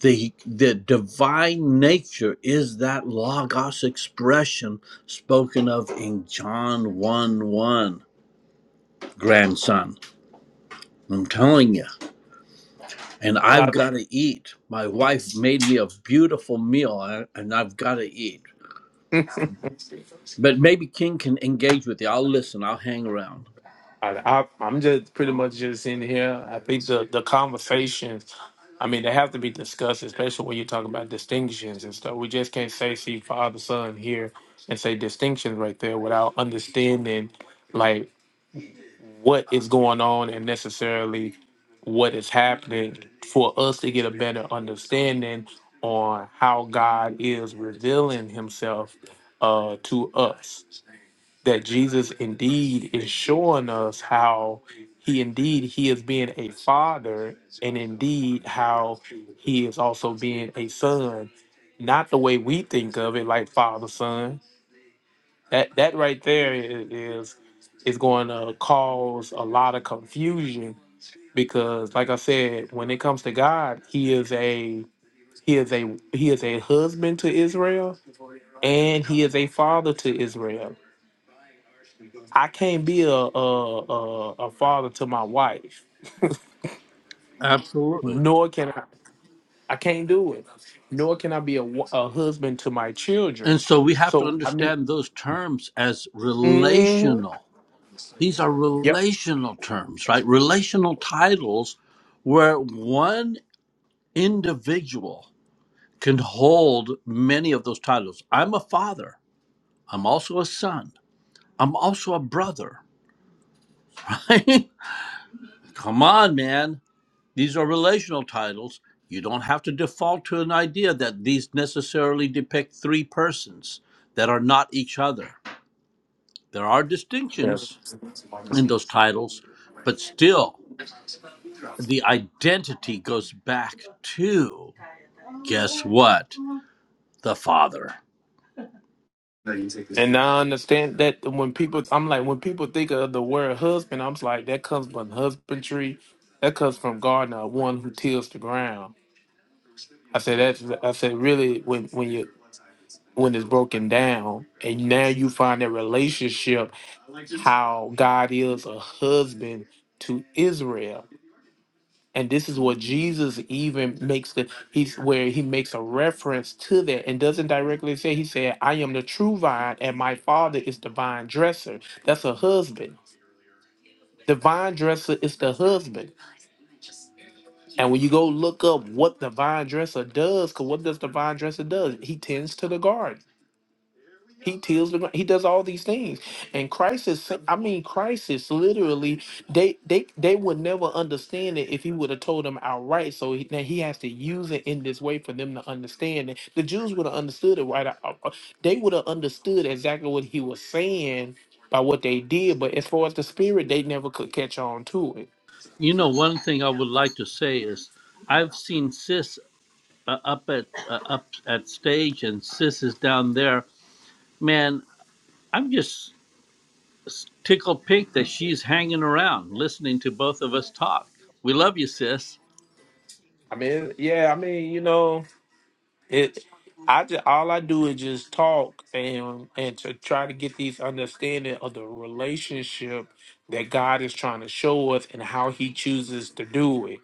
The, the divine nature is that logos expression spoken of in John 1 1, grandson. I'm telling you. And I've
Well,
got to eat. My wife made me a beautiful meal, and I've got to eat. But maybe King can engage with you. I'll listen, I'll hang around.
I, I, I- I'm just pretty much just in here. I think the the conversation I mean, they have to be discussed, especially when you talk about distinctions and stuff. We just can't say see father son here and say distinctions right there without understanding like what is going on and necessarily what is happening for us to get a better understanding on how God is revealing Himself uh, to us that Jesus indeed is showing us how he indeed he is being a father and indeed how he is also being a son not the way we think of it like father son that that right there i- is is going to cause a lot of confusion because like i said when it comes to god he is a he is a he is a husband to israel and he is a father to israel I can't be a a, a a father to my wife,
Absolutely.
nor can I. I can't do it. Nor can I be a, wa- a husband to my
And
children.
so we have to
So I mean,
understand those terms as
hmm
relational These are
yep.
relational terms, right? Relational titles where one individual can hold many of those titles. I'm a father. I'm also a son. I'm also a brother, right? Come on, man. These are relational titles. You don't have to default to an idea that these necessarily depict three persons that are not each other. There are
Yeah.
distinctions in those titles, but still the identity goes back to guess what the father
And I understand that when people, I'm like, when people think of the word husband, I'm just like, that comes from husbandry. That comes from gardener, one who tills the ground. I said that's I said really when when you when it's broken down and now you find that relationship how God is a husband to Israel. And this is what Jesus even makes the he's where he makes a reference to that and doesn't directly say he said, I am the true vine and my father is the vine dresser. That's a husband. The vine dresser is the husband. And when you go look up what the vine dresser does, because what does the vine dresser does? He tends to the garden. He tills the ground. He does all these things. And Christ is, sa- I mean, Christ is literally, they they they would never understand it if he would have told them outright. So he, now he has to use it in this way for them to understand it. The Jews would have understood it right. out- uh, uh, They would have understood exactly what he was saying by what they did. But as far as the spirit, they never could catch on to it.
you know one thing i would like to say is i've seen sis uh, up at uh, up at stage and sis is down there man i'm just tickled pink that she's hanging around listening to both of us talk we love you sis
I mean, yeah, I mean, you know. It, I just all I do is just talk and and to try to get these understanding of the relationship that God is trying to show us and how He chooses to do it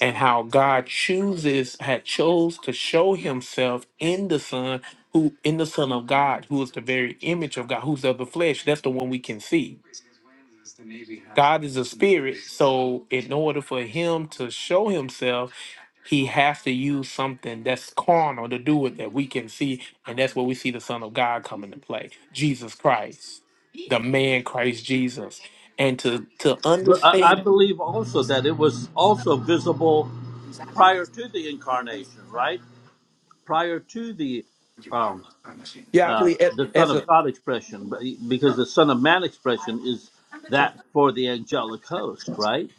and how God chooses had chose to show Himself in the Son who in the Son of God who is the very image of God who's of the flesh. That's the one we can see. God is a spirit, so in order for Him to show Himself he has to use something that's carnal to do it that we can see, and that's where we see the Son of God come into play, Jesus Christ, the man Christ Jesus, and to to
but i, I
understand.
believe also that it was also visible prior to the incarnation right prior to the um,
Yeah, I
uh,
believe as,
the Son
as a
of God expression, but- because the Son of Man expression is that for the angelic host, right?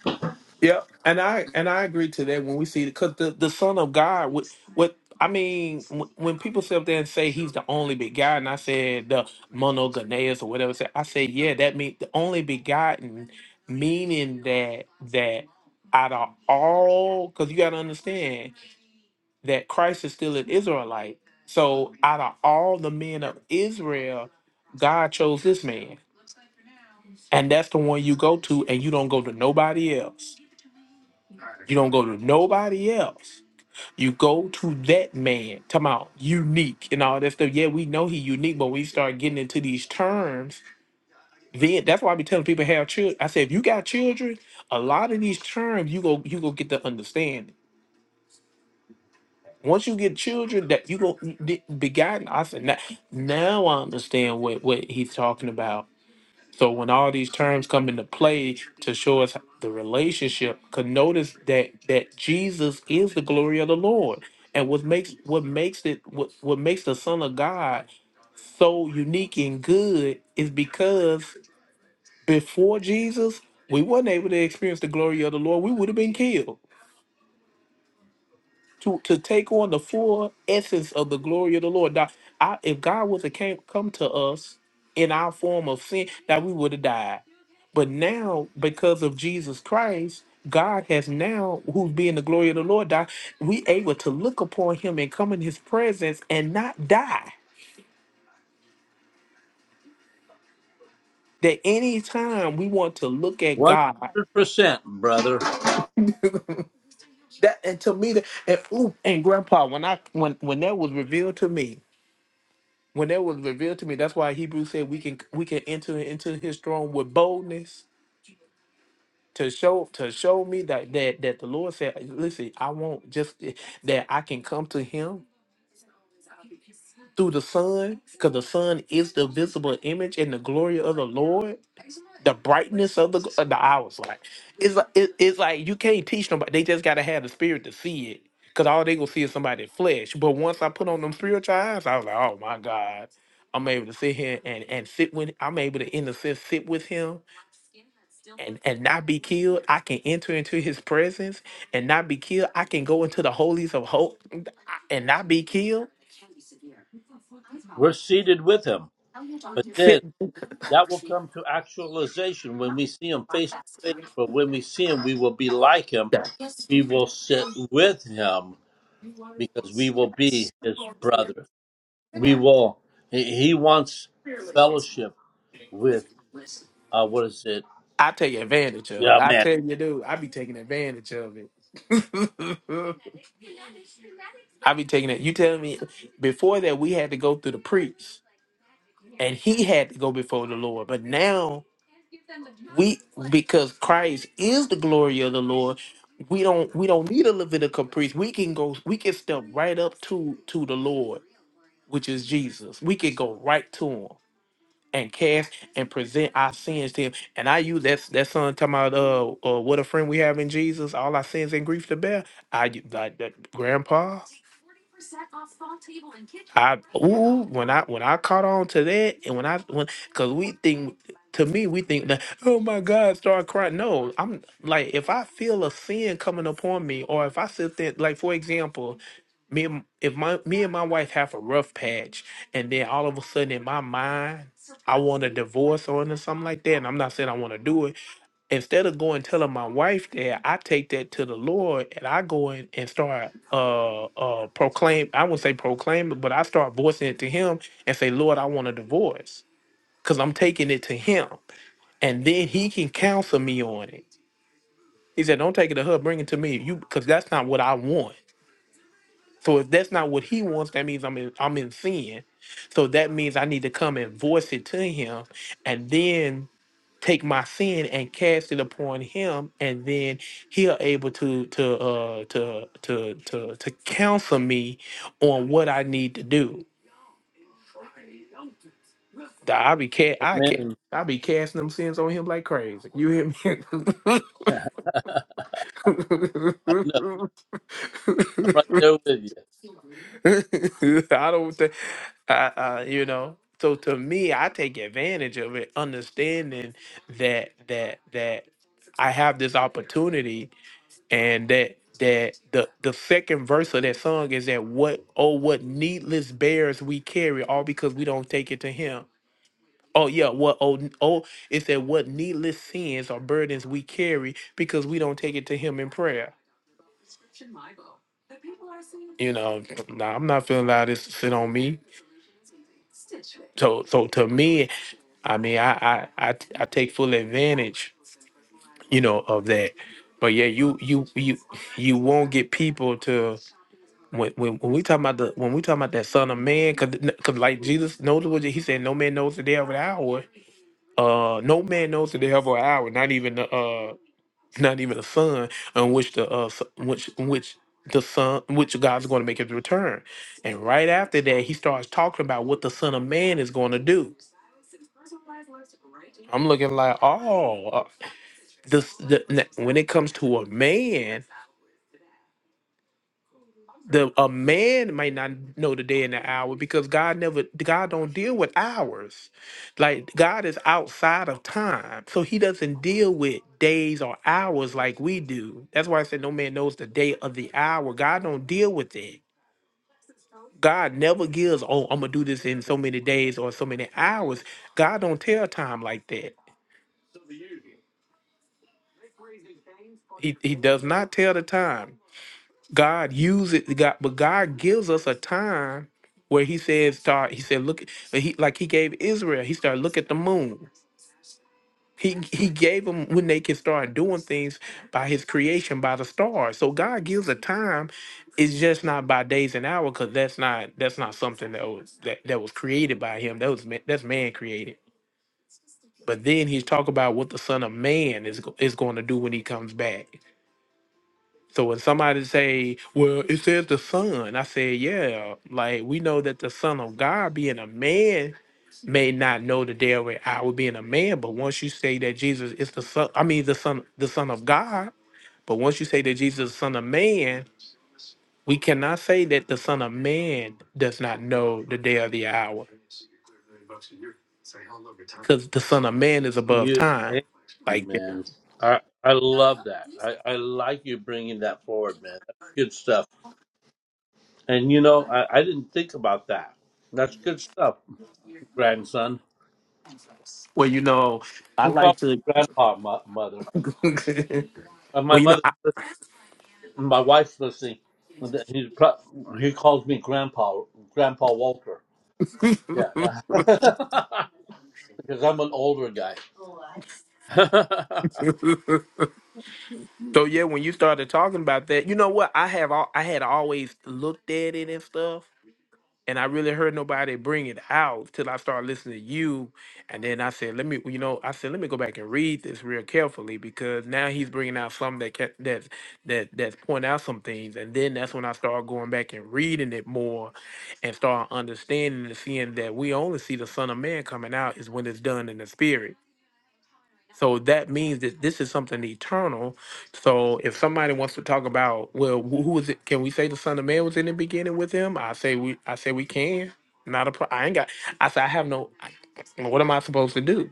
Yep, and I and I agree to that when we see because the the Son of God, what what I mean, wh- when people sit up there and say He's the only begotten, I said the monogenes or whatever. Say, I said yeah, that means the only begotten, meaning that that out of all, because you got to understand that Christ is still an Israelite. So out of all the men of Israel, God chose this man, and that's the one you go to, and you don't go to nobody else. You don't go to nobody else. You go to that man. Come out unique and all that stuff. Yeah, we know he unique, but when you start getting into these terms, then that's why I be telling people have children. I say if you got children, a lot of these terms you go you go get to understand. Once you get children, that you go begotten. I said now, now I understand what what he's talking about So when all these terms come into play to show us the relationship, could notice that that Jesus is the glory of the Lord. And what makes what makes it what, what makes the Son of God so unique and good is because before Jesus, we weren't able to experience the glory of the Lord. We would have been killed to to take on the full essence of the glory of the Lord. Now, I, if God was to came come to us in our form of sin, that we would have died. But now, because of Jesus Christ, God has now, who's being the glory of the Lord, die, we able to look upon Him and come in His presence and not die. That any time we want to look at
One
God,
hundred percent, brother.
that and to me, that and, ooh, and Grandpa, when I when when that was revealed to me, When that was revealed to me, that's why Hebrews said we can we can enter into his throne with boldness to show to show me that that that the Lord said, listen, I want just that I can come to him through the Son, because the Son is the visible image and the glory of the Lord, the brightness of the of the hours. Like it's like it- it's like you can't teach nobody. They just gotta have the spirit to see it, because all they gonna see is somebody's flesh. But once I put on them spiritual eyes, I was like, oh my God, I'm able to sit here and and sit with. I'm able to in a sense sit with Him and and not be killed. I can enter into His presence and not be killed. I can go into the holies of hope and not be killed.
We're seated with Him, but then
Fit.
that will come to actualization when we see Him face to face. But when we see Him, we will be like Him. We will sit with Him because we will be His brother. We will. He he wants fellowship with. Uh, what is it?
I take advantage of it.
Yeah,
I
man.
tell you, dude, I be taking advantage of it. I be taking it. You tell me before that we had to go through the priest and he had to go before the Lord. But now we because Christ is the glory of the Lord, we don't we don't need a Levitical priest. We can go we can step right up to to the Lord which is Jesus. We could go right to him and cast and present our sins to him. And I use that that song talking about uh, uh what a friend we have in Jesus, all our sins and grief to bear. I u- like that grandpa. I ooh when I when I caught on to that and when I when because we think to me we think that oh my God start crying no I'm like if I feel a sin coming upon me or if I sit there like for example me and- if my me and my wife have a rough patch and then all of a sudden in my mind I want a divorce or anything- something like that, and I'm not saying I want to do it. Instead of going telling my wife that, I take that to the Lord and I go in and start uh uh proclaim. I would say proclaim, but I start voicing it to Him and say, Lord, I want a divorce because I'm taking it to Him, and then He can counsel me on it. He said, Don't take it to her, bring it to me, you because that's not what I want. So if that's not what He wants, that means I'm in, I'm in sin. So that means I need to come and voice it to Him, and then take my sin and cast it upon him and then he'll able to to uh to to to to counsel me on what I need to do. Th- I be ca- I ca-
Amen.
I be casting them sins on him like crazy. You hear me?
I I'm right there with you.
I don't think I, I you know. So to me, I take advantage of it, understanding that that that I have this opportunity and that that the the second verse of that song is that what oh what needless bears we carry all because we don't take it to him oh yeah what oh n- oh it's that what needless sins or burdens we carry because we don't take it to him in prayer you know, nah, I'm not feeling allowed this to sit on me. So, so to me, I mean, I, I, I, I take full advantage, you know, of that. But yeah, you, you, you, you won't get people to when, when, when we talk about the when we talk about that son of man, because like Jesus knows what he said, no man knows the day of the hour. Uh, no man knows that they have an hour, not even the uh, not even the son, on which the uh, s- which which the son, which God's going to make his return. And right after that, he starts talking about what the Son of Man is going to do. I'm looking like, oh, uh, this the, n- when it comes to a man the a man may not know the day and the hour because God never God don't deal with hours. Like God is outside of time. So he doesn't deal with days or hours like we do. That's why I said no man knows the day of the hour. God don't deal with it. God never gives, oh, I'm gonna do this in so many days or so many hours. God don't tell time like that. He he does not tell the time. God uses God, but God gives us a time where He says, "Start." He said, "Look," but he like He gave Israel. He started, "Look at the moon." He He gave them when they can start doing things by His creation, by the stars. So God gives a time. It's just not by days and hours, because that's not that's not something that was that, that was created by Him. That was ma- that's man created. But then He's talking about what the Son of Man is go- is going to do when He comes back. So when somebody say, "Well, it says the Son," I say, "Yeah, like we know that the Son of God, being a man, may not know the day or hour being a man, but once you say that Jesus is the Son, I mean the Son, the Son of God, but once you say that Jesus is Son of Man, we cannot say that the Son of Man does not know the day or the hour, because the Son of Man is above
You,
time.
Amen,
Like, yeah.
man. I I love that. I I like you bringing that forward, man. That's good stuff. And you know, I I didn't think about that. That's good stuff, grandson.
well, you know, I
He calls
like to.
me grandpa, mo- mother. Uh, my
Well, you know,
mother, my wife's listening. and that He pro- he calls me grandpa, grandpa Walter. Yeah, yeah. because I'm an older guy.
so yeah, when you started talking about that, you know what? I have all, I had always looked at it and stuff, and I really heard nobody bring it out till I started listening to you, and then I said, let me, you know, I said let me go back and read this real carefully because now he's bringing out something that can, that that that's pointing out some things, and then that's when I started going back and reading it more, and start understanding and seeing that we only see the Son of Man coming out is when it's done in the spirit So that means that this is something eternal. So if somebody wants to talk about, well, wh- who was it? Can we say the Son of Man was in the beginning with him? I say we. I say we can. Not a. Pro- I ain't got. I say I have no. I- what am I supposed to do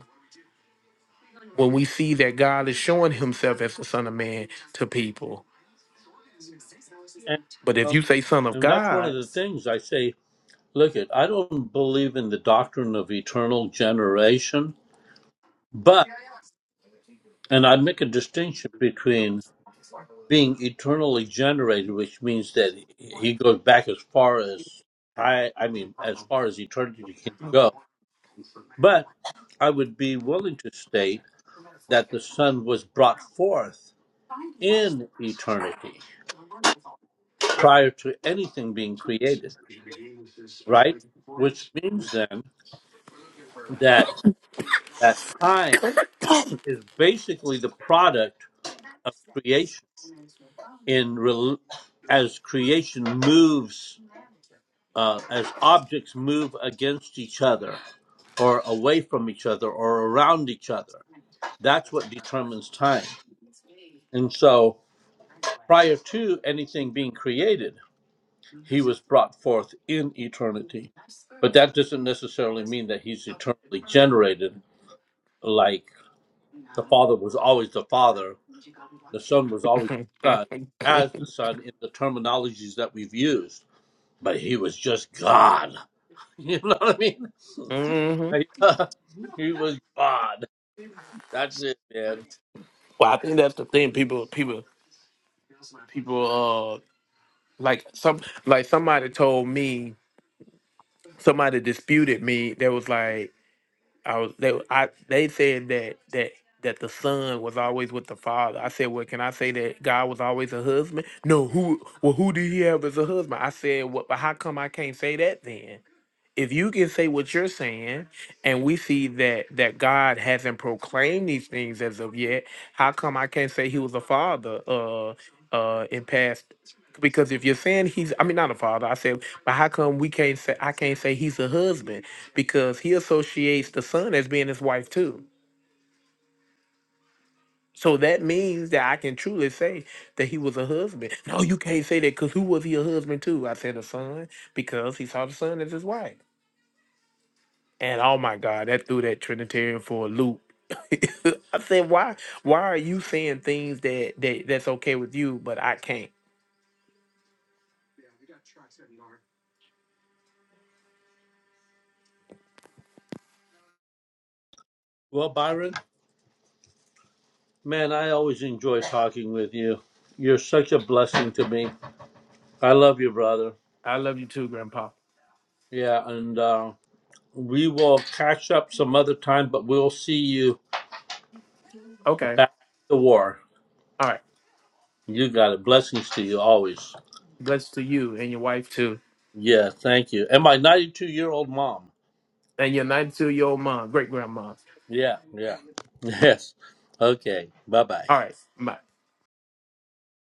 when we see that God is showing Himself as the Son of Man to people?
and,
But if
um,
you say Son of
and that's one of
God,
the things I say. Look it, I don't believe in the doctrine of eternal generation, but and I make a distinction between being eternally generated, which means that he goes back as far as I I mean as far as eternity can go. But I would be willing to state that the Son was brought forth in eternity prior to anything being created, right? Which means then that that time is basically the product of creation in rel as creation moves uh, as objects move against each other or away from each other or around each other that's what determines time and so prior to anything being created he was brought forth in eternity but that doesn't necessarily mean that he's eternally generated like the father was always the father the son was always
hmm
the son as the son in the terminologies that we've used but he was just God. You know what I mean?
well,
he was God. That's it, man.
I think that's the thing. People, people, people. Uh, like some, like somebody told me, somebody disputed me. That was like. I was they I they said that that that the son was always with the father. I said, well, can I say that God was always a husband? No, who well who did he have as a husband? I said, well, but how come I can't say that then? if you can say what you're saying and we see that that god hasn't proclaimed these things as of yet how come i can't say he was a father uh uh in past because if you're saying he's i mean not a father i said but how come we can't say i can't say he's a husband because he associates the son as being his wife too so that means that i can truly say that he was a husband no you can't say that because who was he a husband to i said a son because he saw the son as his wife And oh my God, that threw that Trinitarian for a loop. I said, why why are you saying things that, that that's okay with you, but I can't?
Well, Byron, man, I always enjoy talking with you. You're such a blessing to me. I love you, brother.
I love you too, Grandpa.
Yeah, and uh, we will catch up some other time, but we'll see you
Okay.
back at the war.
All right.
You got it. Blessings to you always.
Blessed to you and your wife too.
Yeah, thank you. And my 92 year old mom.
And your 92 year old mom, great grandma.
Yeah, yeah. Yes. Okay. Bye bye.
All right.